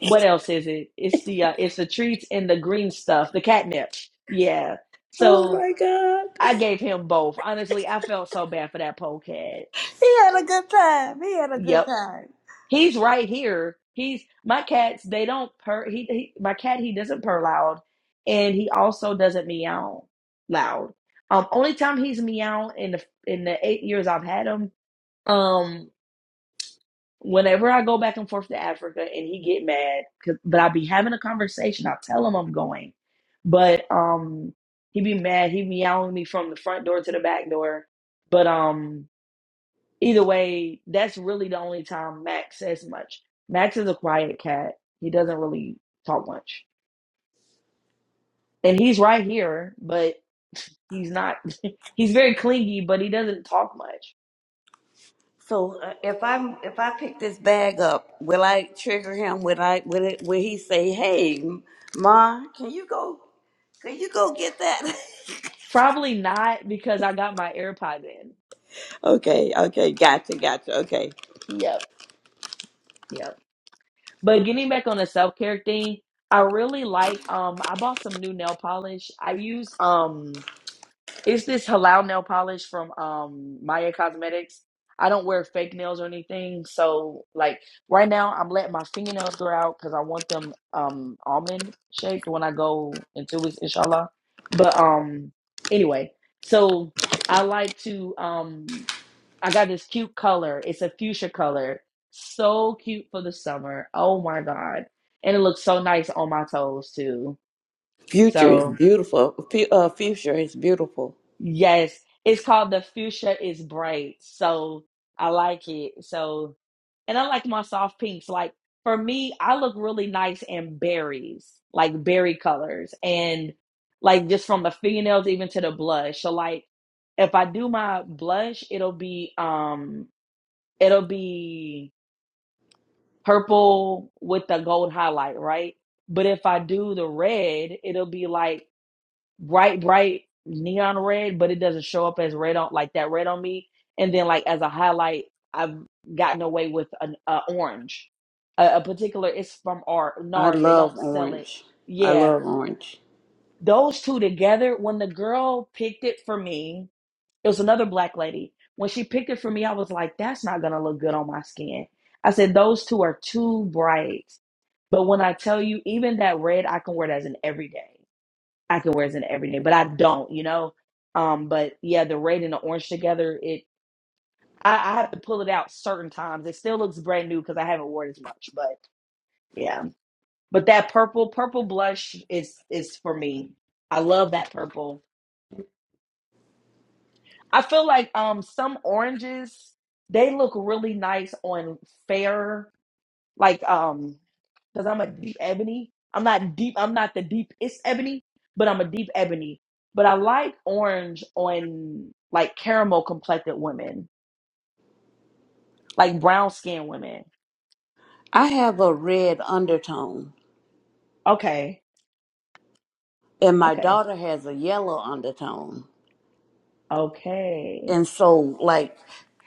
Speaker 5: what else is it? It's the uh, it's the treats and the green stuff, the catnip. Yeah.
Speaker 1: Oh
Speaker 5: So
Speaker 1: my God. <laughs>
Speaker 5: I gave him both. Honestly, I felt so bad for that pole cat.
Speaker 1: He had a good time. He had a good
Speaker 5: Yep.
Speaker 1: time.
Speaker 5: He's right here. He's my cats, they don't purr he, he my cat he doesn't purr loud and he also doesn't meow loud. Um only time he's meow in the in the 8 years I've had him Um. Whenever I go back and forth to Africa and he get mad, 'cause- but I be having a conversation. I tell him I'm going, but um, he be mad. He be yelling at me from the front door to the back door. But um, either way, that's really the only time Max says much. Max is a quiet cat. He doesn't really talk much, and he's right here, but he's not. He's very clingy, but he doesn't talk much.
Speaker 1: So uh, if I'm if I pick this bag up, will I trigger him? Will I will it will he say, "Hey, ma, can you go? Can you go get that?" <laughs>
Speaker 5: Probably not because I got my AirPods in.
Speaker 1: Okay, okay, gotcha, gotcha. Okay,
Speaker 5: Yep. Yep. But getting back on the self care thing, I really like um I bought some new nail polish. I use um it's this halal nail polish from um Maya Cosmetics. I don't wear fake nails or anything, so like right now I'm letting my fingernails grow out because I want them um almond shaped when I go in two weeks, inshallah. But um anyway, so I like to um I got this cute color. It's a fuchsia color. So cute for the summer. Oh my God. And it looks so nice on my toes too.
Speaker 1: future is
Speaker 5: So,
Speaker 1: beautiful. Fu- uh, future is beautiful.
Speaker 5: yes, it's called the fuchsia is bright. So, I like it. So, and I like my soft pinks. Like for me, I look really nice in berries, like berry colors and like just from the fingernails even to the blush. So like if I do my blush, it'll be um it'll be purple with the gold highlight, right? But if I do the red, it'll be like bright, bright neon red, but it doesn't show up as red on like that red on me. And then like as a highlight, I've gotten away with an uh, orange, a, a particular. It's from R,
Speaker 1: I
Speaker 5: NARS. They don't
Speaker 1: love
Speaker 5: sell it.
Speaker 1: orange. I
Speaker 5: Yeah,
Speaker 1: love orange.
Speaker 5: those two together. When the girl picked it for me, it was another black lady. When she picked it for me, I was like, that's not gonna look good on my skin. I said, those two are too bright. But when I tell you, even that red, I can wear it as an everyday. I can wear it as an everyday, but I don't, you know. Um, but yeah, the red and the orange together, it I, I have to pull it out certain times. It still looks brand new because I haven't worn it as much. But yeah, but that purple, purple blush is is for me. I love that purple. I feel like um some oranges they look really nice on fair like um because I'm a deep ebony. I'm not deep. I'm not the deepest ebony, but I'm a deep ebony. But I like orange on like caramel complected women, like brown skinned women.
Speaker 1: I have a red undertone,
Speaker 5: Okay,
Speaker 1: and my
Speaker 5: okay,
Speaker 1: daughter has a yellow undertone.
Speaker 5: okay,
Speaker 1: And so, like,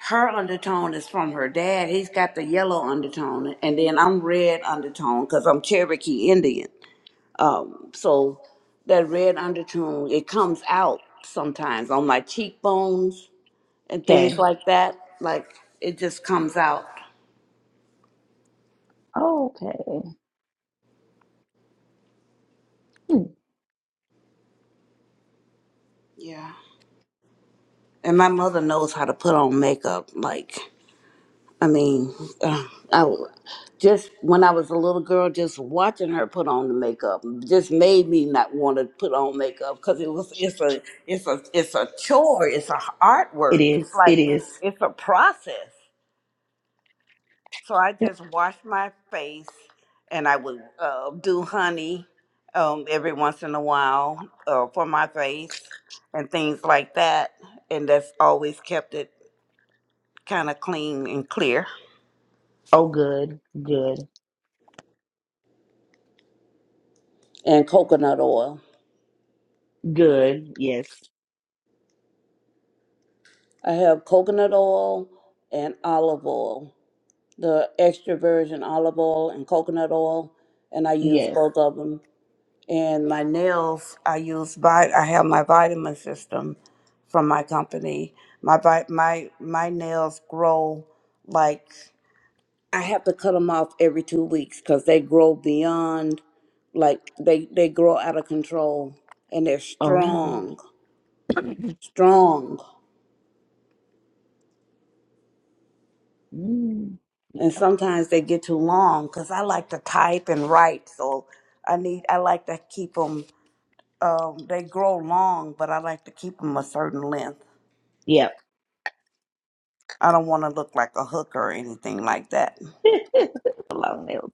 Speaker 1: her undertone is from her dad. He's got the yellow undertone, and then I'm red undertone because I'm Cherokee Indian. Um, so that red undertone it comes out sometimes on my cheekbones and things
Speaker 5: okay,
Speaker 1: like that. Like it just comes out.
Speaker 5: okay.
Speaker 1: Yeah. And my mother knows how to put on makeup. Like, I mean, uh, I w- just when I was a little girl, just watching her put on the makeup just made me not want to put on makeup because it was it's a it's a it's a chore. It's a
Speaker 5: It
Speaker 1: artwork. It's
Speaker 5: is. It
Speaker 1: like it's,
Speaker 5: is.
Speaker 1: it's a process. So I
Speaker 5: Yep.
Speaker 1: just washed my face and I would uh, do honey um, every once in a while uh, for my face and things like that. And that's always kept it kind of clean and clear.
Speaker 5: Oh, good, good,
Speaker 1: And coconut oil.
Speaker 5: good. Yes,
Speaker 1: I have coconut oil and olive oil, the extra virgin olive oil and coconut oil. And I use
Speaker 5: yes.
Speaker 1: both of them. and my nails i use vi- i have my vitamin system from my company my vi- my my nails grow like i have to cut them off every two weeks because they grow beyond like they they grow out of control and they're
Speaker 5: Oh.
Speaker 1: strong strong
Speaker 5: Mm.
Speaker 1: and sometimes they get too long because i like to type and write so i need i like to keep them um, they grow long but i like to keep them a certain length
Speaker 5: Yep.
Speaker 1: I don't want to look like a hooker or anything like that.
Speaker 5: <laughs> Long nails.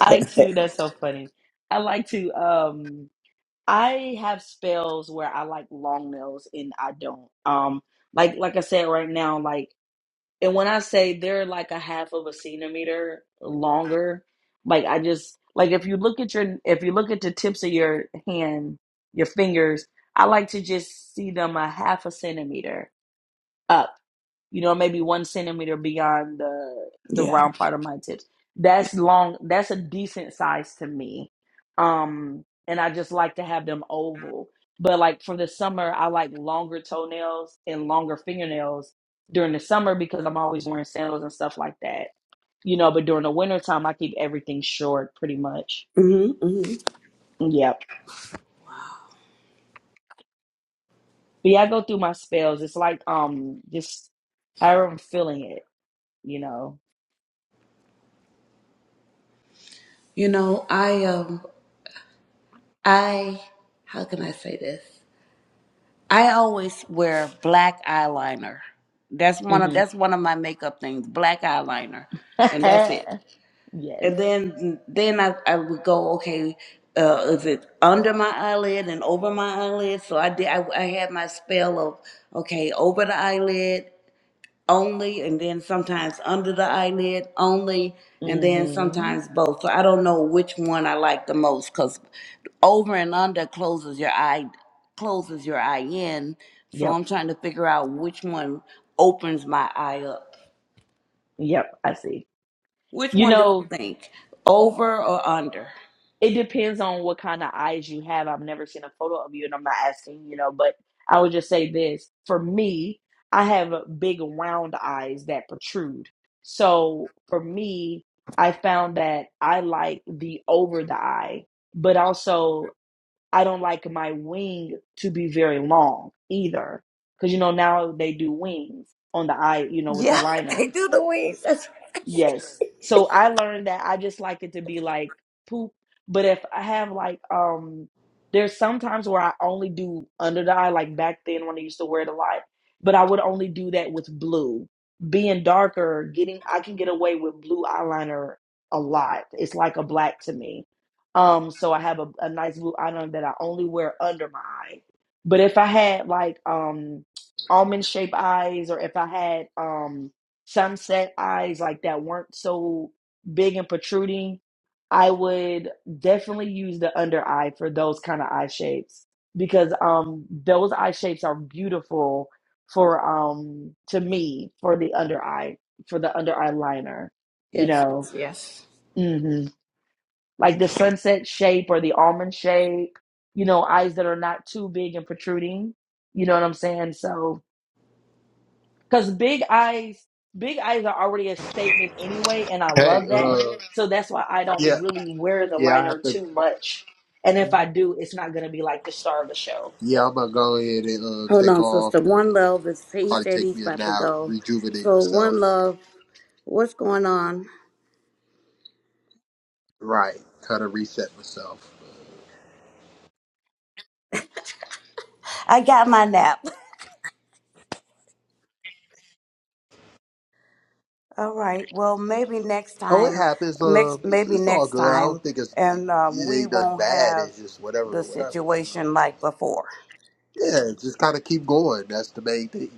Speaker 5: I too, that's so funny. I like to um I have spells where I like long nails and I don't. Um like like I said right now, like and when I say they're like a half of a centimeter longer, like I just like if you look at your if you look at the tips of your hand, your fingers, I like to just see them a half a centimeter up you know, maybe one centimeter beyond the the
Speaker 1: Yeah.
Speaker 5: round part of my tips. That's long. That's a decent size to me. Um, and I just like to have them oval. But like for the summer, I like longer toenails and longer fingernails during the summer because I'm always wearing sandals and stuff like that. You know, but during the winter time, I keep everything short pretty much.
Speaker 1: hmm hmm
Speaker 5: Yep. But yeah, I go through my spells. It's like um just however I'm feeling it, you know.
Speaker 1: You know, I um I how can I say this? I always wear black eyeliner. That's one of
Speaker 5: hmm
Speaker 1: that's one of my makeup things, black eyeliner. And that's it.
Speaker 5: <laughs> yes.
Speaker 1: And then then I, I would go, okay, uh, is it under my eyelid and over my eyelid? So I did I, I had my spell of okay, over the eyelid only, and then sometimes under the eyelid only, and then
Speaker 5: hmm
Speaker 1: sometimes both. So I don't know which one I like the most because over and under closes your eye closes your eye in. So
Speaker 5: Yep.
Speaker 1: I'm trying to figure out which one opens my eye up.
Speaker 5: Yep. I see.
Speaker 1: Which
Speaker 5: You
Speaker 1: one do you
Speaker 5: know,
Speaker 1: think? Over or under?
Speaker 5: It depends on what kind of eyes you have. I've never seen a photo of you, and I'm not asking, you know, but I would just say this. For me, I have big round eyes that protrude. So for me, I found that I like the over the eye, but also I don't like my wing to be very long either. Because, you know, now they do wings on the eye, you know, with the
Speaker 1: Yeah,
Speaker 5: liner.
Speaker 1: <laughs> they do the wings. That's
Speaker 5: Yes. So I learned that I just like it to be like poop. But if I have like um there's sometimes where I only do under the eye, like back then when I used to wear it a lot, but I would only do that with blue. Being darker, getting I can get away with blue eyeliner a lot. It's like a black to me. Um, so I have a, a nice blue eyeliner that I only wear under my eye. But if I had like um almond shaped eyes or if I had um sunset eyes like that weren't so big and protruding, I would definitely use the under eye for those kind of eye shapes because um those eye shapes are beautiful for um to me for the under eye for the under eye liner, you know.
Speaker 1: Yes.
Speaker 5: hmm Like the sunset shape or the almond shape, you know, eyes that are not too big and protruding. You know what I'm saying? So because big eyes, big eyes are already a statement anyway, and I
Speaker 2: Hey,
Speaker 5: love that.
Speaker 2: uh,
Speaker 5: So that's why I
Speaker 2: yeah,
Speaker 5: don't really wear the
Speaker 2: yeah, I
Speaker 5: liner
Speaker 2: have to.
Speaker 5: too
Speaker 2: Go.
Speaker 5: much. And if I do, it's not going to be like the star of the show.
Speaker 2: Yeah, I'm gonna go ahead and uh,
Speaker 1: Hold
Speaker 2: take
Speaker 1: on,
Speaker 2: off.
Speaker 1: sister. One
Speaker 2: Um,
Speaker 1: love is he
Speaker 2: probably
Speaker 1: said
Speaker 2: take
Speaker 1: he's
Speaker 2: me a
Speaker 1: about to
Speaker 2: nap,
Speaker 1: go.
Speaker 2: rejuvenate
Speaker 1: So one
Speaker 2: myself.
Speaker 1: love, what's going on?
Speaker 2: Right, kind of reset myself.
Speaker 1: I got my nap. All right. Well, maybe next
Speaker 2: Oh, it
Speaker 1: time,
Speaker 2: happens. Um,
Speaker 1: next,
Speaker 2: it's,
Speaker 1: maybe
Speaker 2: it's all
Speaker 1: next
Speaker 2: good. I
Speaker 1: time,
Speaker 2: don't think it's it,
Speaker 1: and um,
Speaker 2: it
Speaker 1: we
Speaker 2: ain't nothing
Speaker 1: won't
Speaker 2: bad.
Speaker 1: have
Speaker 2: It's just whatever,
Speaker 1: the
Speaker 2: whatever. You know.
Speaker 1: situation like before.
Speaker 2: Yeah, just kind of keep going. That's the main thing.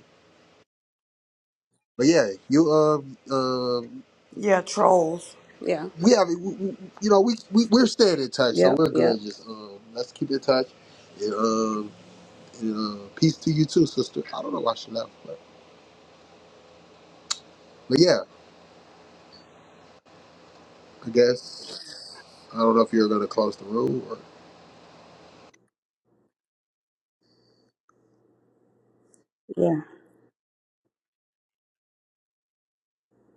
Speaker 2: But yeah, you uh uh
Speaker 1: Yeah, trolls. Yeah.
Speaker 2: we have we, we- you know we we we're staying in touch, so
Speaker 1: Yep.
Speaker 2: we're
Speaker 1: Yep.
Speaker 2: good. Just uh, let's keep in touch. And, uh, and, uh, peace to you too, sister. I don't know why she left, but but yeah, I guess I don't know if you're gonna close the room or
Speaker 1: Yeah.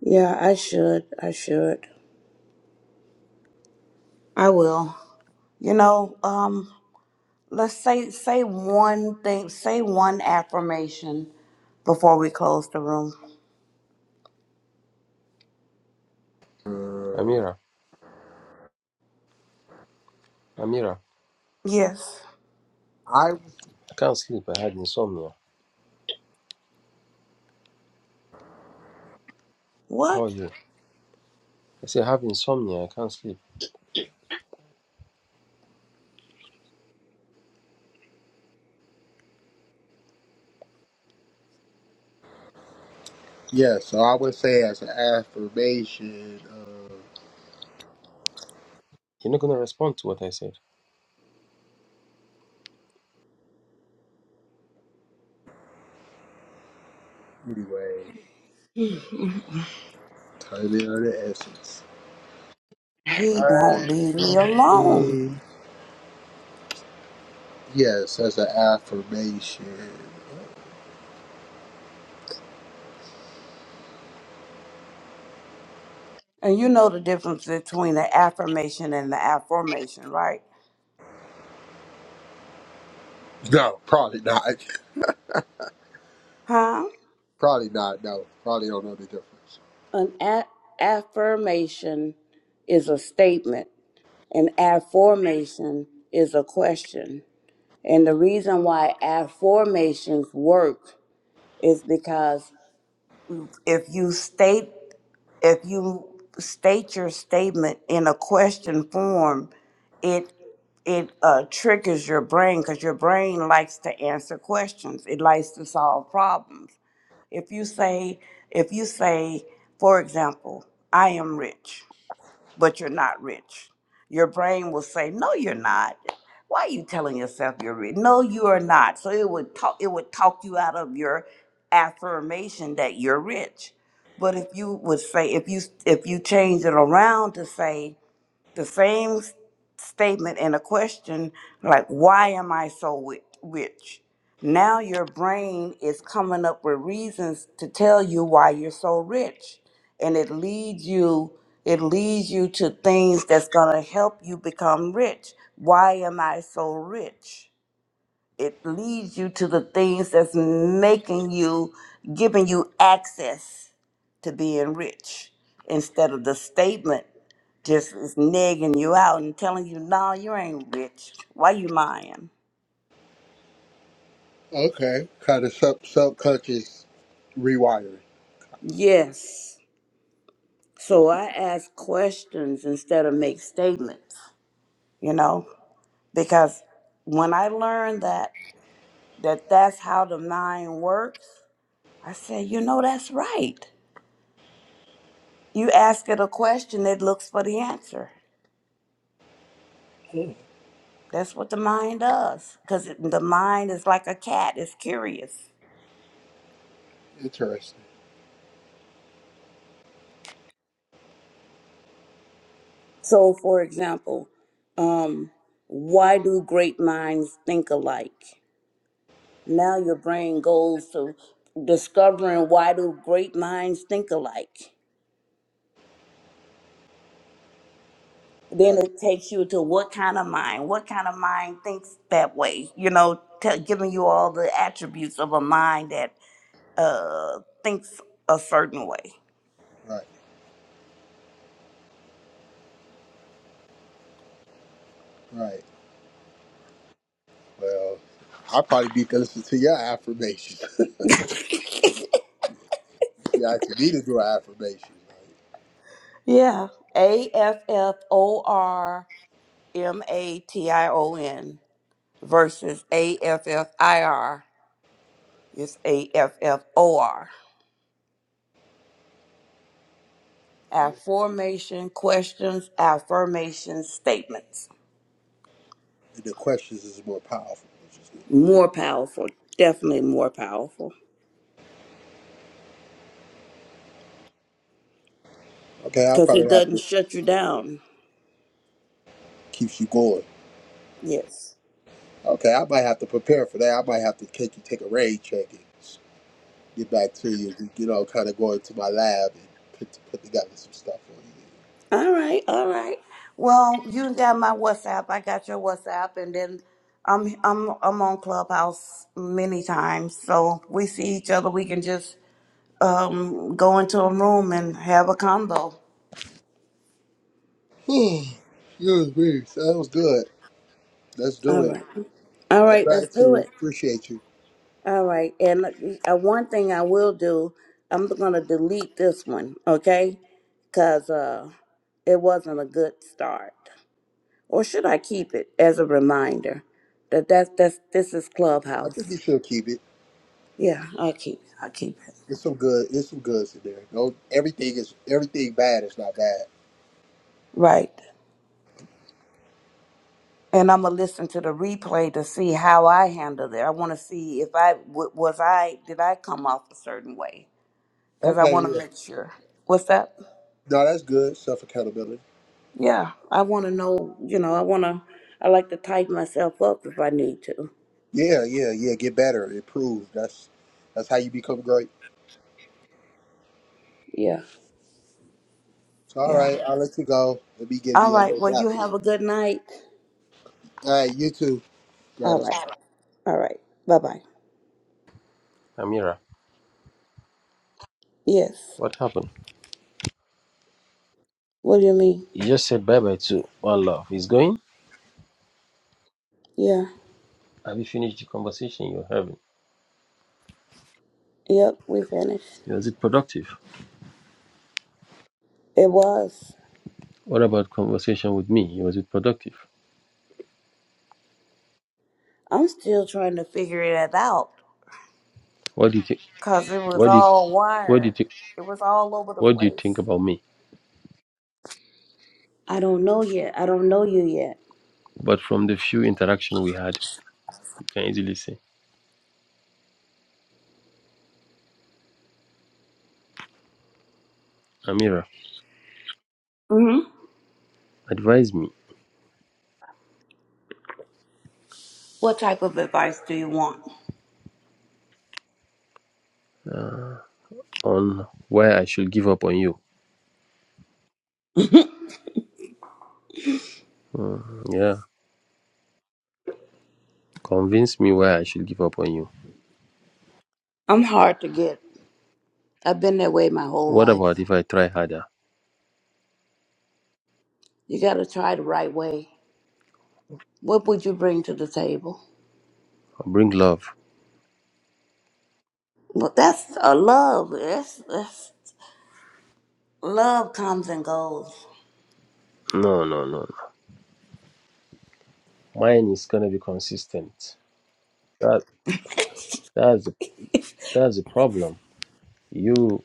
Speaker 1: Yeah. I should. I should. I will. You know. Um. Let's say say one thing. Say one affirmation before we close the room.
Speaker 3: Amira, Amira.
Speaker 1: Yes.
Speaker 2: I
Speaker 3: I can't sleep. I had insomnia. How are
Speaker 1: What?
Speaker 3: you? I say I have insomnia. I can't sleep.
Speaker 2: yeah. So I would say as an affirmation. Uh,
Speaker 3: You're not going to respond to what I said.
Speaker 2: anyway, time in on the essence.
Speaker 1: He won't
Speaker 2: I,
Speaker 1: leave me alone.
Speaker 2: Yes, as an affirmation.
Speaker 1: And you know the difference between an affirmation and an affirmation, right?
Speaker 2: No, probably not.
Speaker 1: Huh?
Speaker 2: Probably not. No, probably don't know the difference.
Speaker 1: An a- affirmation is a statement, an affirmation is a question. And the reason why affirmations work is because if you state if you state your statement in a question form, it it uh, triggers your brain because your brain likes to answer questions. It likes to solve problems. If you say, if you say, for example, I am rich, but you're not rich. Your brain will say, "No, you're not. Why are you telling yourself you're rich? No, you are not." So it would talk. It would talk you out of your affirmation that you're rich. But if you would say, if you if you change it around to say, the same s- statement and a question like why am i so wi- rich now your brain is coming up with reasons to tell you why you're so rich and it leads you it leads you to things that's going to help you become rich why am i so rich it leads you to the things that's making you giving you access to being rich instead of the statement just is negging you out and telling you, no, you ain't rich. Why you lying?
Speaker 2: Okay, kind of sub subconscious rewiring.
Speaker 1: Yes. So I ask questions instead of make statements, you know, because when I learned that, that that's how the mind works, I said, you know, that's right. You ask it a question, it looks for the answer. That's what the mind does, because the mind is like a cat, it's curious
Speaker 2: Interesting.
Speaker 1: So, for example, um, why do great minds think alike? Now your brain goes to discovering why do great minds think alike. Then
Speaker 2: Right,
Speaker 1: it takes you to what kind of mind? What kind of mind thinks that way? You know, t- giving you all the attributes of a mind that uh, thinks a certain way.
Speaker 2: right, right. Well, I probably need to listen to your affirmations. <laughs> you asked me to do an affirmation. Like,
Speaker 1: Yeah, A F F O R M A T I O N versus A F F I R. It's A F F O R. Affirmation questions, affirmation statements.
Speaker 2: the questions is more powerful, which is good.
Speaker 1: More powerful, definitely more powerful
Speaker 2: Okay, I
Speaker 1: because
Speaker 2: probably
Speaker 1: it
Speaker 2: have
Speaker 1: doesn't
Speaker 2: to
Speaker 1: shut you down.
Speaker 2: keep you going.
Speaker 1: Yes.
Speaker 2: Okay, I might have to prepare for that. I might have to take you take a raid check and s- get back to you. You know, kind of go into my lab and put put together some stuff for
Speaker 1: All right, all right. Well, you got my WhatsApp. I got your WhatsApp, and then I'm I'm I'm on Clubhouse many times, so we see each other. We can just um go into a room and have a combo.
Speaker 2: you. <sighs> Oh, that was weird. So that was good. Let's do
Speaker 1: All
Speaker 2: it.
Speaker 1: right, all
Speaker 2: I
Speaker 1: right. Let's do
Speaker 2: gratitude.
Speaker 1: it.
Speaker 2: Appreciate you.
Speaker 1: All right. And uh, one thing I will do, I'm going to delete this one, okay? Because uh, it wasn't a good start. Or should I keep it as a reminder that that's, that's, this is
Speaker 2: I think
Speaker 1: Clubhouse?
Speaker 2: you should keep it.
Speaker 1: Yeah, I'll keep it. I'll keep it.
Speaker 2: It's some good. It's some goods in there. No, everything is everything bad is not bad.
Speaker 1: Right. And I'm going to listen to the replay to see how I handled it. I want to see if I w- was I, did I come off a certain way? Because I
Speaker 2: Okay,
Speaker 1: want to
Speaker 2: yeah.
Speaker 1: make sure. What's that?
Speaker 2: No, that's good. Self accountability.
Speaker 1: Yeah, I want to know, you know, I want to, I like to tighten myself up if I need to.
Speaker 2: Yeah, yeah, yeah. Get better. Improve. That's that's how you become great.
Speaker 1: Yeah.
Speaker 2: So, all
Speaker 1: Yeah.
Speaker 2: right, I'll let you go. Let me get
Speaker 1: All
Speaker 2: me a
Speaker 1: right.
Speaker 2: little
Speaker 1: Well,
Speaker 2: nap
Speaker 1: you
Speaker 2: in.
Speaker 1: have a good night.
Speaker 2: All right, you too.
Speaker 1: All
Speaker 2: Gratitude.
Speaker 1: right. All right. Bye bye.
Speaker 3: Amira,
Speaker 1: Yes.
Speaker 3: what happened?
Speaker 1: What do you mean?
Speaker 3: You just said bye-bye to one love. He's going?
Speaker 1: Yeah.
Speaker 3: Have you finished the conversation you're having?
Speaker 1: Yep. We finished.
Speaker 3: Was it productive?
Speaker 1: It was.
Speaker 3: What about conversation with me? Was it productive?
Speaker 1: I'm still trying to figure it out
Speaker 3: What do you think?
Speaker 1: because it was
Speaker 3: What did
Speaker 1: all
Speaker 3: what do you
Speaker 1: wired.
Speaker 3: think?
Speaker 1: It was all over the
Speaker 3: What do you think
Speaker 1: place.
Speaker 3: about me?
Speaker 1: I don't know yet. I don't know you yet.
Speaker 3: But from the few interaction we had, you can easily say, Amira,
Speaker 1: Mm-hmm.
Speaker 3: advise me
Speaker 1: What type of advice do you want?
Speaker 3: uh, on why I should give up on you. Mm, yeah, convince me why I should give up on you.
Speaker 1: I'm hard to get. I've been that way my whole
Speaker 3: What about
Speaker 1: life.
Speaker 3: if I try harder?
Speaker 1: You got to try the right way. What would you bring to the table?
Speaker 3: bring love?
Speaker 1: Well, that's a love. That's, that's love comes and goes.
Speaker 3: No, no, no. no. Mine is gonna be consistent. That that's the, that's the problem. You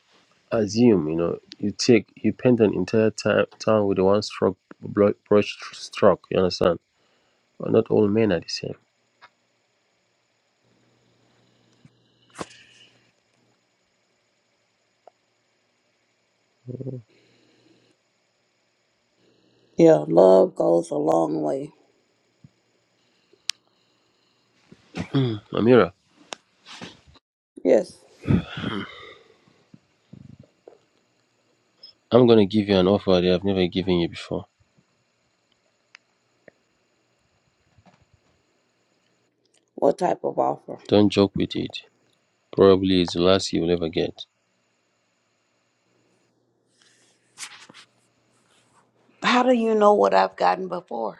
Speaker 3: assume you know you take you paint an entire ti- town with a one stroke bro- brush stroke you understand but not all men are the same
Speaker 1: Yeah, love goes a long way.
Speaker 3: amira
Speaker 1: Yes.
Speaker 3: i'm going to give you an offer that i've never given you before
Speaker 1: What type of offer?
Speaker 3: don't joke with it probably it's the last you'll ever get
Speaker 1: How do you know what I've gotten before?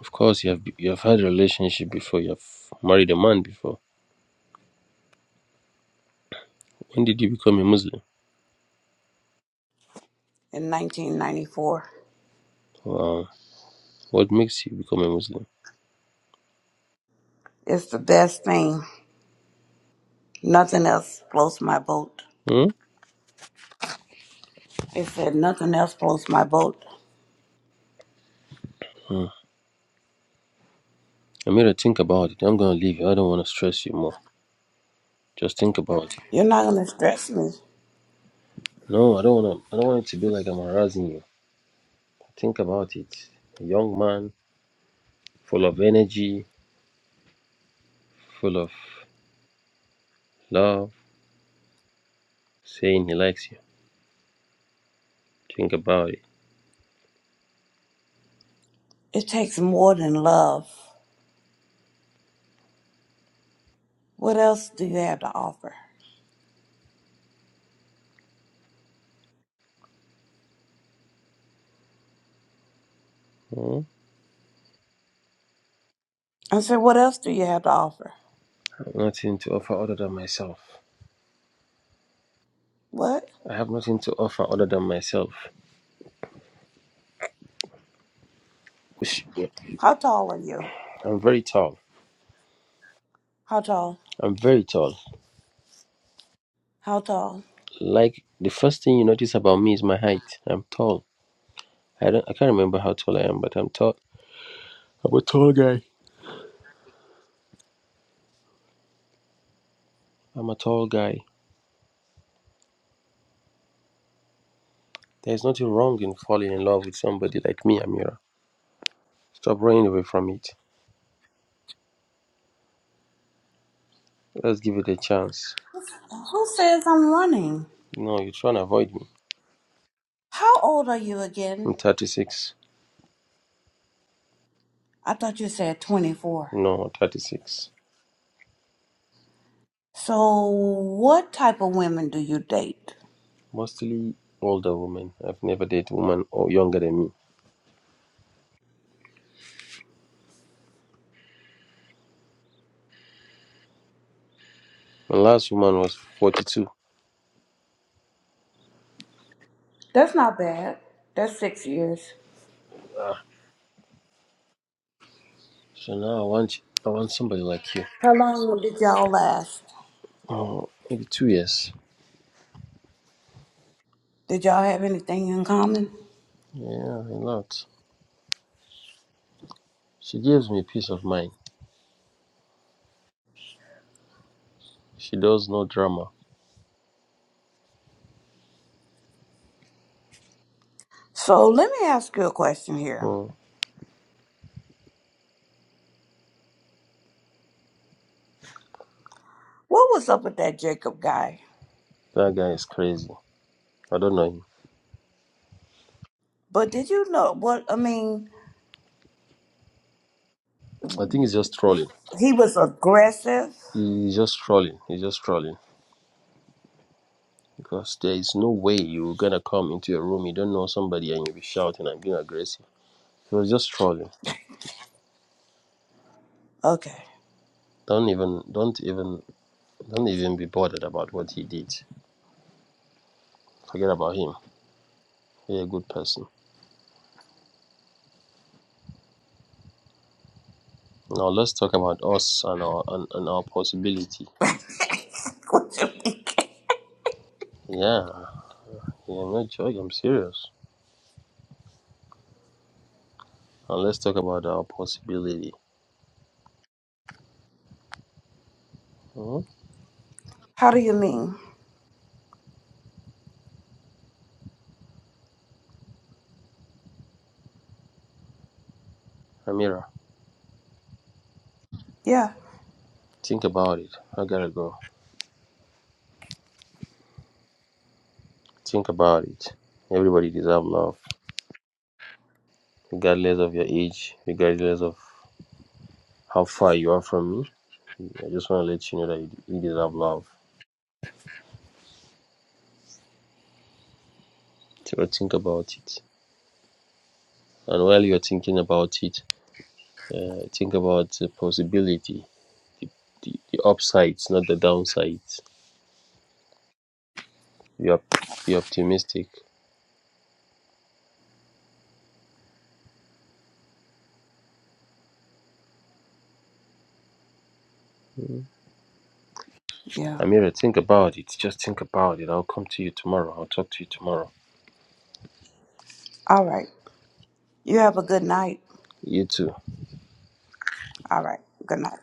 Speaker 3: of course you have you have had a relationship before you have married a man before when did you become a muslim
Speaker 1: In 1994,
Speaker 3: wow what makes you become a muslim
Speaker 1: it's the best thing. Nothing else floats my boat.
Speaker 3: hmm?
Speaker 1: It said nothing else floats my boat.
Speaker 3: Hmm. amira think about it i'm going to leave you i don't want to stress you more just think about it
Speaker 1: You're not gonna stress me.
Speaker 3: no i don't want to i don't want it to be like i'm harassing you Think about it. A young man full of energy, full of love, saying he likes you. Think about it.
Speaker 1: It takes more than love. What else do you have to offer?
Speaker 3: Hmm?
Speaker 1: I said, What else do you have to offer?
Speaker 3: I have nothing to offer other than myself.
Speaker 1: What?
Speaker 3: I have nothing to offer other than myself. Wish-
Speaker 1: How tall are you?
Speaker 3: I'm very tall.
Speaker 1: How tall?
Speaker 3: I'm very tall.
Speaker 1: How tall?
Speaker 3: Like the first thing you notice about me is my height. I'm tall. I don't I can't remember how tall I am, but I'm tall. I'm a tall guy. I'm a tall guy. There's nothing wrong in falling in love with somebody like me, Amira. Stop running away from it. Let's give it a chance.
Speaker 1: Who says I'm running?
Speaker 3: No, you're trying to avoid me.
Speaker 1: How old are you
Speaker 3: I'm
Speaker 1: again?
Speaker 3: 36.
Speaker 1: I thought you said 24.
Speaker 3: No, 36.
Speaker 1: So, what type of women do you date?
Speaker 3: Mostly older women. I've never dated a woman or younger than me. My last woman was 42.
Speaker 1: That's not bad. That's six years.
Speaker 3: Ah, so now I want I want somebody like you.
Speaker 1: How long did y'all last?
Speaker 3: Oh, maybe two years.
Speaker 1: Did y'all have anything in common?
Speaker 3: Yeah, a lot. She gives me peace of mind. She does no drama.
Speaker 1: So, let me ask you a question here.
Speaker 3: Oh,
Speaker 1: What was up with that Jacob guy?
Speaker 3: that guy is crazy. I don't know him.
Speaker 1: But did you know what? I mean,
Speaker 3: I think he's just trolling.
Speaker 1: he was aggressive.
Speaker 3: He's just trolling. He's just trolling. Because there is no way you're gonna come into a room you don't know somebody and you'll be shouting and being aggressive. He was just trolling.
Speaker 1: Okay.
Speaker 3: Don't even don't even don't even be bothered about what he did. Forget about him. He's a good person. Now let's talk about us and our and, and our possibility.
Speaker 1: <laughs> what you mean?
Speaker 3: Yeah, yeah, I'm not joking. I'm serious. Now let's talk about our possibility. hmm
Speaker 1: How do you mean?
Speaker 3: Amira,
Speaker 1: Yeah.
Speaker 3: think about it. I gotta go. Think about it. Everybody deserves love, regardless of your age, regardless of how far you are from me. I just want to let you know that you you deserve love. So think about it. And while you're thinking about it, uh, think about the possibility, the, the, the upsides, not the downsides. Be, op- be optimistic.
Speaker 1: Yeah.
Speaker 3: Amira, think about it. Just think about it. I'll come to you tomorrow. I'll talk to you tomorrow.
Speaker 1: All right. You have a good night.
Speaker 3: You too.
Speaker 1: All right. Good night.